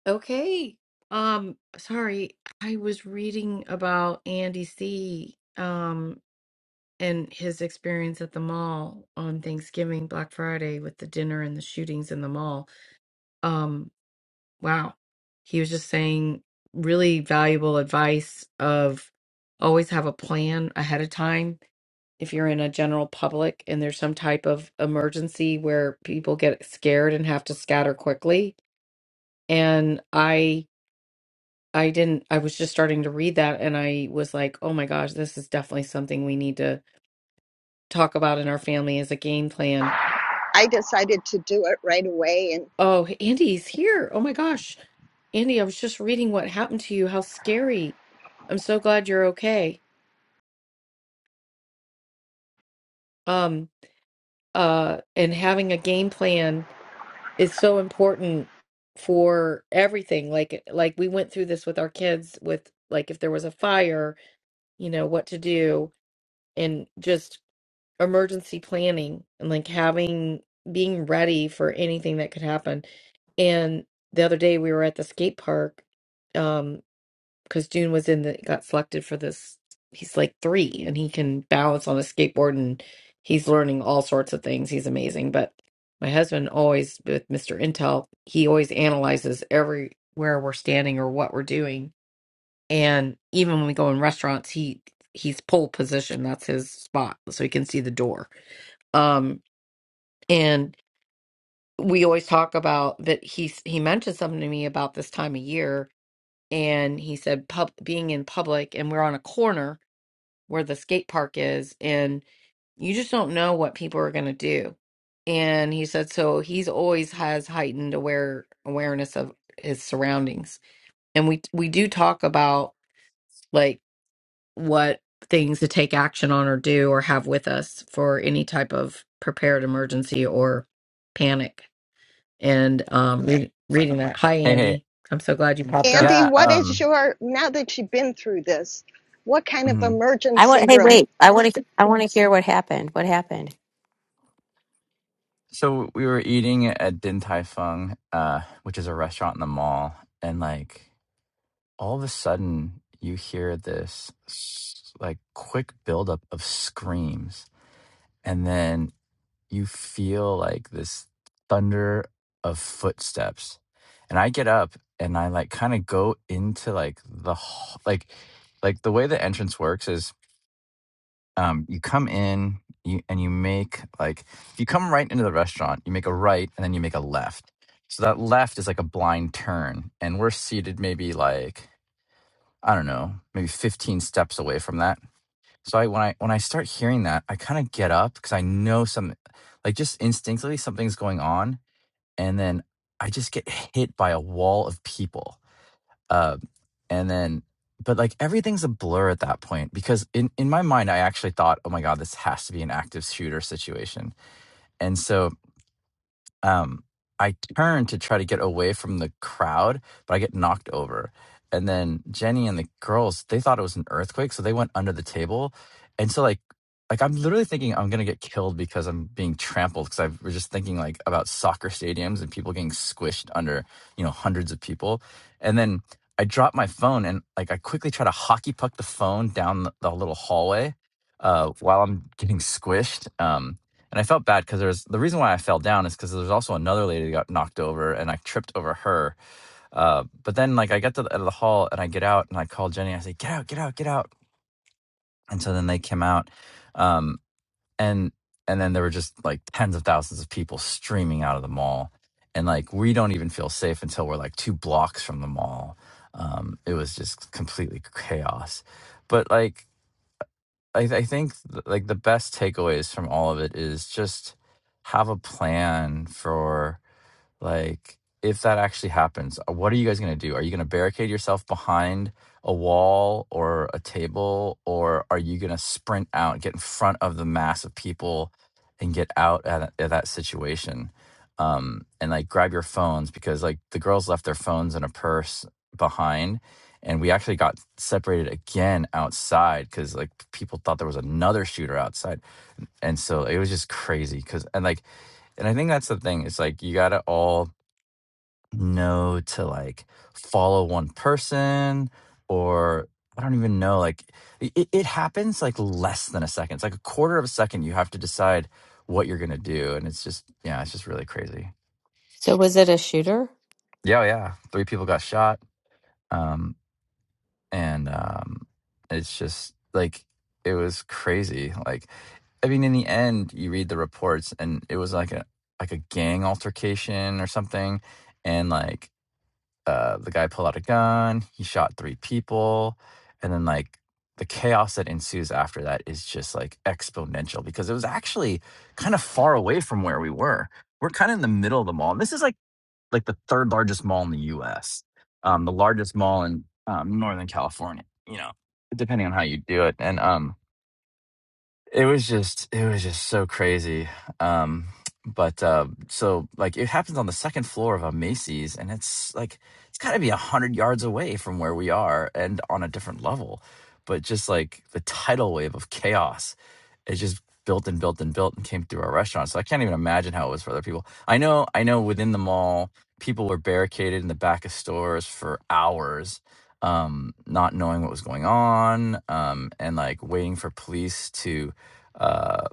Speaker 4: okay. Um, sorry. I was reading about Andy C. Um, and his experience at the mall on Thanksgiving, Black Friday, with the dinner and the shootings in the mall. Um. Wow. He was just saying really valuable advice of always have a plan ahead of time. If you're in a general public and there's some type of emergency where people get scared and have to scatter quickly. And I I didn't I was just starting to read that and I was like, "Oh my gosh, this is definitely something we need to talk about in our family as a game plan."
Speaker 12: I decided to do it right away. And
Speaker 4: Oh, Andy's here. Oh my gosh. Andy, I was just reading what happened to you. How scary. I'm so glad you're okay. um uh and having a game plan is so important for everything like eh, like we went through this with our kids with like if there was a fire you know what to do and just emergency planning and like having being ready for anything that could happen and the other day we were at the skate park um, because June was in the got selected for this. He's like three and he can balance on a skateboard and he's learning all sorts of things. He's amazing. But my husband always with Mr. Intel, he always analyzes everywhere we're standing or what we're doing. And even when we go in restaurants, he he's pole position. That's his spot, so he can see the door. Um and we always talk about that he he mentioned something to me about this time of year and he said pub being in public and we're on a corner where the skate park is and you just don't know what people are going to do and he said so he's always has heightened aware awareness of his surroundings and we we do talk about like what things to take action on or do or have with us for any type of prepared emergency or panic and um read, reading that hi
Speaker 17: Hey, hey.
Speaker 4: andy i'm so glad you popped up
Speaker 12: Andy,
Speaker 17: Yeah,
Speaker 12: what is
Speaker 17: um
Speaker 12: your, now that you've been through this, what kind of
Speaker 17: mhm.
Speaker 1: I
Speaker 12: emergency
Speaker 1: want Hey,
Speaker 12: room?
Speaker 1: wait. I want to I want to hear what happened. What happened?
Speaker 17: so we were eating at Din Tai Fung, uh, which is a restaurant in the mall, and like all of a sudden you hear this s- like quick buildup of screams, and then you feel like this thunder of footsteps. And I get up and I like kind of go into like the h- like like the way the entrance works is um, you come in you, and you make like if you come right into the restaurant you make a right and then you make a left so that left is like a blind turn and we're seated maybe like i don't know maybe 15 steps away from that so i when i when i start hearing that i kind of get up because i know some like just instinctively something's going on and then i just get hit by a wall of people uh, and then, but like everything's a blur at that point because in, in my mind, I actually thought, oh my God, this has to be an active shooter situation. And so um, I turn to try to get away from the crowd, but I get knocked over. And then Jenny and the girls, they thought it was an earthquake, so they went under the table. And so like like I'm literally thinking I'm gonna get killed because I'm being trampled because I was just thinking like about soccer stadiums and people getting squished under, you know, hundreds of people. And then I drop my phone and like I quickly try to hockey puck the phone down the, the little hallway uh, while I'm getting squished. um. And I felt bad because there's the reason why I fell down is because there's also another lady that got knocked over and I tripped over her. Uh, but then like I got to the, out of the hall and I get out and I call Jenny. I say, "Get out! Get out! Get out!" And so then they came out, um, and and then there were just like tens of thousands of people streaming out of the mall, and like we don't even feel safe until we're like two blocks from the mall. Um, it was just completely chaos. But like I, I think th- like the best takeaways from all of it is just have a plan for like, if that actually happens, uh, what are you guys going to do? Are you going to barricade yourself behind a wall or a table, or are you going to sprint out, get in front of the mass of people, and get out at, at that situation? Um, and like grab your phones because like the girls left their phones in a purse behind, and we actually got separated again outside because like people thought there was another shooter outside, and so it was just crazy because and like and I think that's the thing. It's like you gotta all no, to like follow one person or I don't even know. Like it, it happens like less than a second. It's like a quarter of a second you have to decide what you're gonna do. And it's just yeah, it's just really crazy.
Speaker 1: So was it a shooter?
Speaker 17: Yeah, oh, yeah. Three people got shot. Um and um it's just like it was crazy. Like I mean in the end you read the reports and it was like a like a gang altercation or something and like uh, the guy pulled out a gun. He shot three people, and then like the chaos that ensues after that is just like exponential because it was actually kind of far away from where we were. We're kind of in the middle of the mall. And this is like like the third largest mall in the U.S. Um, the largest mall in um, Northern California. You know, depending on how you do it, and um, it was just it was just so crazy um but uh so like it happens on the second floor of a macy's and it's like it's got to be a hundred yards away from where we are and on a different level but just like the tidal wave of chaos it just built and built and built and came through our restaurant so i can't even imagine how it was for other people i know i know within the mall people were barricaded in the back of stores for hours um not knowing what was going on um and like waiting for police to uh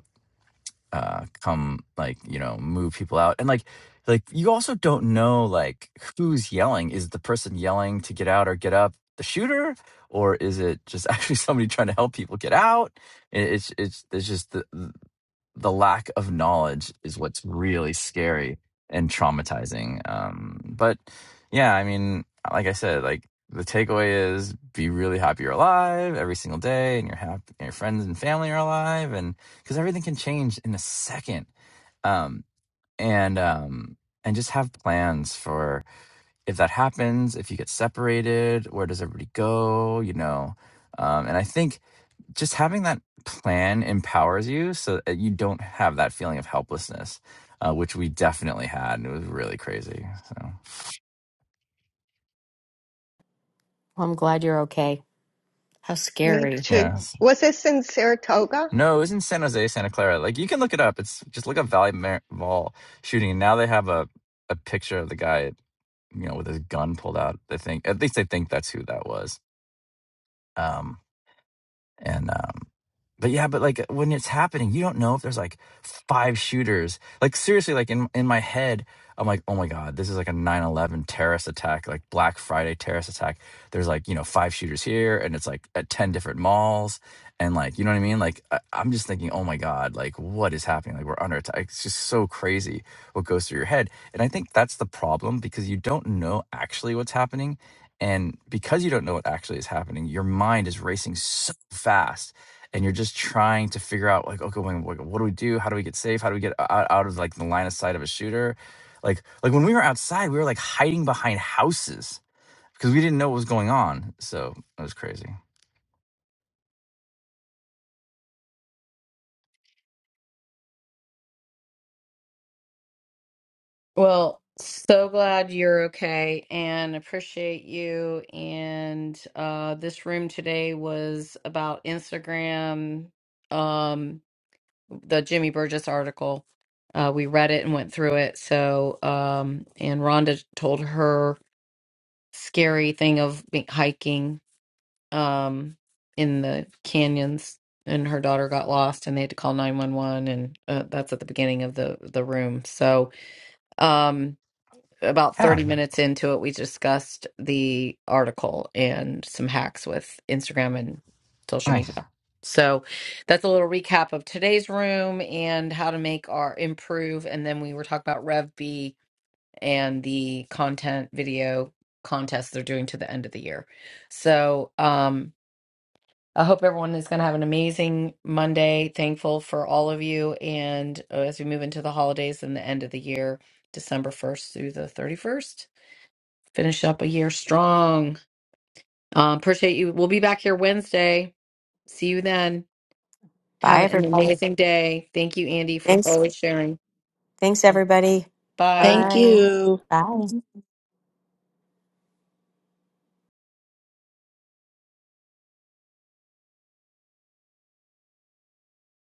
Speaker 17: uh come like you know move people out and like like you also don't know like who's yelling is the person yelling to get out or get up the shooter or is it just (laughs) actually somebody trying to help people get out It- it's it's it's just the, the lack of knowledge is what's really scary and traumatizing. Um, but yeah, I mean, like I said, like the takeaway is be really happy you're alive every single day, and you're happy, and your friends and family are alive, and because everything can change in a second. Um, and um, and just have plans for if that happens, if you get separated, where does everybody go? You know, um, and I think just having that plan empowers you so that you don't have that feeling of helplessness, uh, which we definitely had. And it was really crazy. So,
Speaker 1: Well, I'm glad you're okay. How
Speaker 12: Me
Speaker 1: scary.
Speaker 12: too.
Speaker 17: yes.
Speaker 12: Was this in Saratoga?
Speaker 17: No, it was in San Jose, Santa Clara. Like, you can look it up. It's just look up Valley Mar- Mall shooting. And now they have a, a picture of the guy, you know, with his gun pulled out. They think, at least they think that's who that was. Um, And um, but yeah, but like when it's happening, you don't know if there's like five shooters. Like seriously, like in in my head, I'm like, oh my god, this is like a nine eleven terrorist attack, like Black Friday terrorist attack. There's like you know five shooters here, and it's like at ten different malls, and like you know what I mean. Like I, I'm just thinking, oh my god, like what is happening? Like we're under attack. It's just so crazy what goes through your head, and I think that's the problem because you don't know actually what's happening and because you don't know what actually is happening, your mind is racing so fast and you're just trying to figure out like, okay, wait, what what do we do? How do we get safe? How do we get out, out of like the line of sight of a shooter? Like like when we were outside, we were like hiding behind houses because we didn't know what was going on. So it was crazy.
Speaker 4: Well, so glad you're okay and appreciate you. And uh, this room today was about Instagram, um, the Jimmy Burgess article. Uh, we read it and went through it. So, um, and Rhonda told her scary thing of be- hiking um, in the canyons, and her daughter got lost, and they had to call 911. And uh, that's at the beginning of the the room. So, um about
Speaker 17: Yeah.
Speaker 4: 30 minutes into it, we discussed the article and some hacks with Instagram and social
Speaker 17: nice.
Speaker 4: media. So that's a little recap of today's room and how to make our improve. And then we were talking about Rev B and the content video contest they're doing to the end of the year. So um, I hope everyone is going to have an amazing Monday. Thankful for all of you. And uh, as we move into the holidays and the end of the year, December 1st through the 31st. Finish up a year strong. Um, appreciate you. We'll be back here Wednesday. See you then. Have
Speaker 1: Bye
Speaker 4: an
Speaker 1: everybody.
Speaker 4: amazing day. Thank you, Andy, for
Speaker 1: Thanks.
Speaker 4: always sharing.
Speaker 1: Thanks,
Speaker 4: Um,
Speaker 1: everybody.
Speaker 4: Bye.
Speaker 16: Thank you.
Speaker 1: Bye.